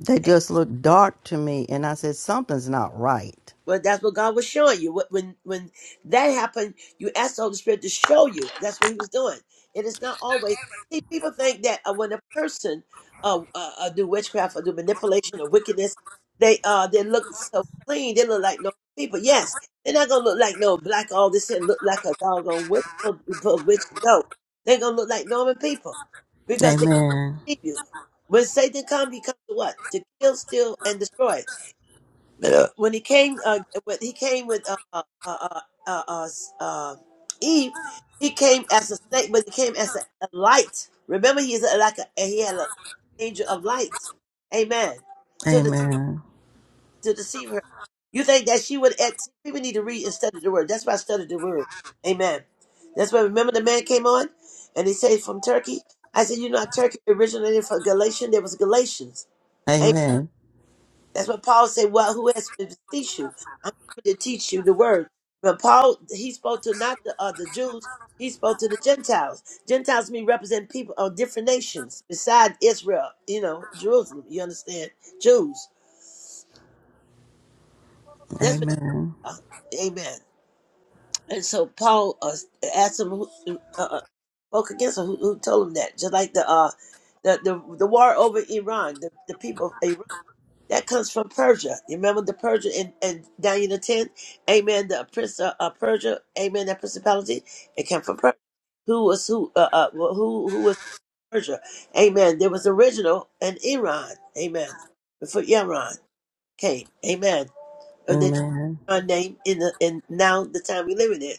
S4: They just looked dark to me. And I said, something's not right.
S3: Well, that's what God was showing you. Wh- When when that happened, you asked the Holy Spirit to show you. That's what He was doing. It is not always. See, people think that uh, when a person uh, uh, uh, do witchcraft or do manipulation or wickedness, they uh they look so clean. They look like normal people. Yes, they're not gonna look like no black all this and look like a doggone witch. Witch, no, they're gonna look like normal people because they
S4: Amen.
S3: believe you. When Satan comes, he comes to what? To kill, steal, and destroy uh, when he came, uh, when he came with uh, uh, uh, uh, uh, uh, Eve, he came as a snake, but he came as a, a light. Remember, he is a, like a, he had an angel of light. Amen. To de-
S4: Amen.
S3: to deceive her. You think that she would? Act, people need to read and study the word. That's why I studied the word. Amen. That's why. Remember, the man came on, and he said from Turkey. I said, you know, Turkey originated from Galatian. There was Galatians.
S4: Amen.
S3: That's what Paul said. Well, who has to teach you? I'm coming to teach you the word. But Paul, he spoke to not the uh, the Jews. He spoke to the Gentiles. Gentiles mean represent people of different nations beside Israel. You know, Jerusalem. You understand? Jews. That's what.
S4: Amen.
S3: Uh, amen. And so Paul uh, asked him who uh, uh, uh, spoke against him. Who, who told him that? Just like the uh the the, the war over Iran. The, the people of Iran. That comes from Persia. You remember the Persia in, in Daniel 10? Amen. The prince of uh, Persia, amen, that principality. It came from Persia. Who was who uh, uh well, who who was Persia? Amen. There was original and Iran, amen. Before Iran came, amen. And they changed
S4: Amen.
S3: Iran name in the in now the time we living in.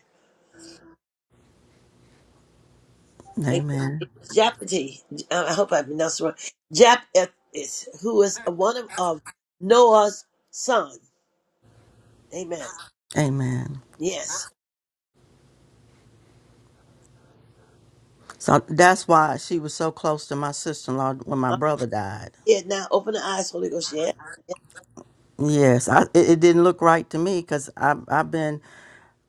S3: Like,
S4: Amen.
S3: it was Japati. I hope I pronounced it wrong. Jap is who is one of, of Noah's son. Amen.
S4: Amen.
S3: Yes.
S4: So that's why she was so close to my sister in law when my brother died.
S3: Yeah, now open the eyes, Holy Ghost. Yeah. yeah.
S4: Yes, I, it, it didn't look right to me because I've been,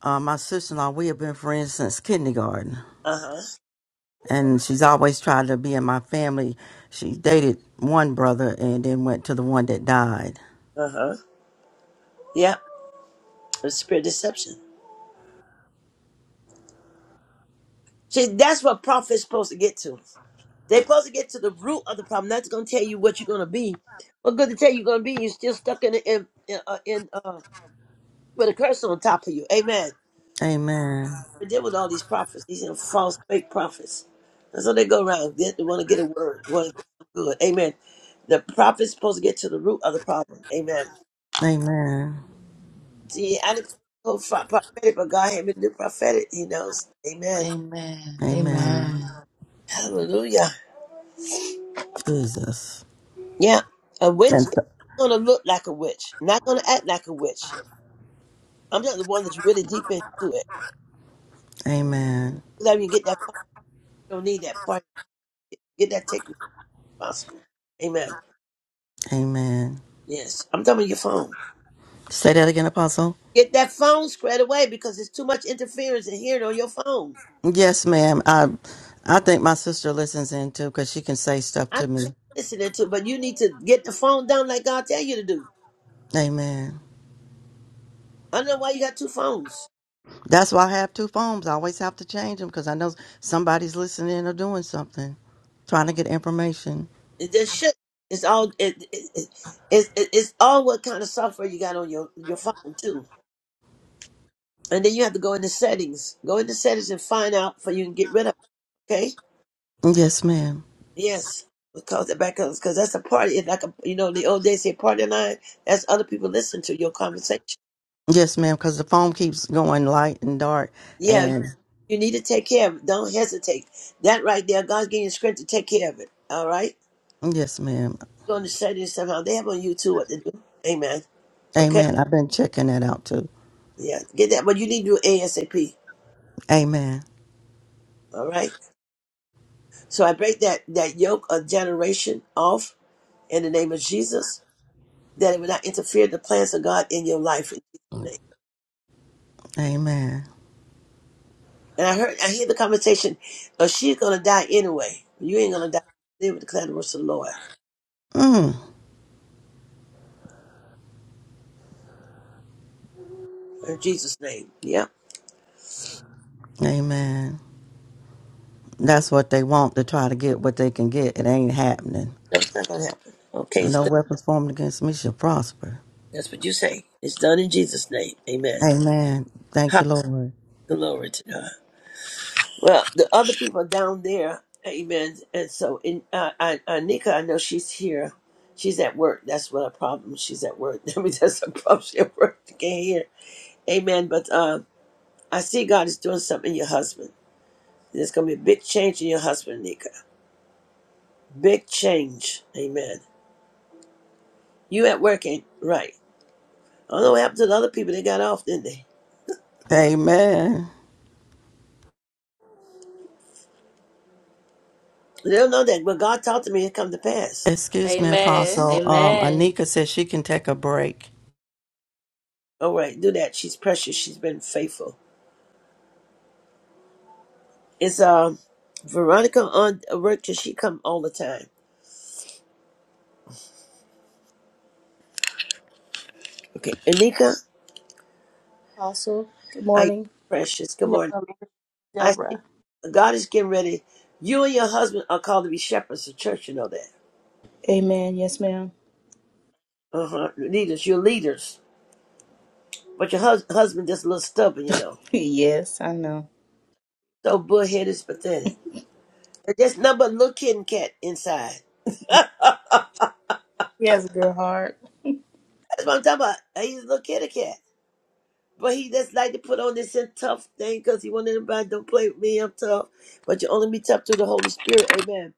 S4: uh, my sister in law, we have been friends since kindergarten.
S3: Uh huh.
S4: and she's always tried to be in my family. She dated one brother and then went to the one that died.
S3: Uh huh. Yeah. The spirit of deception. See, that's what prophets supposed to get to. They're supposed to get to the root of the problem. That's going to tell you what you're going to be. What good to tell you you're going to be? You're still stuck in in in, uh, in uh, with a curse on top of you. Amen.
S4: Amen.
S3: We deal with all these prophets. These are false, fake prophets. That's how they go around. They want to get a word. Want to get some good. Amen. The prophet's supposed to get to the root of the problem. Amen.
S4: Amen.
S3: See, I didn't go for prophetic, but God had me do prophetic. He knows. Amen.
S2: Amen.
S4: Amen.
S2: Amen.
S3: Hallelujah.
S4: Jesus.
S3: Yeah, a witch
S4: And
S3: is
S4: so-
S3: not gonna look like a witch, not gonna act like a witch. I'm not the one that's really deep into it.
S4: amen.
S3: Let you get that phone. You don't need that part. Get that taken if possible. Amen.
S4: Amen.
S3: Yes, I'm talking about your phone.
S4: Say that again, Apostle.
S3: Get that phone squared away because there's too much interference and hearing on your phone.
S4: Yes, ma'am. I I think my sister listens in too because she can say stuff
S3: I
S4: to
S3: don't
S4: me.
S3: care what you're listening to, but you need to get the phone down like God tell you to do.
S4: Amen.
S3: I don't know why you got two phones.
S4: That's why I have two phones. I always have to change them because I know somebody's listening or doing something, trying to get information.
S3: the shit is all it, it, it, it, it's all what kind of software you got on your your phone too and then you have to go into settings go into settings and find out for you can get rid of it, okay
S4: Yes, ma'am.
S3: yes because the backups because that's a party it's like a you know the old days say party line that's other people listen to your conversation
S4: Yes, ma'am, because the phone keeps going light and dark.
S3: yeah
S4: And
S3: you need to take care of it don't hesitate that right there god's giving you strength to take care of it all right
S4: yes, ma'am.
S3: go into settings somehow they have on youtube what to do amen okay
S4: Amen. I've been checking that out too.
S3: yeah get that but you need to do asap
S4: Amen.
S3: all right So I break that, that yoke of generation off in the name of Jesus, that it will not interfere the plans of God in your life. in Jesus' name.
S4: Amen.
S3: And I heard, I hear the conversation, oh, she's gonna die anyway. You ain't gonna die. Live with the declare the words of the Lord
S4: Mm,
S3: in Jesus' name. Yeah,
S4: amen. That's what they want to try to get what they can get. It ain't happening.
S3: that's not gonna happen. Okay, it's
S4: No
S3: done.
S4: weapons formed against me shall prosper.
S3: That's what you say. It's done in Jesus' name. Amen.
S4: Amen. Thank you,
S3: Hallelujah.
S4: Lord.
S3: Glory to God. Well, the other people down there, amen. And so, in uh, I, I, Nika, I know she's here. She's at work. That's what a problem. She's at work. I mean, that's a problem. She's at work. She can't hear. Amen. But uh, I see God is doing something in your husband. There's going to be a big change in your husband, Nika. Big change. Amen. You at work ain't right. I don't know what happened to the other people. They got off, didn't they?
S4: Amen.
S3: They don't know that. When God talked to me, it come to pass.
S4: Excuse me,
S2: Amen.
S4: Apostle. Um,
S2: Amen.
S4: Anika says she can take a break.
S3: All right, do that. She's precious. She's been faithful. Is uh, Veronica on uh, work? Does she come all the time? Okay, Anika,
S6: Apostle. Good
S3: how you
S6: morning.
S3: precious? Good
S6: No,
S3: morning. I see
S6: Deborah.
S3: God is getting ready. You and your husband are called to be shepherds of church. You know that.
S6: Amen. Yes, ma'am.
S3: Uh huh. Leaders, you're leaders, but your hus- husband just a little stubborn. You know,
S6: Yes, I know.
S3: so bullheaded, is pathetic. And There's nothing but little kitten cat inside.
S6: He has a good heart.
S3: That's what I'm talking about. Uh, He's a little kitty cat. But he just like to put on this and tough thing because he want everybody don't play with me. I'm tough. But you only be tough through the Holy Spirit. Amen.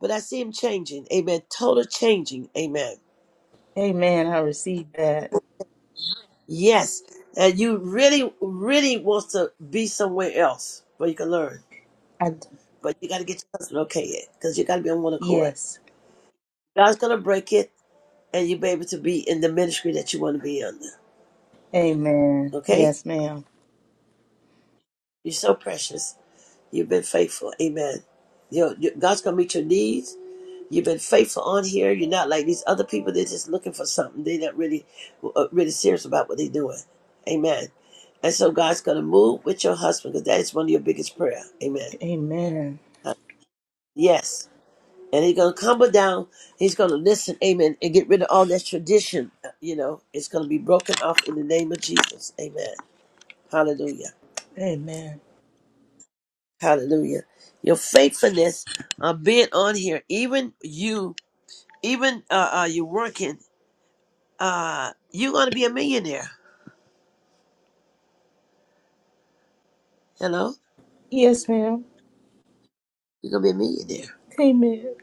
S3: but I see him changing. Amen. Total changing. Amen.
S6: Amen. I received that.
S3: Yes. And you really, really wants to be somewhere else where you can learn.
S6: I d-
S3: But you got to get your husband okay it because you got to be on one accord.
S6: yes.
S3: God's going to break it and you'll be able to be in the ministry that you want to be under.
S6: Amen.
S3: Okay?
S6: Yes, ma'am.
S3: You're so precious. You've been faithful. Amen. You know, you- God's going to meet your needs. You've been faithful on here. You're not like these other people. They're just looking for something. They're not really, uh, really serious about what they're doing. Amen. And so God's going to move with your husband because that is one of your biggest prayer. Amen.
S6: Amen.
S3: Uh, Yes. And he's going to come down. He's going to listen. Amen. And get rid of all that tradition. uh, You know, it's going to be broken off in the name of Jesus. Amen. Hallelujah.
S6: Amen.
S3: Hallelujah. Your faithfulness of being on here, even you, even uh, uh, you're working uh, you're going to be a millionaire. Hello?
S6: Yes, ma'am.
S3: You're going to be a millionaire.
S6: Amen.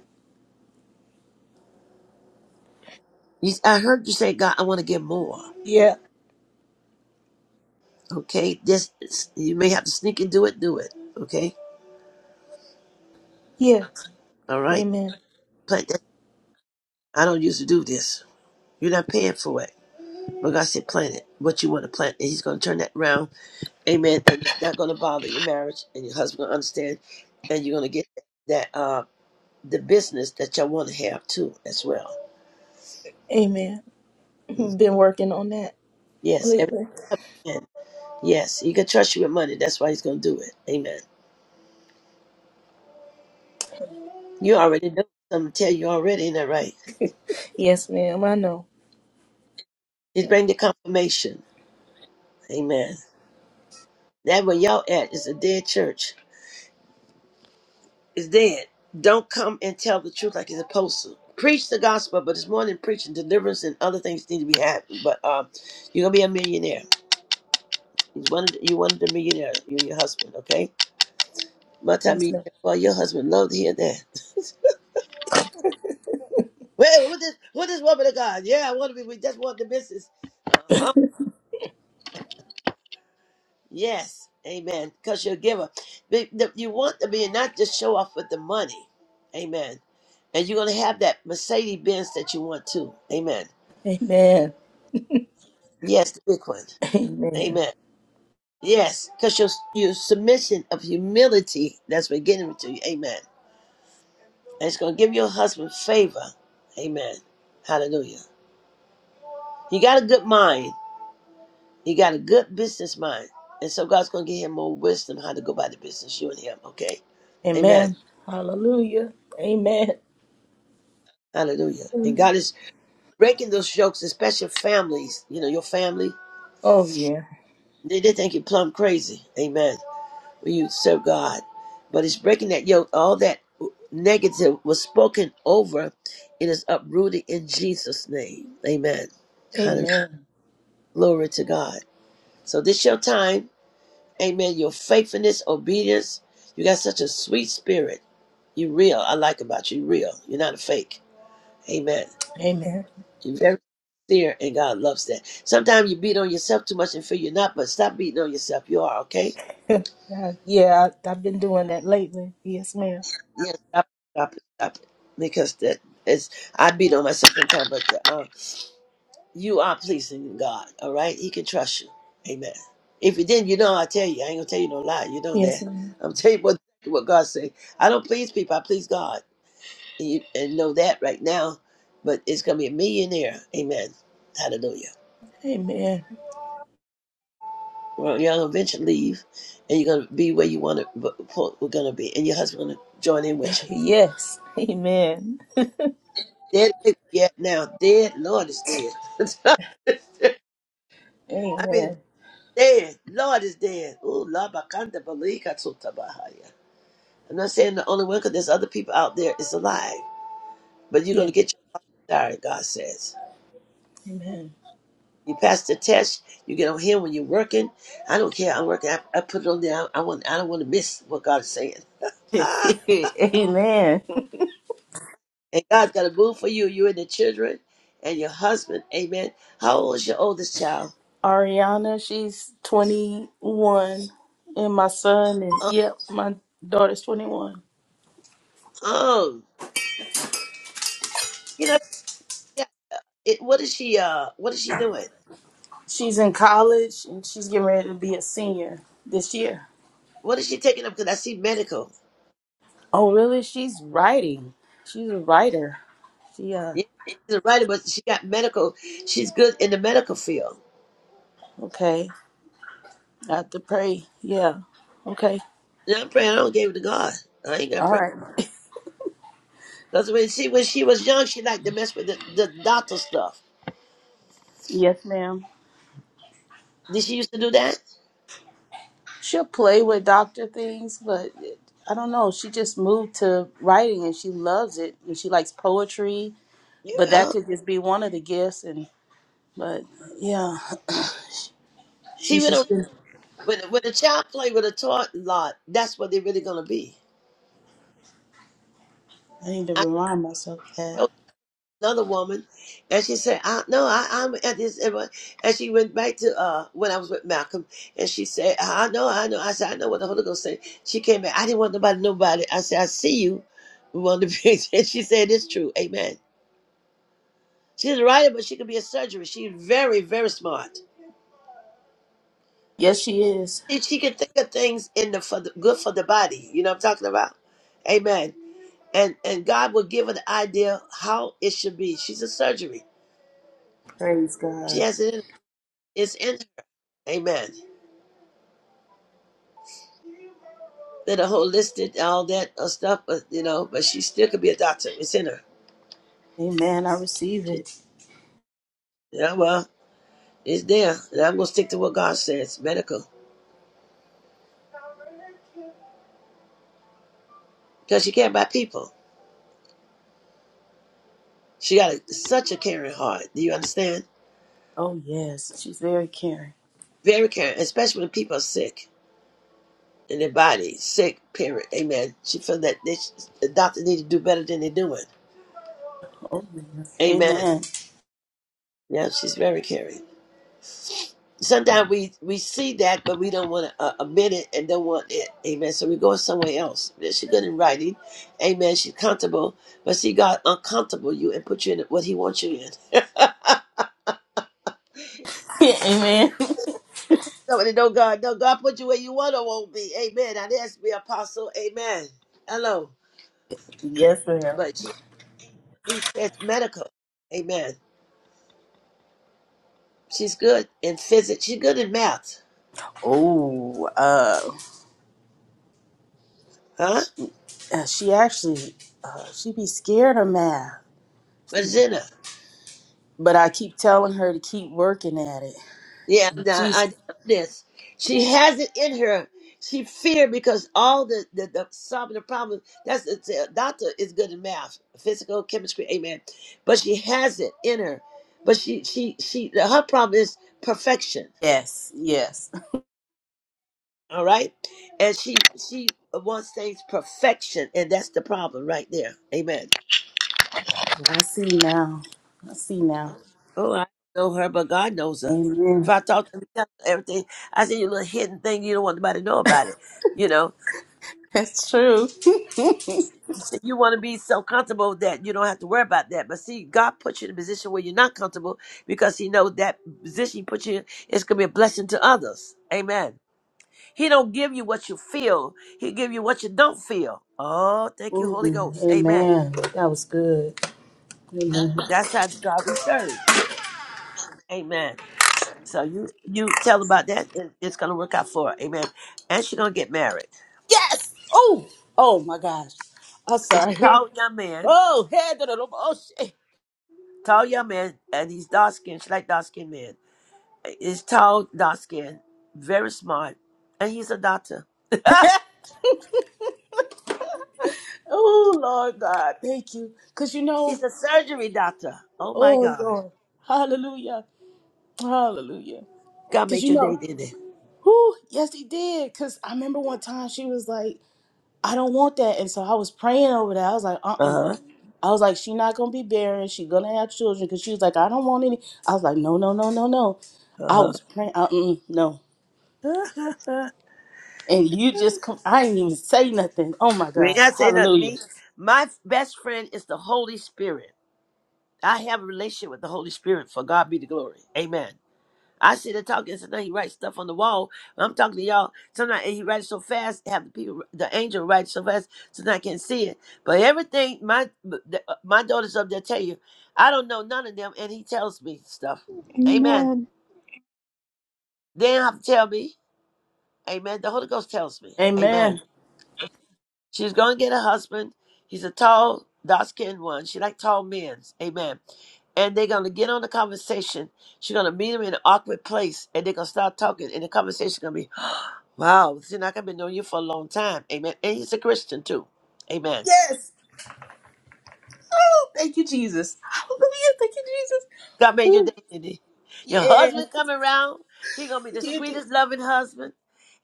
S3: You, I heard you say, God, I want to get more.
S6: Yeah.
S3: Okay? This, you may have to sneak and do it, do it. Okay?
S6: Yeah.
S3: All right?
S6: Amen.
S3: Plant that. I don't usually do this. You're not paying for it. But God said, plant it. What you want to plant. And He's going to turn that around. Amen. And it's not going to bother your marriage. And your husband going to understand. And you're going to get that, uh, the business that y'all want to have too, as well.
S6: Amen.
S3: Mm.
S6: Been working on that
S3: Yes.
S6: lately.
S3: everything. Yes, he can trust you with money. That's why he's going to do it. Amen. You already know. I'm going to tell you already, ain't that right?
S6: Yes, ma'am. I know.
S3: He's bring the confirmation. Amen. That where y'all at is a dead church. It's dead. Don't come and tell the truth like it's supposed to. Preach the gospel, but it's more than preaching. Deliverance and other things need to be happening. But um, you're going to be a millionaire. You wanted, you wanted a millionaire, you and your husband, okay?
S6: Yes,
S3: Multi-millionaire.
S6: ma'am.
S3: Well, your husband loved to hear that. Well, who this, who this woman of God? Yeah, I want to be, we just want the business. Uh-huh. Yes, amen. Because you're a giver. Be- the- You want to be, and not just show off with the money. Amen. And you're going to have that Mercedes Benz that you want too. Amen.
S6: Amen.
S3: Yes, the big one.
S6: Amen.
S3: Amen. Yes, because your, your submission of humility, that's what getting to you. Amen. And it's going to give your husband favor. Amen. Hallelujah. You got a good mind. you got a good business mind. And so God's going to give him more wisdom how to go about the business, you and him. Okay. Amen.
S6: Amen. Hallelujah. Amen.
S3: Hallelujah. And God is Breaking those jokes, especially families, you know, your family,
S6: Oh, yeah.
S3: they, they think you plumb crazy. Amen. When you serve God. But it's breaking that yoke. All that negative was spoken over. It is uprooted in Jesus' name. Amen. Hallelujah.
S6: Amen.
S3: Glory to God. So this your time. Amen. Your faithfulness, obedience. You got such a sweet spirit. You real. I like about you. You real. You're not a fake. Amen.
S6: Amen.
S3: You're very sincere, and God loves that. Sometimes you beat on yourself too much and feel you're not, but stop beating on yourself. You are okay.
S6: yeah, yeah, I, I've been doing that lately. Yes, ma'am.
S3: Yeah, stop, stop it, stop it, because that is I beat on myself sometimes, but uh, you are pleasing God. All right, He can trust you. Amen. If you didn't, you know I tell you, I ain't gonna tell you no lie. You know that.
S6: Yes, ma'am.
S3: I'm tell you what what God say. I don't please people. I please God, and you and know that right now. But it's gonna be a millionaire. Amen. Hallelujah.
S6: Amen.
S3: Well, you're gonna eventually leave, and you're gonna be where you want to. We're gonna be, and your husband's gonna join in with you.
S6: Yes. Amen.
S3: Dead, yeah. Now, dead Lord is dead. I mean,
S6: Amen.
S3: dead Lord is dead. Ooh, la bakanda balika tuta bahaya. I'm not saying the only one, because there's other people out there is alive. But you're
S6: Yeah.
S3: gonna get your desire. God says.
S6: Amen.
S3: You pass the test. You get on here when you're working. I don't care. I'm working. I, I put it on there. I, I want. I don't want to miss what God is saying.
S6: Amen.
S3: And God's got to move for you, you and the children and your husband. Amen. How old is your oldest child?
S6: Ariana, she's 21, and my son is,
S3: Uh,
S6: yep, my daughter's 21.
S3: um, you know, yeah. It, what is she? Uh, what is she doing?
S6: She's in college and she's getting ready to be a senior this year.
S3: What is she taking up? Because I see medical.
S6: Oh, really? She's writing. She's a writer. She, uh,
S3: Yeah, she's a writer, but she got medical. She's good in the medical field.
S6: okay. Not to pray. Yeah. Okay.
S3: And I'm praying. I don't give it to God. I ain't gonna
S6: All
S3: pray.
S6: right.
S3: Because when she when she was young, she liked to mess with the, the doctor stuff.
S6: Yes, ma'am.
S3: Did she used to do that?
S6: She'll play with doctor things, but it, I don't know. She just moved to writing and she loves it and she likes poetry,
S3: Yeah.
S6: but that
S3: well,
S6: could just be one of the gifts. And but yeah,
S3: See,
S6: she's
S3: when a
S6: just been.
S3: when, a- when a child play with a toy lot, that's what they're really gonna be.
S6: I need to remind myself that.
S3: another woman, and she said, I, "No, I, I'm at this." And what- and she went back to uh, when I was with Malcolm, and she said, "I know, I know." I said, "I know what the Holy Ghost said." She came back. I didn't want nobody, nobody. I said, "I see you." We want to be, and she said, "It's true, Amen." She's a writer, but she could be a surgeon. She's very, very smart.
S6: Yes, she is.
S3: She, she can think of things in the for the good for the body. You know what I'm talking about, Amen. And and God will give her the idea how it should be. She's a surgery.
S6: Praise
S3: She
S6: God.
S3: has it. In, it's in her. Amen. did a whole list and all that uh, stuff, but you know, but she still could be a doctor. It's in her.
S6: Amen. I receive
S3: She,
S6: it.
S3: yeah, well, it's there, and I'm gonna stick to what God says, medical, because she cared about people. She got a, such a caring heart. Do you understand?
S6: Oh yes, she's very caring.
S3: Very caring, especially when people are sick in their body, sick. Period. Amen. She felt that they, the doctor need to do better than they're doing.
S6: Oh yes.
S3: Amen.
S6: Amen.
S3: Yeah, she's very caring. Sometimes we, we see that, but we don't want to uh, admit it and don't want it. Amen. So we go somewhere else. Yeah, She's good in writing. Amen. She's comfortable. But see, God uncomfortable you and put you in what He wants you in.
S6: Amen.
S3: Somebody know God. No, God put you where you want or won't be. Amen. Now that's be apostle. Amen. Hello.
S6: yes, ma'am.
S3: But she he says medical. Amen. She's good in physics. She's good in math.
S6: Oh, uh,
S3: Huh?
S6: Uh, she actually, uh, she be scared of math,
S3: But Zena.
S6: but I keep telling her to keep working at it.
S3: Yeah,
S6: And
S3: nah, I
S6: She's
S3: know this. She has it in her. She feared because all the, the, the solving the problem. That's it's, a doctor is good in math, physical chemistry, amen. But she has it in her. But she she she her problem is perfection.
S6: yes, yes.
S3: All right, and she she wants things perfection, and that's the problem right there. Amen.
S6: I see now. I see now.
S3: Oh, I don't know her, but God knows her. If
S6: Amen.
S3: I talk to her everything, I see your little hidden thing you don't want nobody to know about it. You know,
S6: That's true.
S3: So you want to be so comfortable that you don't have to worry about that. But see, God puts you in a position where you're not comfortable because He knows that position He puts you in is going to be a blessing to others. Amen. He don't give you what you feel. He give you what you don't feel. Oh, thank you,
S6: Ooh,
S3: Holy Ghost. Amen.
S6: amen. That was good. Amen.
S3: That's how God we serve. Amen. So you you tell about that. It, it's going to work out for her. Amen. And she's going to get married.
S6: Yes. Oh. Oh my gosh. I'm
S3: It's a
S6: sorry.
S3: tall young man.
S6: Oh, head to the oh shit.
S3: Tall young man, and he's dark skinned. She like dark skinned men. He's tall, dark skinned, very smart, and he's a doctor.
S6: oh Lord God, thank you. Cause you know,
S3: He's a surgery doctor. Oh my
S6: oh
S3: God.
S6: Lord, Hallelujah, Hallelujah.
S3: God
S6: Cause
S3: made
S6: you
S3: your day,
S6: know,
S3: didn't he?
S6: who? Yes, he did. Cause I remember one time she was like, "I don't want that," and so I was praying over that. I was like, "Uh, uh
S3: Uh huh.
S6: I was like, "She not gonna be barren. She gonna have children." Cause she was like, "I don't want any." I was like, "No, no, no, no, no." I
S3: Uh
S6: was praying. Uh, mm, no.
S3: huh.
S6: And you just come. I didn't even say nothing. Oh my
S3: you ain't
S6: God!
S3: not saying nothing to
S6: Hallelujah.
S3: me. My f- best friend is the Holy Spirit. I have a relationship with the Holy Spirit. For God be the glory. Amen. I sit there talking, sometimes he writes stuff on the wall. I'm talking to y'all. Sometimes and he writes so fast, have the people, the angel writes so fast, sometimes I can't see it. But everything, my the- uh, my daughters up there tell you, I don't know none of them, and he tells me stuff. Amen.
S1: Amen.
S3: They don't have to tell me. Amen. The Holy Ghost tells me. Amen.
S6: Amen.
S3: She's going to get a husband. He's a tall, dark-skinned one. She like tall men. Amen and they're gonna get on the conversation. She's gonna meet him in an awkward place, and they're gonna start talking, and the conversation gonna be, Wow, Zinak, I've been knowing you for a long time. Amen. And he's a Christian too. Amen.
S6: Yes. Oh, thank you, Jesus. Hallelujah. Thank you, Jesus.
S3: God made your
S6: Woo.
S3: day, didn't he? Your
S6: Yeah.
S3: husband coming around. He gonna be the sweetest, loving husband.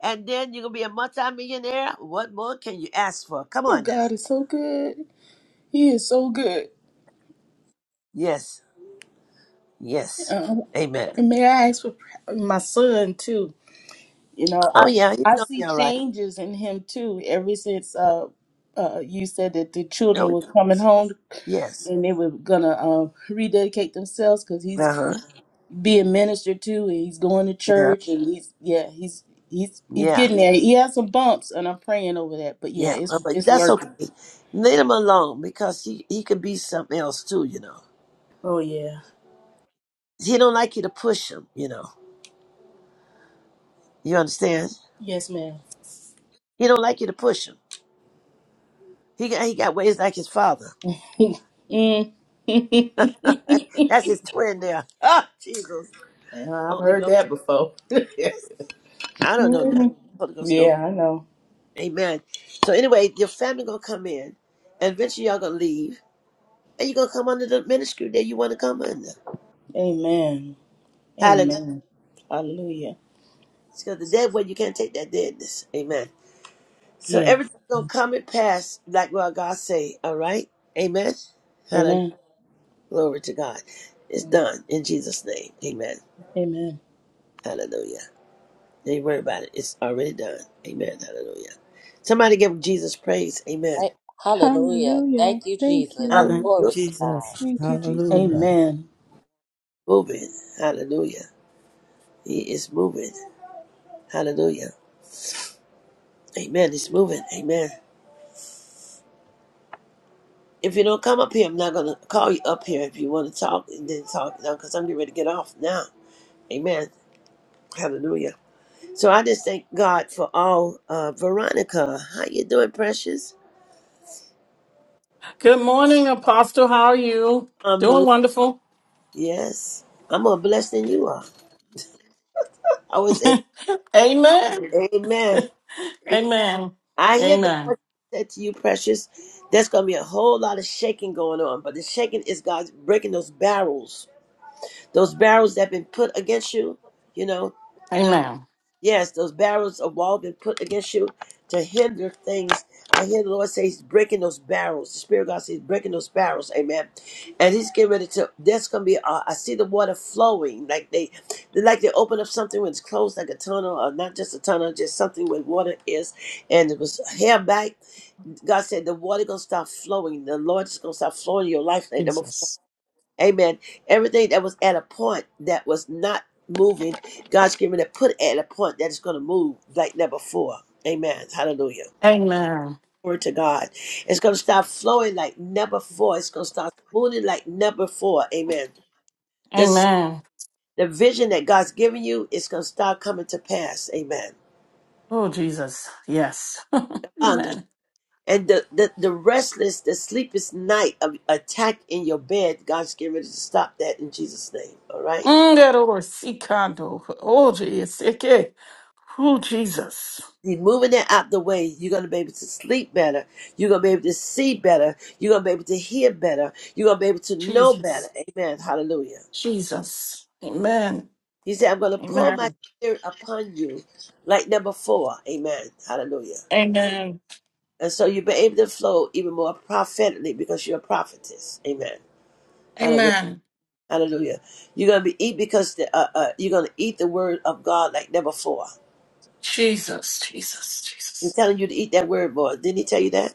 S3: And then you're gonna be a multimillionaire. What more can you ask for? Come
S6: Oh,
S3: on now.
S6: God is so good. He is so good.
S3: Yes. Yes.
S6: Um,
S3: Amen.
S6: and may I ask for pr- my son too? You know, I
S3: Oh yeah, he's
S6: I
S3: gonna
S6: see
S3: be all right.
S6: changes in him too. Ever since uh, uh, you said that the children
S3: Oh
S6: were coming home
S3: yes.
S6: and they were gonna uh, rededicate themselves because he's
S3: Uh-huh.
S6: being ministered to and he's going to
S3: Yeah.
S6: church and he's yeah he's he's he's
S3: Yeah.
S6: getting there. He has some bumps and I'm praying over that, but yeah,
S3: Yeah. But
S6: it's
S3: but
S6: it's
S3: that's
S6: working.
S3: okay. Leave him alone because he, he could be something else too, you know.
S6: Oh yeah,
S3: He don't like you to push him, you know. You understand?
S6: yes ma'am.
S3: He don't like you to push him. He got he got ways like his father.
S6: Mm. yeah,
S3: That's his twin there. Ah, Jesus,
S6: I've
S3: Holy
S6: heard
S3: Ghost.
S6: that before.
S3: I don't know now.
S6: hmm
S3: Holy Ghost knows.
S6: Yeah, I know.
S3: Amen. So anyway, your family gonna come in, and eventually y'all gonna leave, and you gonna come under the ministry that you want to come under.
S6: Amen.
S3: Hallelujah.
S6: Amen. Hallelujah.
S3: Because the dead one you can't take that deadness. Amen. So
S6: Yeah.
S3: everything's gonna come and pass like what God say. All right. Amen. Hallelujah.
S6: Amen.
S3: Glory to God. It's done in Jesus' name. Amen.
S6: Amen.
S3: Hallelujah. They worry about it. It's already done. Amen. Hallelujah. Somebody give Jesus praise. Amen.
S2: Hey, Hallelujah.
S1: Hallelujah.
S2: Thank you,
S1: Thank you,
S2: Jesus.
S3: Hallelujah.
S6: Hall-
S4: Thank
S1: Lord.
S4: you,
S2: Glory to God.
S4: Jesus.
S1: Thank you,
S4: Hallelujah.
S1: Jesus.
S6: Amen.
S3: Moving. Hallelujah. He is moving. Hallelujah. Amen. He's moving. Amen. If you don't come up here, I'm not going to call you up here if you want to talk and then talk now because I'm getting ready to get off now. Amen. Hallelujah. So I just thank God for all. Uh, Veronica, how you doing, precious?
S7: Good morning, Apostle. How are you?
S3: I'm
S7: Doing
S3: blessed.
S7: wonderful.
S3: Yes. I'm more blessed than you are. I was in.
S7: Amen.
S3: Amen.
S7: Amen.
S3: I hear the
S7: Amen.
S3: Lord said to you, precious, there's going to be a whole lot of shaking going on, but the shaking is God breaking those barrels, those barrels that have been put against you. You know,
S7: Amen.
S3: yes, those barrels of wall been put against you to hinder things. I hear the Lord say He's breaking those barrels. The Spirit of God says He's breaking those barrels, Amen. And He's getting ready to. There's gonna be. Uh, I see the water flowing like they, like they open up something when it's closed, like a tunnel, or not just a tunnel, just something where water is, and it was held back God said the water gonna start flowing. The Lord is gonna start flowing in your life like number four.
S7: Jesus.
S3: Amen. Everything that was at a point that was not moving, God's giving it put at a point that is gonna move like number four. Amen. Hallelujah.
S7: Amen.
S3: Glory to God. It's gonna start flowing like number four. It's gonna start smoothing like number four. Amen. This
S7: Amen.
S3: the vision that God's giving you is gonna start coming to pass. Amen.
S7: Oh, Jesus. Yes. Amen.
S3: And the, the, the restless, the sleepless night of attack in your bed, God's getting ready to stop that in Jesus' name. All right?
S7: Ngerorsikado. Oh, Jesus. Eke. Oh, Jesus.
S3: He's moving that out the way. You're going to be able to sleep better. You're going to be able to see better. You're going to be able to hear better. You're going to be able to know better.
S7: Jesus.
S3: Amen. Hallelujah.
S7: Jesus. Amen.
S3: He said, I'm going to pour my
S7: Amen.
S3: spirit upon you, like number four. Amen. Hallelujah.
S7: Amen.
S3: And so you'll be able to flow even more prophetically because you're a prophetess. Amen.
S7: Amen.
S3: Hallelujah. You're going to be eat because the, uh, uh, you're going to eat the word of God like never before.
S7: Jesus. Jesus.
S3: He's
S7: Jesus.
S3: telling you to eat that word more. Didn't he tell you that?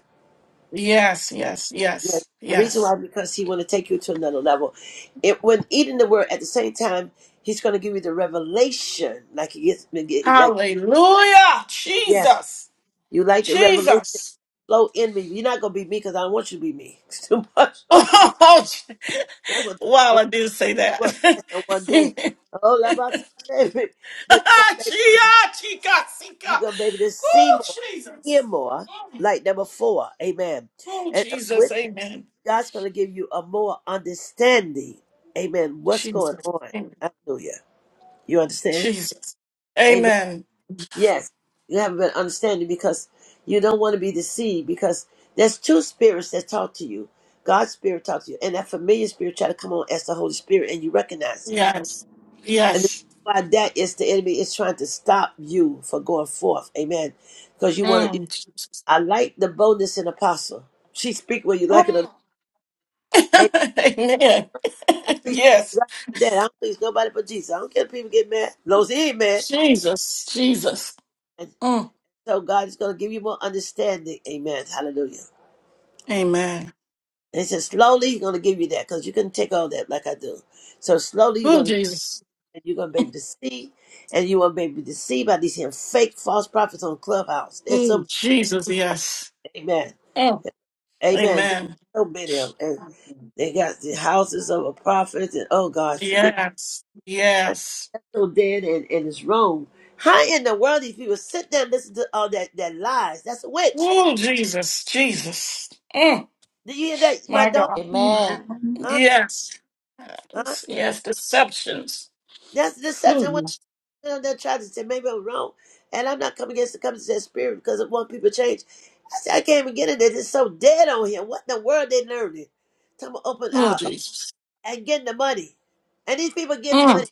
S7: Yes, yes,
S3: Yes.
S7: yes,
S3: The reason
S7: yes,
S3: why, because he want to take you to another level. It, when eating the word at the same time, he's going to give you the revelation. Like he gets, like,
S7: Hallelujah.
S3: yes,
S7: Jesus.
S3: you like the revelation
S7: Jesus.
S3: flow in me. You're not going to be me because I don't want you to be me. It's too much. that
S7: Oh,
S3: was,
S7: wow,
S3: oh,
S7: I did say that.
S3: what? That's the one
S7: Chia,
S3: day. Oh, la, ba, sa, baby. But you're going to baby.
S7: chica,
S3: You're
S7: chica.
S3: going to be able to see
S7: Oh,
S3: more, hear
S7: Jesus.
S3: more,
S7: Mm.
S3: like number four. Amen.
S7: Oh,
S3: And
S7: Jesus.
S3: with that,
S7: Amen.
S3: God's going to give you a more understanding. Amen. What's going
S7: Jesus.
S3: on?
S7: Amen.
S3: Hallelujah. You understand?
S7: Jesus.
S3: Amen.
S7: Amen.
S3: Yes. You haven't been understanding because you don't want to be deceived because there's two spirits that talk to you. God's spirit talks to you, and that familiar spirit try to come on as the Holy Spirit, and you recognize it.
S7: Yes.
S3: And the
S7: Yes.
S3: reason why that is the enemy is trying to stop you from going forth. Amen. Because you want to
S7: Mm, Jesus.
S3: I like the boldness in Apostle. She speak whether you like it or not.
S7: Mm.
S3: Hey,
S7: Amen.
S3: I please
S7: yes.
S3: like that. I don't please nobody but Jesus. I don't care if people get mad. As long as he ain't mad.
S7: Jesus. Jesus.
S3: And
S7: Mm.
S3: so God is going to give you more understanding. Amen. Hallelujah.
S7: Amen.
S3: And he says, slowly he's going to give you that because you couldn't take all that like I do. So slowly
S7: Oh,
S3: you're going to
S7: Jesus.
S3: and you're going to be able to see and you won't be able to see by these here fake false prophets on Clubhouse. There's so
S7: Mm,
S3: many.
S7: Jesus, yes.
S3: Amen.
S7: Mm,
S3: Amen. There's
S7: Amen.
S3: so many of them. And they got the houses of a prophet and oh gosh, forget
S7: Yes. Yes.
S3: That's so dead and, and it's wrong. How in the world these people sit there and listen to all that, that lies? That's a witch.
S7: Oh, Jesus, Jesus. Mm,
S3: Did you hear that, my
S7: my
S3: daughter?
S7: God.
S2: Amen.
S1: Amen.
S3: Huh?
S7: Yes.
S3: Huh?
S7: Yes, yes, deceptions.
S3: That's deception. When
S7: Ooh,
S3: I went on that tried to say maybe I'm wrong, and I'm not coming against the coming to that spirit because I want people to change. I said I can't even get in there. It's so dead on here. What in the world they learning? Talking about open
S7: Oh,
S3: out
S7: Jesus.
S3: and getting the money, and these people give
S7: Mm,
S3: money.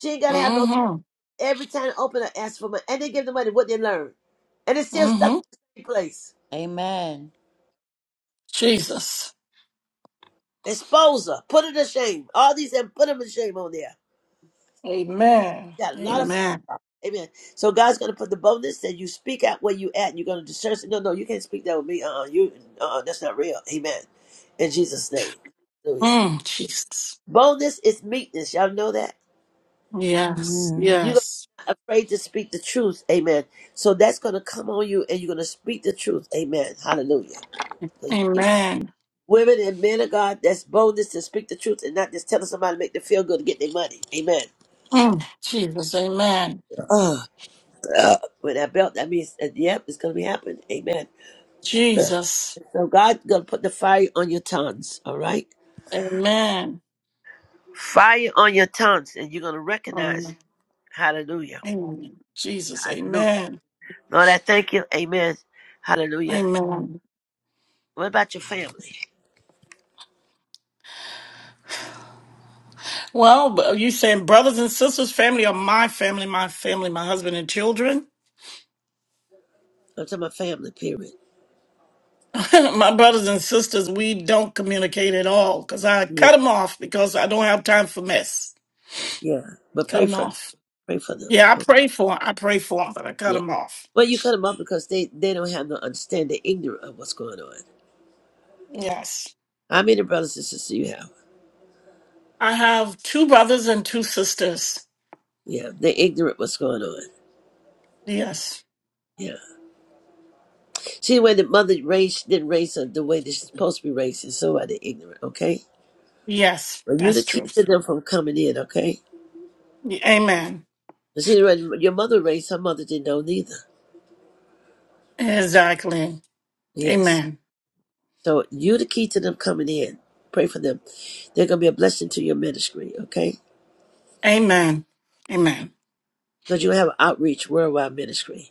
S3: She ain't gotta have no.
S7: mm-hmm.
S3: Every time I open, I ask for money, and they give the money what they learn, and it's still stuck
S7: Mm-hmm.
S3: in the same place.
S2: Amen.
S7: Jesus.
S3: Expose her. Put her to shame. All these and put them to shame on there.
S7: Amen.
S3: Got a lot of false
S7: Amen.
S3: prophets. Amen. So God's gonna put the boldness that you speak out where you at and you're gonna discern. No, no, you can't speak that with me. Uh uh you uh uh that's not real. Amen. In Jesus' name. Hallelujah.
S7: Mm, Jesus.
S3: Boldness is meekness. Y'all know that?
S7: Yes.
S4: Amen.
S3: You're
S7: Yes.
S3: not afraid to speak the truth. Amen. So that's gonna come on you and you're gonna speak the truth. Amen. Hallelujah. 'Cause
S7: Amen.
S3: Women and men of God, that's boldness to speak the truth and not just telling somebody to make them feel good to get their money. Amen.
S7: Mm, Jesus. Amen.
S3: uh, with that belt, that means, uh, yep, it's going to be happening. Amen.
S7: Jesus.
S3: So God going to put the fire on your tongues, all right?
S7: Amen.
S3: Fire on your tongues, and you're going to recognize. Hallelujah.
S7: Amen. Jesus,
S3: Hallelujah.
S7: amen.
S3: Lord, I thank you. Amen. Hallelujah.
S7: Amen.
S3: What about your family?
S7: Well, but you saying brothers and sisters, family are my family, my family, my husband and children.
S3: I'm talking about family, period.
S7: my brothers and sisters, we don't communicate at all because I
S3: Yeah.
S7: cut them off because I don't have time for mess.
S3: Yeah. But
S7: Cut
S3: pray
S7: them
S3: for them.
S7: off.
S3: Pray for them.
S7: Yeah, I
S3: Okay.
S7: pray for 'em. I pray for them, but I cut
S3: Yeah.
S7: them off.
S3: Well, you cut them off because they, they don't have no understanding. They're ignorant of what's going on.
S7: Yes.
S3: How many brothers and sisters do you have?
S7: I have two brothers and two sisters.
S3: Yeah. They're ignorant what's going on.
S7: Yes.
S3: Yeah. See the way the mother raised didn't raise her the way they're supposed to be raised, Is so are they ignorant, okay?
S7: Yes,
S3: But you the
S7: that's
S3: key to
S7: truth.
S3: them from coming in, okay?
S7: Amen.
S3: And See the way your mother raised her mother didn't know neither.
S7: Exactly.
S3: Yes.
S7: Amen.
S3: So you the key to them coming in. Pray for them. They're gonna be a blessing to your ministry, okay?
S7: Amen. Amen.
S3: Because you have outreach worldwide ministry.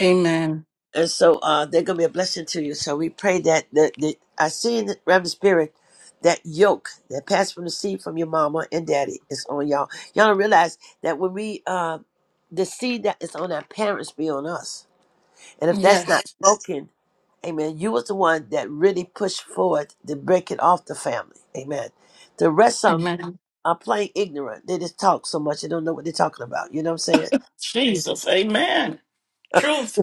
S7: Amen.
S3: And so uh, they're going to be a blessing to you. So we pray that, that, that I see in the Reverend Spirit that yoke that passed from the seed from your mama and daddy is on y'all. Y'all don't realize that when we, uh, the seed that is on our parents be on us. And if that's not
S7: Yes.
S3: broken, amen, you was the one that really pushed forward to break it off the family. Amen. The rest of them
S7: Amen.
S3: are plain ignorant. They just talk so much they don't know what they're talking about. You know what I'm saying?
S7: Jesus. Amen. Truth.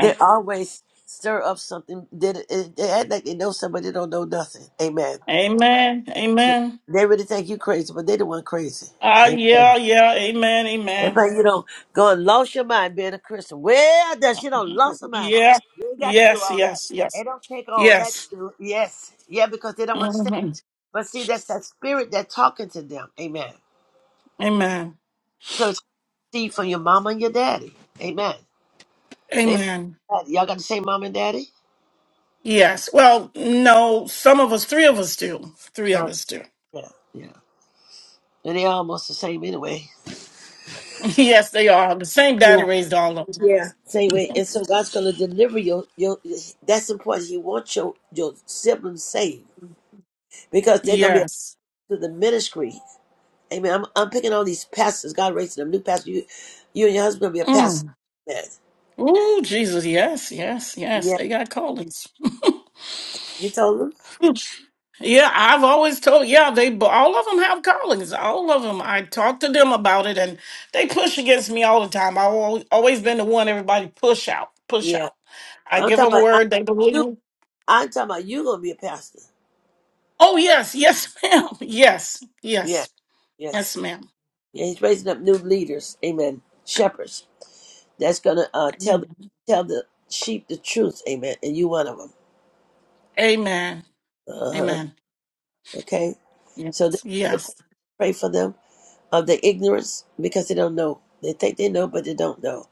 S3: They always stir up something. They, they act like they know somebody they don't know nothing. Amen.
S7: Amen. Amen.
S3: They really think you crazy, but they the one crazy.
S7: Ah,
S3: Amen.
S7: yeah, yeah. Amen.
S3: They
S7: Amen.
S3: think you don't go and lose your mind being a Christian. Well, that you don't lose your mind?
S7: Yeah.
S3: You ain't got to do
S7: Yes,
S3: all that.
S7: yes, yes.
S3: They don't take all that. To
S7: Yes.
S3: do. Yes, yeah, because they don't understand.
S7: hmm
S3: But see, that's that spirit that's talking to them. Amen.
S7: Amen.
S3: So it's see from your mama and your daddy. Amen. They,
S7: Amen.
S3: y'all got the same mom and daddy.
S7: Yes. Well, no, some of us, three of us do. Three
S3: Uh,
S7: of us do.
S3: yeah, yeah, and they almost the same anyway.
S7: Yes, they are. The same daddy
S3: Yeah,
S7: raised all of them.
S3: yeah. Same way, and so God's gonna deliver your your. That's important. He wants your your siblings saved because they're gonna be
S7: Yes.
S3: to the ministry. Amen. I'm I'm picking all these pastors. God raising them new pastors. You, you and your husband gonna be a pastor.
S7: Mm.
S3: Amen.
S7: Ooh, Jesus. Yes, yes, yes.
S3: Yeah,
S7: They got callings.
S3: you told them.
S7: Yeah, I've always told, yeah, they b- all of them have callings. All of them. I talk to them about it and they push against me all the time. I've al- always been the one everybody push out, push
S3: Yeah,
S7: out. I
S3: but I'm
S7: give them
S3: talking
S7: a
S3: about I,
S7: word, they believe
S3: you.
S7: me.
S3: I'm talking about you gonna be a pastor.
S7: Oh, yes, yes, ma'am. Yes,
S3: Yeah,
S7: yes, yes,
S3: yes.
S7: ma'am.
S3: Yeah, he's raising up new leaders. Amen. Shepherds. That's gonna uh
S7: Amen.
S3: tell tell the sheep the truth. Amen. And you one of them.
S7: Amen.
S3: Uh huh.
S7: Amen.
S3: Okay.
S7: Yes,
S3: So this is the-
S7: yes.
S3: pray for them of the ignorance because they don't know. They think they know, but they don't know.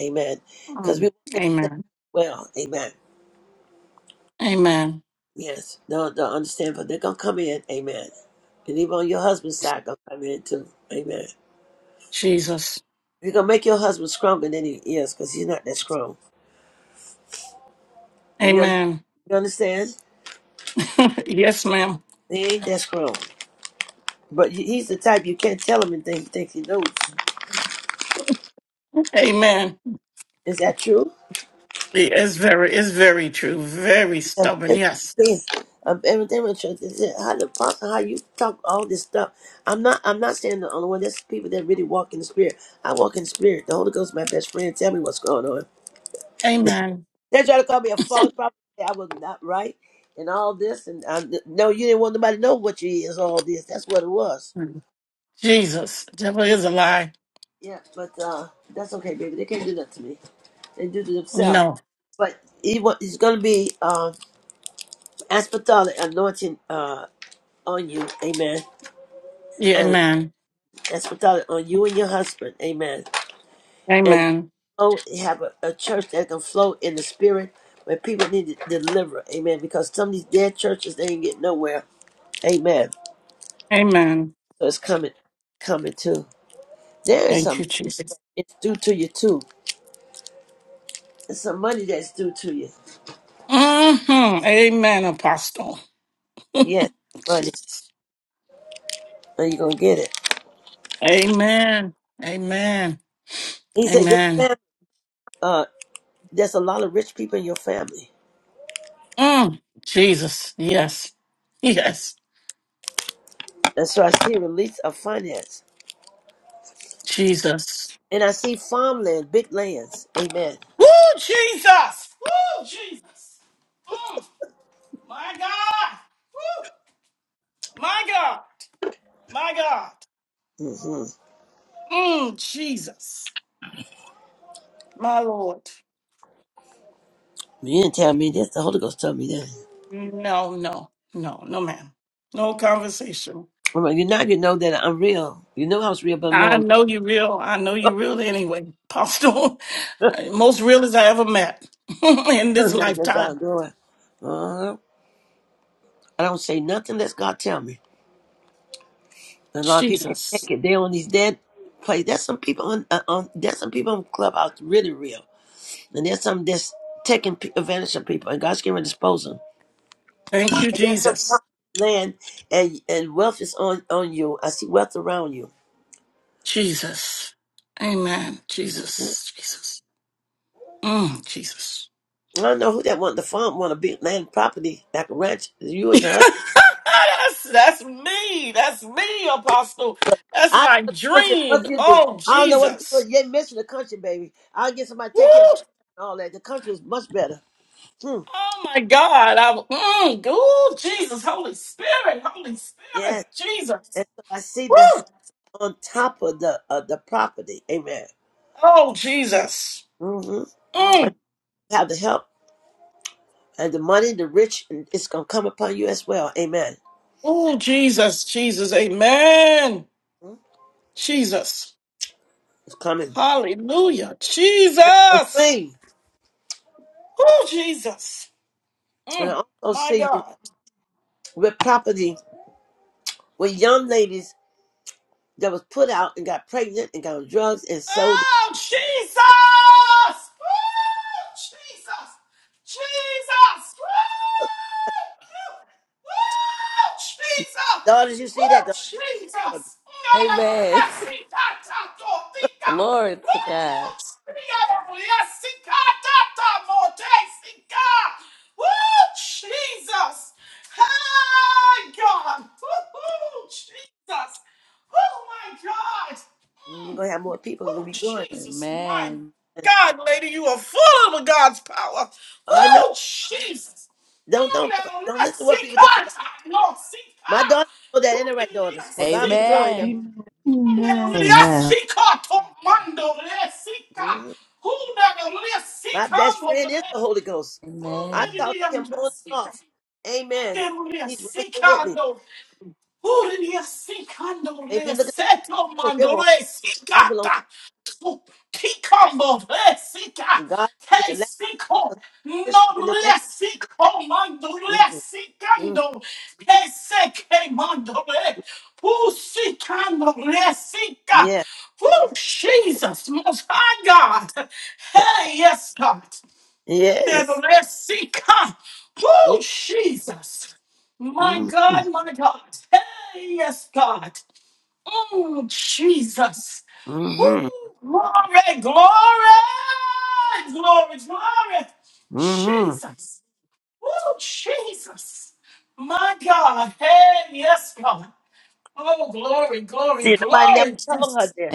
S3: Amen. Because we
S7: Um,
S3: want them to say,
S7: amen.
S3: well, amen.
S7: Amen.
S3: Yes, they'll, they'll understand, but they're going to come in. Amen. And even on your husband's side, going to come in too. Amen.
S7: Jesus.
S3: You're going to make your husband stronger than he is because he's not that strong. You, un-
S7: Amen.
S3: you understand?
S7: yes, ma'am.
S3: He ain't that strong. But he- he's the type you can't tell him anything he thinks he knows.
S7: Amen.
S3: Is that true?
S7: It's very, it's very true. Very
S3: of
S7: stubborn. Yes.
S3: everything of everything with church. They said, How the pastor, how you talk all this stuff? I'm not I'm not saying the only one. There's people that really walk in the spirit. I walk in the spirit. The Holy Ghost is my best friend. Tell me what's going on. they
S7: Amen.
S3: try to call me a false prophet. I was not right and all this and I, no, you didn't want nobody to know what you is all this. That's what it was.
S7: Jesus, devil
S3: They-
S7: is a lie.
S3: yeah, but uh that's okay, baby. They can't do that to me. They do to themselves.
S7: No.
S3: But he wa- he's gonna be uh, apostolic anointing uh, on you, amen.
S7: Yeah, amen.
S3: That's what God on you and your husband. Amen. And
S7: Amen.
S3: oh, have a, a church that can flow in the spirit where people need to deliver. Amen. Because some of these dead churches, they ain't get nowhere. Amen.
S7: Amen.
S3: So it's coming, coming too. There is
S7: Thank
S3: some,
S7: you, Jesus.
S3: it's due to you too. There's some money that's due to you.
S7: hmm Amen, Apostle.
S3: Yes, money.
S7: Jesus.
S3: And you're going to get it.
S7: Amen. Amen.
S3: He said, your
S7: Amen.
S3: family, uh, there's a lot of rich people in your family.
S7: Mm. Jesus. Yes. Yes.
S3: And so I see a release of finance.
S7: Jesus.
S3: And I see farmland, big lands. Amen.
S7: Woo, Jesus. Woo, Jesus. Mm. My God. Woo. My God. My God.
S3: Mhm.
S7: Mm, Jesus. My Lord.
S3: You didn't tell me this. The Holy Ghost told me that.
S7: No, no, no, no, ma'am. No conversation.
S3: I'm like, you now you know that I'm real. You know I was real, but
S7: I
S3: more.
S7: know you real. I know you real anyway, Apostle. Most realest I ever met in this
S3: Not just
S7: lifetime.
S3: God doing. Uh, I don't say nothing. Let God tell me. And a lot of people can
S7: Jesus.
S3: take it. They're on these dead places. There's some people on, uh, on. There's some people on Clubhouse really real, and there's some that's taking p- advantage of people, and God's going to dispose them.
S7: Thank you,
S3: And there's some
S7: Jesus.
S3: land and and wealth is on on you. I see wealth around you.
S7: Jesus. Amen. Jesus. Jesus. Mm, Jesus.
S3: I don't know who that want the farm want a big land property like a ranch. You or your husband.
S7: that's, that's me. That's me, Apostle. That's
S3: I
S7: my
S3: know the country as much
S7: dream.
S3: as you do.
S7: Oh,
S3: I don't know what the people
S7: Jesus.
S3: you're missing the country, baby. I'll get somebody to take care of
S7: Woo,
S3: all that. The country is much better. Hmm.
S7: Oh my God. I, w- mm, ooh, Jesus, Holy Spirit, Holy Spirit,
S3: Yes.
S7: Jesus.
S3: And so I see the h-
S7: Woo!
S3: on top of the of the property. Amen.
S7: Oh, Jesus.
S3: hmm And
S7: Mm,
S3: have the help and the money, the rich, and it's gonna come upon you as well. Amen.
S7: oh, Jesus, Jesus. Amen.
S3: Mhm.
S7: Jesus.
S3: It's coming.
S7: Hallelujah.
S3: That's a
S7: Jesus.
S3: dream.
S7: Oh, Jesus.
S3: And
S7: Mm,
S3: I also
S7: my
S3: see you
S7: God.
S3: with property with young ladies that was put out and got pregnant and got on drugs and sold. their
S7: Oh, Jesus! Woo! Jesus! Jesus! Woo! Woo! Jesus!
S3: Daughters, you see
S7: Woo!
S3: that?
S7: Jesus! No, no,
S2: Amen.
S7: yes, that, oh, he got-
S2: Glory to God.
S7: Woo! Yeah, yes, he got that, that, oh, yes, he got. Woo! Jesus! Hey, God! Woo! Jesus! Oh, my God!
S3: Mm, We're
S7: Mm.
S3: gonna have more people. We're gonna
S7: Oh,
S3: be growing.
S7: Jesus, my
S2: Amen.
S7: God, lady, you are full of God's power.
S3: I know.
S7: Oh, Jesus.
S3: Don't don't don't
S7: Mm,
S3: don't listen
S7: let's
S3: to what
S7: see
S3: people think
S7: God.
S3: about.
S7: Lord, see
S3: My
S7: God.
S3: daughters know
S7: Who
S3: that, and the
S7: did
S3: right
S7: it? I
S3: daughters. For God be
S7: see
S3: the
S7: God.
S3: glory. Now,
S2: Amen.
S1: Amen. Amen.
S7: Hallelujah.
S4: Amen.
S7: Seek her, tomando, le seeka.
S3: Mhm.
S7: Hallelujah. Seek
S3: my best
S7: her, Lord.
S3: friend is the Holy Ghost. I
S2: Amen.
S3: talk to him
S7: Hallelujah.
S3: on and
S7: Seek her.
S3: off. Amen.
S7: Hallelujah.
S3: He's right
S7: Seek
S3: there with
S7: her,
S3: me.
S7: Lord. Uria
S3: They
S7: sikandole
S3: be looking at me
S7: seto
S3: like, for real. woman.
S7: mandore
S3: I belong
S7: sikata. Kikombo re sika.
S3: to God. Be
S7: Te
S3: the last person
S7: siko.
S3: to
S7: No
S3: push me in the death.
S7: re siko mandore
S3: Mm-hmm. Mm-hmm.
S7: sikando. Te seke mandore. Usikando re sika.
S3: Yeah.
S7: Oh, Jesus, most high God. Hey, yes, God. There's a
S3: Yes.
S7: Red Sea. Come.
S3: Yeah.
S7: Oh, Jesus. My
S3: Mm-hmm.
S7: God, my God. Hey, yes, God. Mm, Jesus.
S3: Mm-hmm.
S7: Ooh, glory, glory, glory, glory.
S3: Mm-hmm.
S7: Jesus. Oh, Jesus. My God. Hey, yes, God. Oh, glory, glory,
S3: See, nobody never
S7: glory,
S3: told her
S7: Jesus.
S3: this.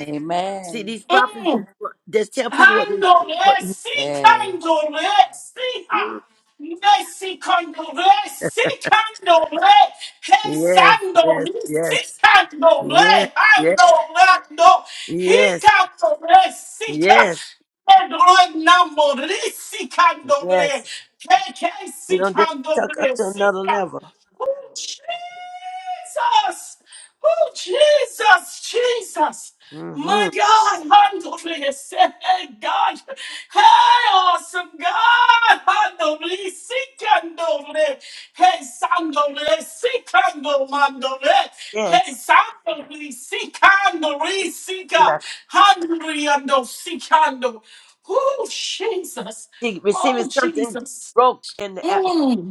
S3: See these prophets
S7: Mm.
S3: just, just tell people what. to-
S7: Andole,
S3: what
S7: si
S2: Yes.
S7: candole, si ha.
S3: Mm.
S7: Messi candole, si candole, he
S3: yes, yes,
S7: sandole, si
S3: yes, yes,
S7: candole,
S3: yes,
S7: andolando, he
S3: yes,
S7: candole, si ca.
S3: yes,
S7: Pedro enamore, si candole,
S3: yes.
S7: he he
S3: You
S7: si
S3: know, just tuck up
S7: candole,
S3: to
S7: si
S3: another
S7: ca.
S3: level.
S7: Jesus! Oh, Jesus, Jesus! My
S3: Mm-hmm.
S7: God, handle this. Hey, God. Hey, awesome God. Handle this. Seek handle it. Hey, sandal this. Seek handle, mandal it. Hey,
S3: Yes.
S7: sandal this. Seek handle this. Seek
S3: Rebecca.
S7: handle, handle, seek handle. Oh, Jesus.
S3: She receiving
S7: Oh,
S3: something
S7: Jesus.
S3: broke in the atmosphere.
S7: Mm.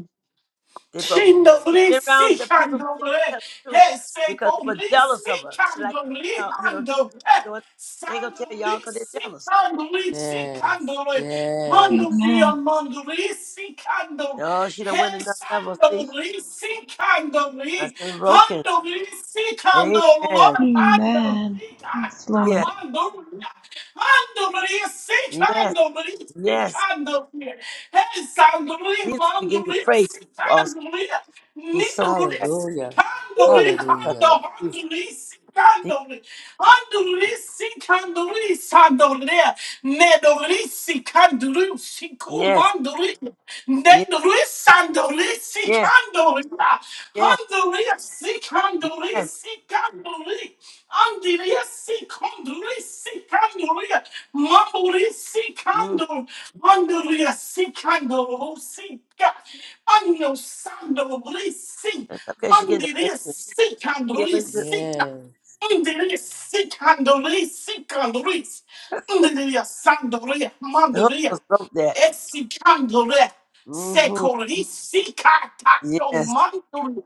S3: They broke. She
S7: Kindly
S3: been around the
S7: seek
S3: people,
S7: and
S3: but they
S7: doble,
S3: didn't tell the truth because they were
S7: hesekoli
S3: jealous of
S7: seek
S3: her. They're
S7: and
S3: like,
S7: doble,
S3: y'all, you know,
S7: and doble,
S3: doing, they ain't gonna tell
S7: sandoli
S3: y'all because they're
S7: seek
S3: jealous.
S7: and doble, seek and
S2: Yes.
S7: doble,
S2: Yes.
S7: mandoli
S1: Amen.
S7: and mandoli seek and doble,
S3: No, she done went another level. See,
S7: hesandoli seek and doble,
S3: that's been broken.
S7: handoli seek and
S3: Amen.
S7: doble, handoli
S1: Amen. Yes,
S3: Yes.
S1: Lord.
S7: Hallelujah. Hallelujah. Seek
S3: Yes,
S7: hallelujah. Seek
S3: yes.
S7: hallelujah. Hey, hallelujah.
S3: Jesus, we give you
S7: Hallelujah.
S3: praise.
S7: Seek
S3: Also,
S7: hallelujah. Need
S3: he's so
S7: hallelujah.
S3: precious.
S7: Seek
S2: Hallelujah.
S7: hallelujah.
S3: Woo!
S2: Hallelujah.
S7: Hallelujah. Seek
S3: Jesus, Jesus.
S7: hallelujah. Hallelujah. Seek hallelujah. Hallelujah. Need hallelujah. Seek hallelujah. Seek
S3: Yes,
S7: hallelujah.
S3: yes,
S7: Nendorissandori,
S3: yes,
S7: sikandoria,
S3: yes,
S7: handoria, sikandori,
S3: yes.
S7: sikandori, andiria, sikondori, sikandoria, mambori,
S3: Mm.
S7: sikando, andoria, sikando, sika, anno, sandori, si,
S3: That's okay. She getting the
S7: andiria,
S3: breakthrough,
S7: sikandori,
S3: healing. too.
S7: sika,
S2: Yes.
S7: andiria, sikandori, sikandori, andiria, sandoria,
S3: The Holy
S7: mandoria,
S3: Ghost broke that.
S7: Exicandole,
S3: hmm
S7: Secorisica, Tato
S3: Yes,
S7: Manduri,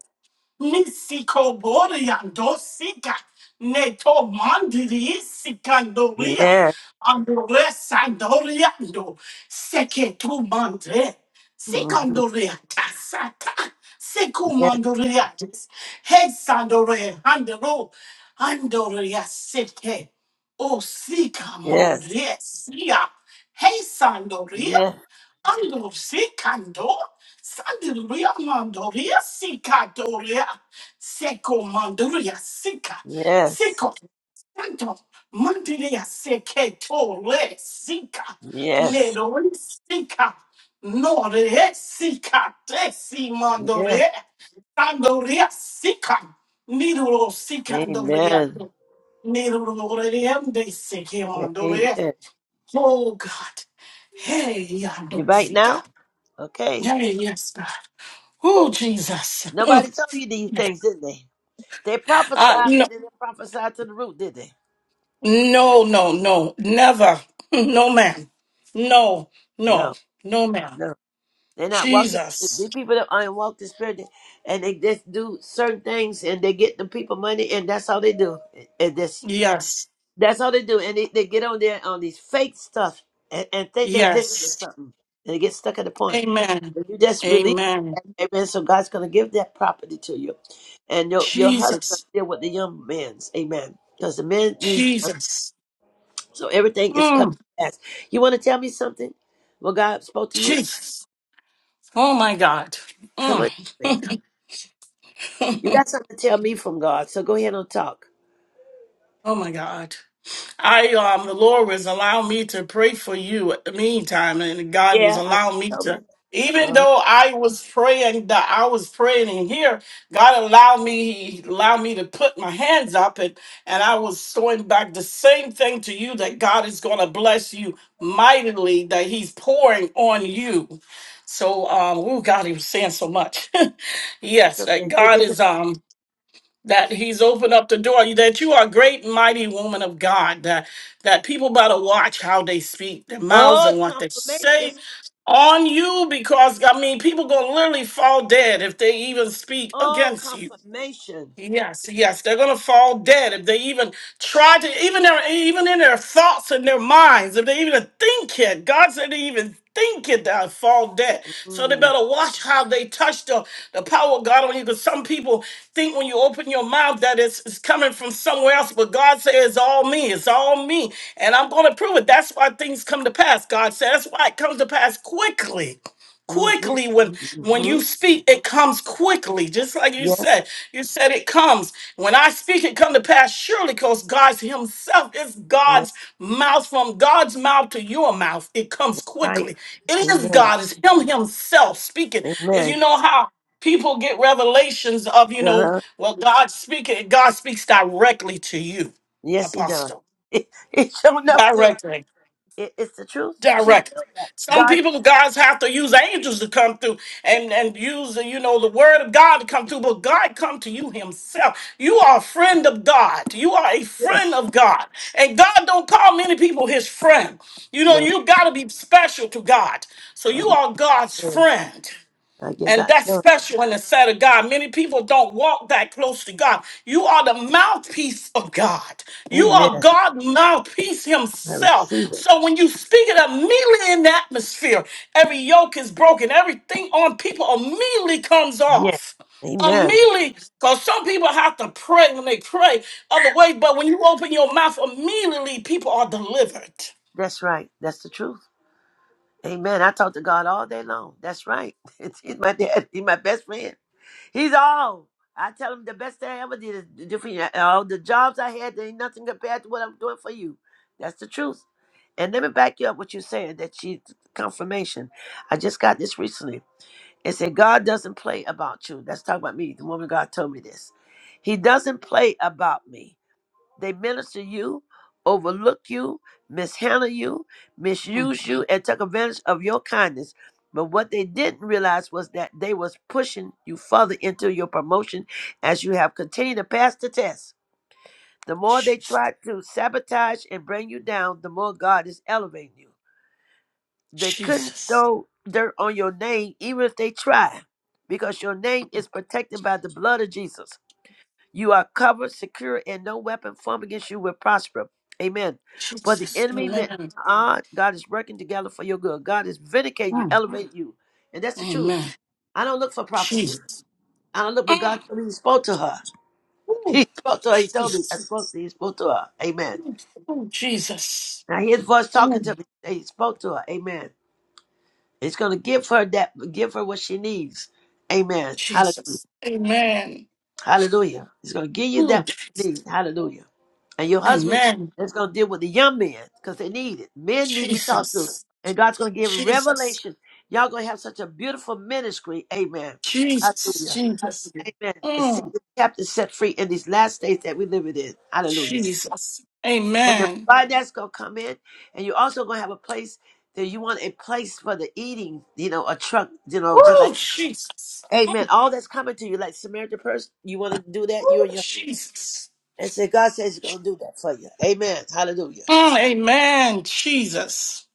S7: Nisico Boriando, Sica, Neto Mandiri, Sicandoria,
S3: yes,
S7: Andore Sandoriando, Seketu Mandre,
S3: hmm
S7: Sicandoria, Tassata,
S3: yes,
S7: Secumandoria, Hesandoria, Andoro, Andoria, Sete. O sika
S3: yes,
S7: moresia. Hey sandoria.
S3: yes,
S7: Ando sikando. Sandoria mandoria sika doria. Seko mandoria sika.
S3: yes,
S7: Seko. Santo. Mandiria seke sika.
S3: yes,
S7: Nedori sika. Nore sika tesi
S3: yes.
S7: mandore. Sandoria sika. Nidoro sikandoria.
S3: Amen.
S7: They sick him on
S3: Amen.
S7: Nirurureyandesikiwandoreya.
S3: You
S7: Oh God. Hey, I don't
S3: back
S7: see
S3: now?
S7: God.
S3: Okay.
S7: Hey, yes, God. Oh, Jesus.
S3: Nobody
S7: Mm.
S3: told you these things, didn't they? They
S7: Uh,
S3: prophesied,
S7: no,
S3: but they didn't prophesy to the root, did they?
S7: no, no, no, never. No, ma'am. No, no,
S3: No,
S7: no, ma'am.
S3: no. They're not walking.
S7: Jesus.
S3: These people that aren't walk the spirit, and they just do certain things, and they get the people money, and that's all they do. And that's
S7: Yes,
S3: that's all they do, and they, they get on there on these fake stuff, and, and think they listen to
S7: yes.
S3: something, and they get stuck at the point.
S7: Amen.
S3: If you just release,
S7: Amen.
S3: that, amen. So God's gonna give that property to you, and your your husband
S7: Jesus.
S3: deal with the young men's, amen. Because the men needs.
S7: Jesus.
S3: So everything is coming
S7: Mm,
S3: fast. You want to tell me something? Well, God spoke to you?
S7: Jesus. Oh, my God.
S3: Come on.
S7: Mm.
S3: tell me. You got something to tell me from God, so go ahead and talk.
S7: Oh my God. I um the Lord was allowing me to pray for you at the meantime and God was
S3: Yeah, I
S7: allowing
S3: know.
S7: me
S3: Tell me.
S7: to even
S3: Uh,
S7: though I was praying that I was praying in here, God allowed me he allowed me to put my hands up and and I was throwing back the same thing to you that God is gonna bless you mightily that he's pouring on you. So um oh God he was saying so much.
S3: it's
S7: yes, that
S3: okay. Take
S7: God
S3: it. down.
S7: is um that he's opened up the door that you are a great mighty woman of god that that people better watch how they speak their mouths
S3: Oh,
S7: and
S3: it's
S7: what they
S3: confirmation.
S7: say on you because i mean people gonna literally fall dead if they even speak
S3: Oh,
S7: against you
S3: confirmation.
S7: Yes, yes, they're gonna fall dead if they even try to, even their, even in their thoughts and their minds, if they even think it. God said they even think it, they'll fall dead. So they
S3: Mm,
S7: better watch how they touch the, the power of God on you, because some people think when you open your mouth that it's, it's coming from somewhere else, but God says it's all me, it's all me, and I'm gonna prove it. That's why things come to pass. God said that's why it comes to pass quickly
S3: mm-hmm,
S7: quickly when when
S3: mm-hmm.
S7: you speak it comes quickly just like you
S3: Yes.
S7: said you said it comes when i speak it come to pass surely because god himself is
S3: Yeah,
S7: god's mouth from god's mouth to your mouth it comes
S3: that's right.
S7: quickly it is
S3: Amen.
S7: god it's him himself speaking is you
S3: Amen.
S7: know how people get revelations of you know
S3: Uh-huh.
S7: well god speaking god speaks directly to you
S3: Yes, he does.
S7: apostle
S3: It, it's showing up too.
S7: directly
S3: It, it's the truth. She didn't
S7: direct.
S3: know
S7: Some
S3: that.
S7: people, guys, have to use angels to come through and, and use, the, you know, the word of God to come through. But God come to you himself. You are a friend of God. You are a
S3: God,
S7: friend of God. And God don't call many people his friend. You know,
S3: yes.
S7: you got to be special to God. So you are God's
S3: No.
S7: friend.
S3: I give
S7: And
S3: God
S7: that's
S3: glory.
S7: special in the sight of God. Many people don't walk that close to God. You are the mouthpiece of God. You are
S3: Amen.
S7: God's mouthpiece
S3: I
S7: Himself.
S3: receive it.
S7: So when you speak it immediately in the atmosphere, every yoke is broken, everything on people immediately comes
S3: Yes.
S7: off.
S3: Amen.
S7: Immediately, because some people have to pray when they pray other ways, but when you open your mouth, immediately people are delivered.
S3: That's right. That's the truth. Amen. I talk to God all day long. That's right. He's my dad. He's my best friend. He's all. I tell him the best thing I ever did is different. All the jobs I had, there ain't nothing compared to what I'm doing for you. That's the truth. And let me back you up what you're saying that she confirmation. I just got this recently. It said God doesn't play about you. That's talking about me. The woman of God told me this. He doesn't play about me. They minister you, overlook you, mishandle you,
S7: Mm,
S3: misuse you, and took advantage of your kindness. But what they didn't realize was that they was pushing you further into your promotion as you have continued to pass the test. The more they
S7: Jesus,
S3: tried to sabotage and bring you down, the more God is elevating you. They couldn't
S7: Jesus,
S3: throw dirt on your name, even if they tried, because your name is protected by the blood of Jesus. You are covered, secure, and no weapon formed against you will prosper. Amen. But the
S7: Jesus,
S3: enemy meant
S7: amen.
S3: odd. God is working together for your good. God is vindicating you,
S7: Mm,
S3: elevating you. And that's the truth.
S7: Amen.
S3: I don't look for prophecy.
S7: Jesus.
S3: I don't look, but
S7: Mm.
S3: God told me he spoke to her.
S7: Ooh,
S3: He spoke to her. He told me. I
S7: Jesus.
S3: spoke to He spoke to her. Amen.
S7: Oh, Jesus.
S3: Now his voice talking to
S7: Mm.
S3: me. Hey, He spoke to her. Amen. It's gonna give her that give her what she needs. Amen. Hallelujah.
S7: Jesus. Amen.
S3: Hallelujah. He's gonna give you
S7: Oh,
S3: that what you
S7: Jesus.
S3: need. Hallelujah. And your husband
S7: Amen.
S3: is going to deal with the young men because they need it. Men need to be talked to.
S7: Jesus.
S3: And God's going to give
S7: Jesus.
S3: revelation. Y'all going to have such a beautiful ministry. Amen.
S7: Jesus.
S3: Hallelujah.
S7: Jesus.
S3: Amen. And see
S7: Mm.
S3: the captives set free in these last days that we live it in. Hallelujah.
S7: Jesus.
S3: And the
S7: Amen.
S3: fire that's going to come in. And you're also going to have a place that you want a place for the eating, you know, a truck, you know, just like,
S7: Oh, Jesus.
S3: amen.
S7: Mm.
S3: All that's coming to you, like Samaritan person, you want to do that? You
S7: Oh,
S3: and your,
S7: Jesus.
S3: and say, God says he's going to do that for you. Amen. Hallelujah.
S7: Mm. Amen. Jesus.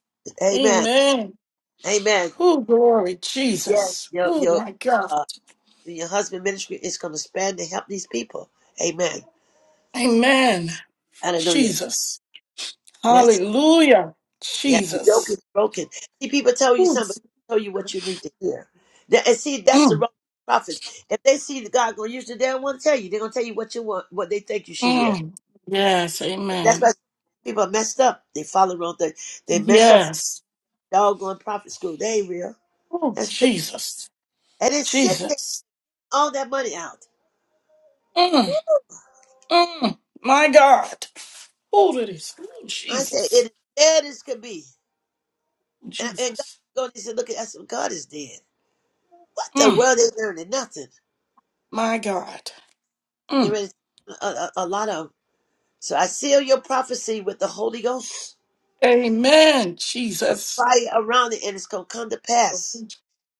S3: Amen.
S7: Amen.
S3: Amen.
S7: Oh, glory,
S3: Yes.
S7: Jesus.
S3: Your
S7: Oh,
S3: your
S7: my God.
S3: uh, your husband ministry is going to span to help these people. Amen.
S7: Amen.
S3: Hallelujah.
S7: Jesus.
S3: Yes.
S7: Hallelujah.
S3: Yeah. The yoke
S7: Jesus.
S3: is broken. See, people tell you
S7: Ooh,
S3: something, but they tell you what you need to hear. That- and see, that's the
S7: Mm,
S3: wrong prophets. If they see that God going to use you, they don't want to tell you. They're going to tell you what you want, what they think you should hear.
S7: mm. Yes,
S3: That's why
S7: amen.
S3: people are messed up. They follow wrong thing. They mess up
S7: Yes.
S3: doggone prophet school. They ain't real.
S7: Oh,
S3: That's wicked.
S7: Jesus.
S3: and it's sitting there
S7: Jesus.
S3: all that money out.
S7: Mm, mm. My God. Who it is. Oh,
S3: I say it
S7: Jesus.
S3: is bad as could be. And, and God
S7: Jesus.
S3: go and "Look at us. God is dead. What the
S7: Mm,
S3: world is learning? Nothing.
S7: my God.
S3: Get
S7: Mm.
S3: ready. A, a, a lot of 'em. so I seal your prophecy with the Holy Ghost,
S7: Amen,
S3: the
S7: Jesus.
S3: fire around it, and it's gonna come to pass.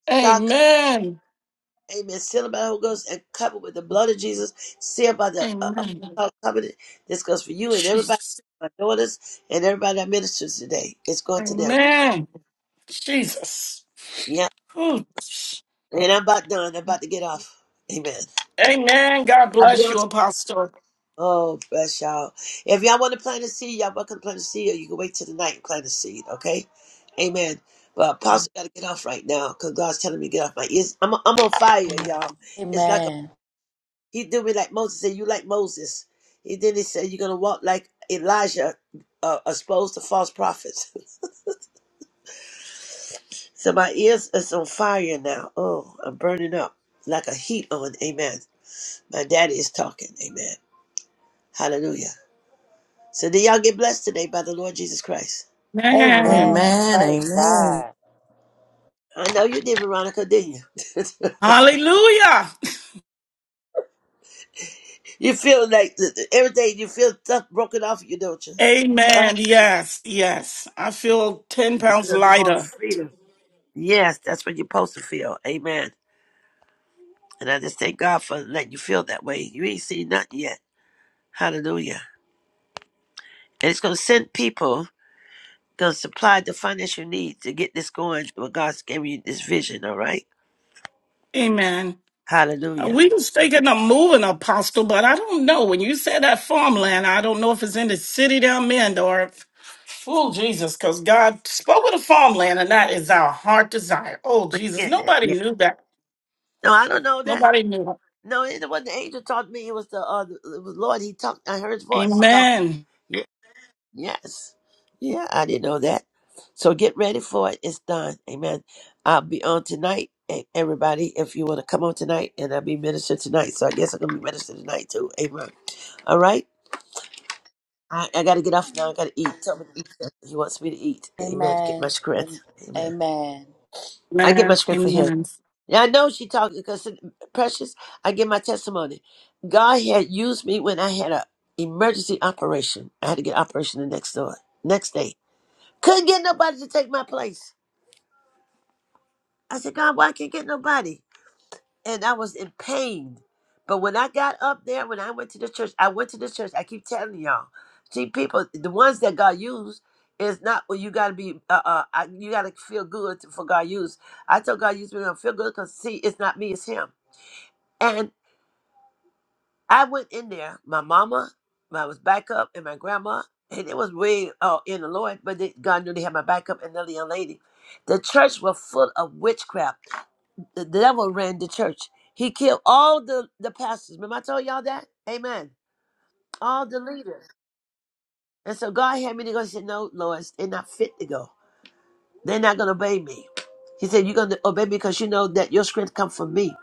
S3: Start,
S7: Amen.
S3: Amen. Sealed by the Holy Ghost and covered with the blood of Jesus. Sealed by the uh,
S7: Amen.
S3: uh, covenant. This goes for you and everybody,
S7: Jesus.
S3: my daughters, and everybody that ministers today. It's going to them.
S7: Amen. Jesus.
S3: Yeah.
S7: Ooh.
S3: And I'm about done. I'm about to get off. Amen.
S7: Amen. God
S3: I'll be
S7: bless
S3: on
S7: you, Apostle.
S3: Oh, bless y'all. If y'all want to plant a seed, y'all welcome to plant a seed, or you can wait till the night and plant a seed, okay? Amen. But Apostle got to get off right now because God's telling me to get off my ears. I'm, I'm on fire,
S2: Amen.
S3: y'all. It's like a,
S2: Amen.
S3: he do me like Moses said, you like Moses. He then he said, you're going to walk like Elijah, uh, exposed to false prophets. so my ears is on fire now. Oh, I'm burning up like a heat on. Amen. My daddy is talking. Amen. Hallelujah. So did y'all get blessed today by the Lord Jesus Christ?
S1: God
S2: Amen.
S7: Man.
S4: Amen.
S2: Praise
S4: Amen.
S2: God.
S3: I know you did, Veronica, didn't you?
S7: Hallelujah.
S3: you feel like th- th- every day you feel stuff broken off you, don't you? Huh?
S7: Amen. Yes, yes. I feel 10
S3: You
S7: pounds
S3: feel the more
S7: lighter.
S3: freedom. Yes, that's what you're supposed to feel. Amen. And I just thank God for letting you feel that way. You ain't seen nothing yet. Hallelujah. And it's going to send people, going to supply the finance you need to get this going. When God's giving you this vision, all right?
S7: Amen. Uh,
S3: Hallelujah.
S7: We was thinking of moving, Apostle, but I don't know. When you said that farmland, I don't know if it's in the city down in or if, oh, Jesus, because God spoke of the farmland, and that is our heart desire. Oh,
S3: But you
S7: Jesus.
S3: getting it?
S7: Nobody
S3: Yeah.
S7: knew that.
S3: No, I don't know that.
S7: Nobody knew it.
S3: No, it wasn't the angel talked to me. It was the, uh, the it was Lord. He talked. I heard his voice talking.
S7: Amen.
S3: Yeah. Yes. Yeah, I didn't know that. So get ready for it. It's done. Amen. I'll be on tonight, e- everybody, if you want to come on tonight, and I'll be minister tonight. So I guess I'm going to be minister tonight, too. Amen. All right. I, I got to get off now. I got to eat. Tell me to eat. He wants me to eat. Amen. To get my
S2: Amen. Am-
S3: strength. Amen.
S2: Amen.
S3: I get
S7: Amen.
S3: my strength for him.
S7: Amen.
S3: Yeah, I know she talked because precious. I give my testimony. God had used me when I had a emergency operation. I had to get operation the next door, next day. Couldn't get nobody to take my place. I said, God, why I can't get nobody? And I was in pain. But when I got up there, when I went to the church, I went to the church. I keep telling y'all, see, people, the ones that God used is not what you got to be. Uh, uh, I- you got to feel good to- for God use. I told God use me. I don't feel good because see, it's not me, it's Him. And I went in there. My mama, my was backup, and my grandma, and it was way uh, in the Lord. But they, God knew they had my backup and another young lady. The church was full of witchcraft The devil ran the church. He killed all the, the pastors. Remember I told y'all that? Amen. All the leaders. And so God had me to go. He said, No, Lois, they're not fit to go. They're not gonna obey me. He said, You're gonna obey me because you know that your strength comes from me.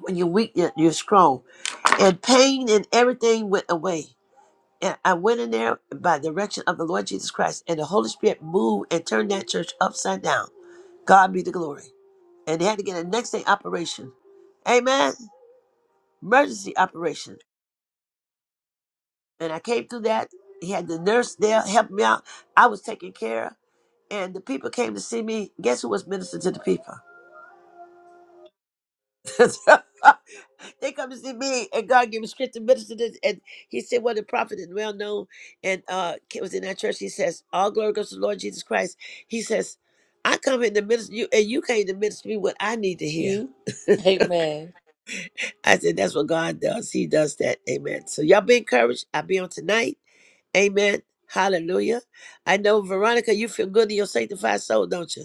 S3: When you're weak, you're you're strong. And pain and everything went away. And I went in there by the direction of the Lord Jesus Christ, and the Holy Spirit moved and turned that church upside down. God be the glory. And they had to get a next day operation. Amen. Emergency operation. and I came through that. He had the nurse there help me out. I was taken care of, and the people came to see me. Guess who was ministering to the people? they come to see me, and God gave me script to minister to. And He said, "Well, the prophet is well known, and uh, it was in that church." He says, "All glory goes to the Lord Jesus Christ." He says, "I come in the minister to you, and you came to minister to me what I need to hear."
S2: You? Amen.
S3: I said, that's what God does. He does that. Amen. So y'all be encouraged. I'll be on tonight. Amen. Hallelujah. I know, Veronica, you feel good in your sanctified soul, don't you?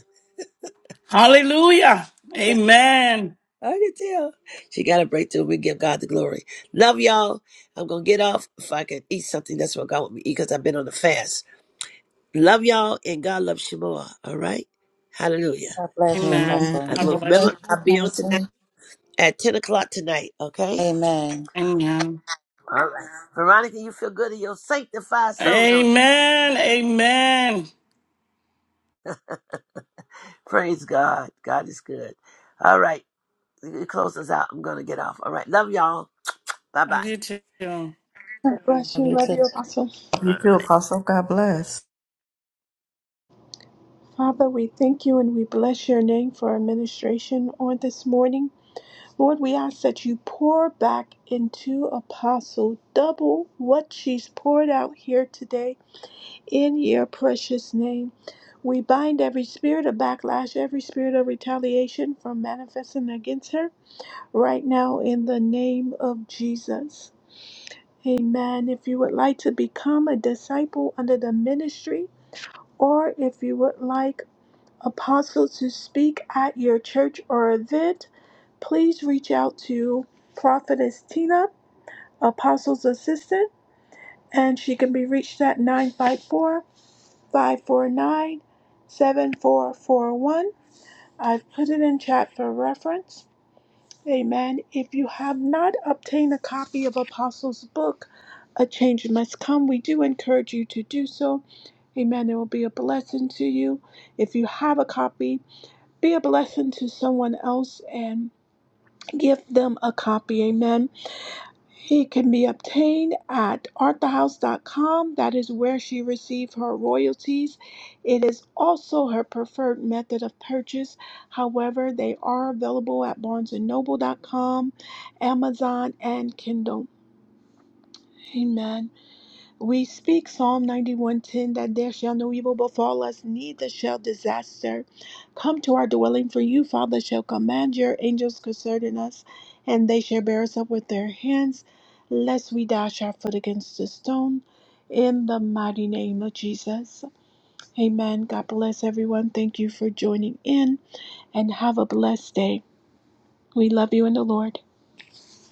S7: Hallelujah. Amen.
S3: I can tell. She got a breakthrough. We give God the glory. Love y'all. I'm going to get off. If I can eat something, that's what God want me to eat because I've been on the fast. Love y'all and God loves you more. All right? Hallelujah.
S2: God bless you,
S7: Amen.
S4: Amen.
S3: I
S2: Apostle.
S7: God
S3: will
S4: God
S7: bless
S4: bless
S3: remember
S7: you.
S4: you,
S3: I'll be on tonight
S4: Apostle.
S3: at 10 o'clock tonight. Okay?
S2: Amen.
S7: Amen.
S3: All right. Veronica, you feel good in your sanctified soul, don't you?
S7: Amen. Amen.
S3: Praise God. God is good. All right. You can close us out. I'm going to get off. All right. Love y'all. Bye
S7: Love
S3: bye.
S7: you too. God
S1: bless
S2: Love
S1: you.
S2: you
S1: Love you,
S2: too.
S1: Apostle.
S4: Love you
S3: All
S4: too,
S3: right.
S4: Apostle. God bless.
S1: Father, we thank you and we bless your name for our ministration on this morning. Lord, we ask that you pour back into Apostle double what she's poured out here today in your precious name. We bind every spirit of backlash, every spirit of retaliation from manifesting against her right now in the name of Jesus. Amen. If you would like to become a disciple under the ministry, or if you would like apostles to speak at your church or event, please reach out to Prophetess Tina, Apostles Assistant, and she can be reached at nine five four five four nine, seven four four one. I've put it in chat for reference. Amen. If you have not obtained a copy of Apostles' book, A Change Must Come, we do encourage you to do so. Amen. It will be a blessing to you. If you have a copy, be a blessing to someone else and give them a copy. Amen. He can be obtained at arthahouse.com. That is where she received her royalties. It is also her preferred method of purchase. However, they are available at barnesandnoble.com, Amazon, and Kindle. Amen. We speak Psalm 91:10 that there shall no evil befall us, neither shall disaster come to our dwelling. For you, Father, shall command your angels concerning us, and they shall bear us up with their hands, lest we dash our foot against a stone. In the mighty name of Jesus. Amen. God bless everyone. Thank you for joining in and have a blessed day. We love you in the Lord.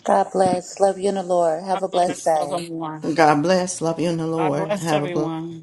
S2: God bless. Love you in the Lord. Have a blessed
S7: bless. Love
S2: day.
S7: everyone.
S4: God bless. Love you in the
S7: God
S4: Lord.
S7: bless
S4: Have a blessed
S7: everyone.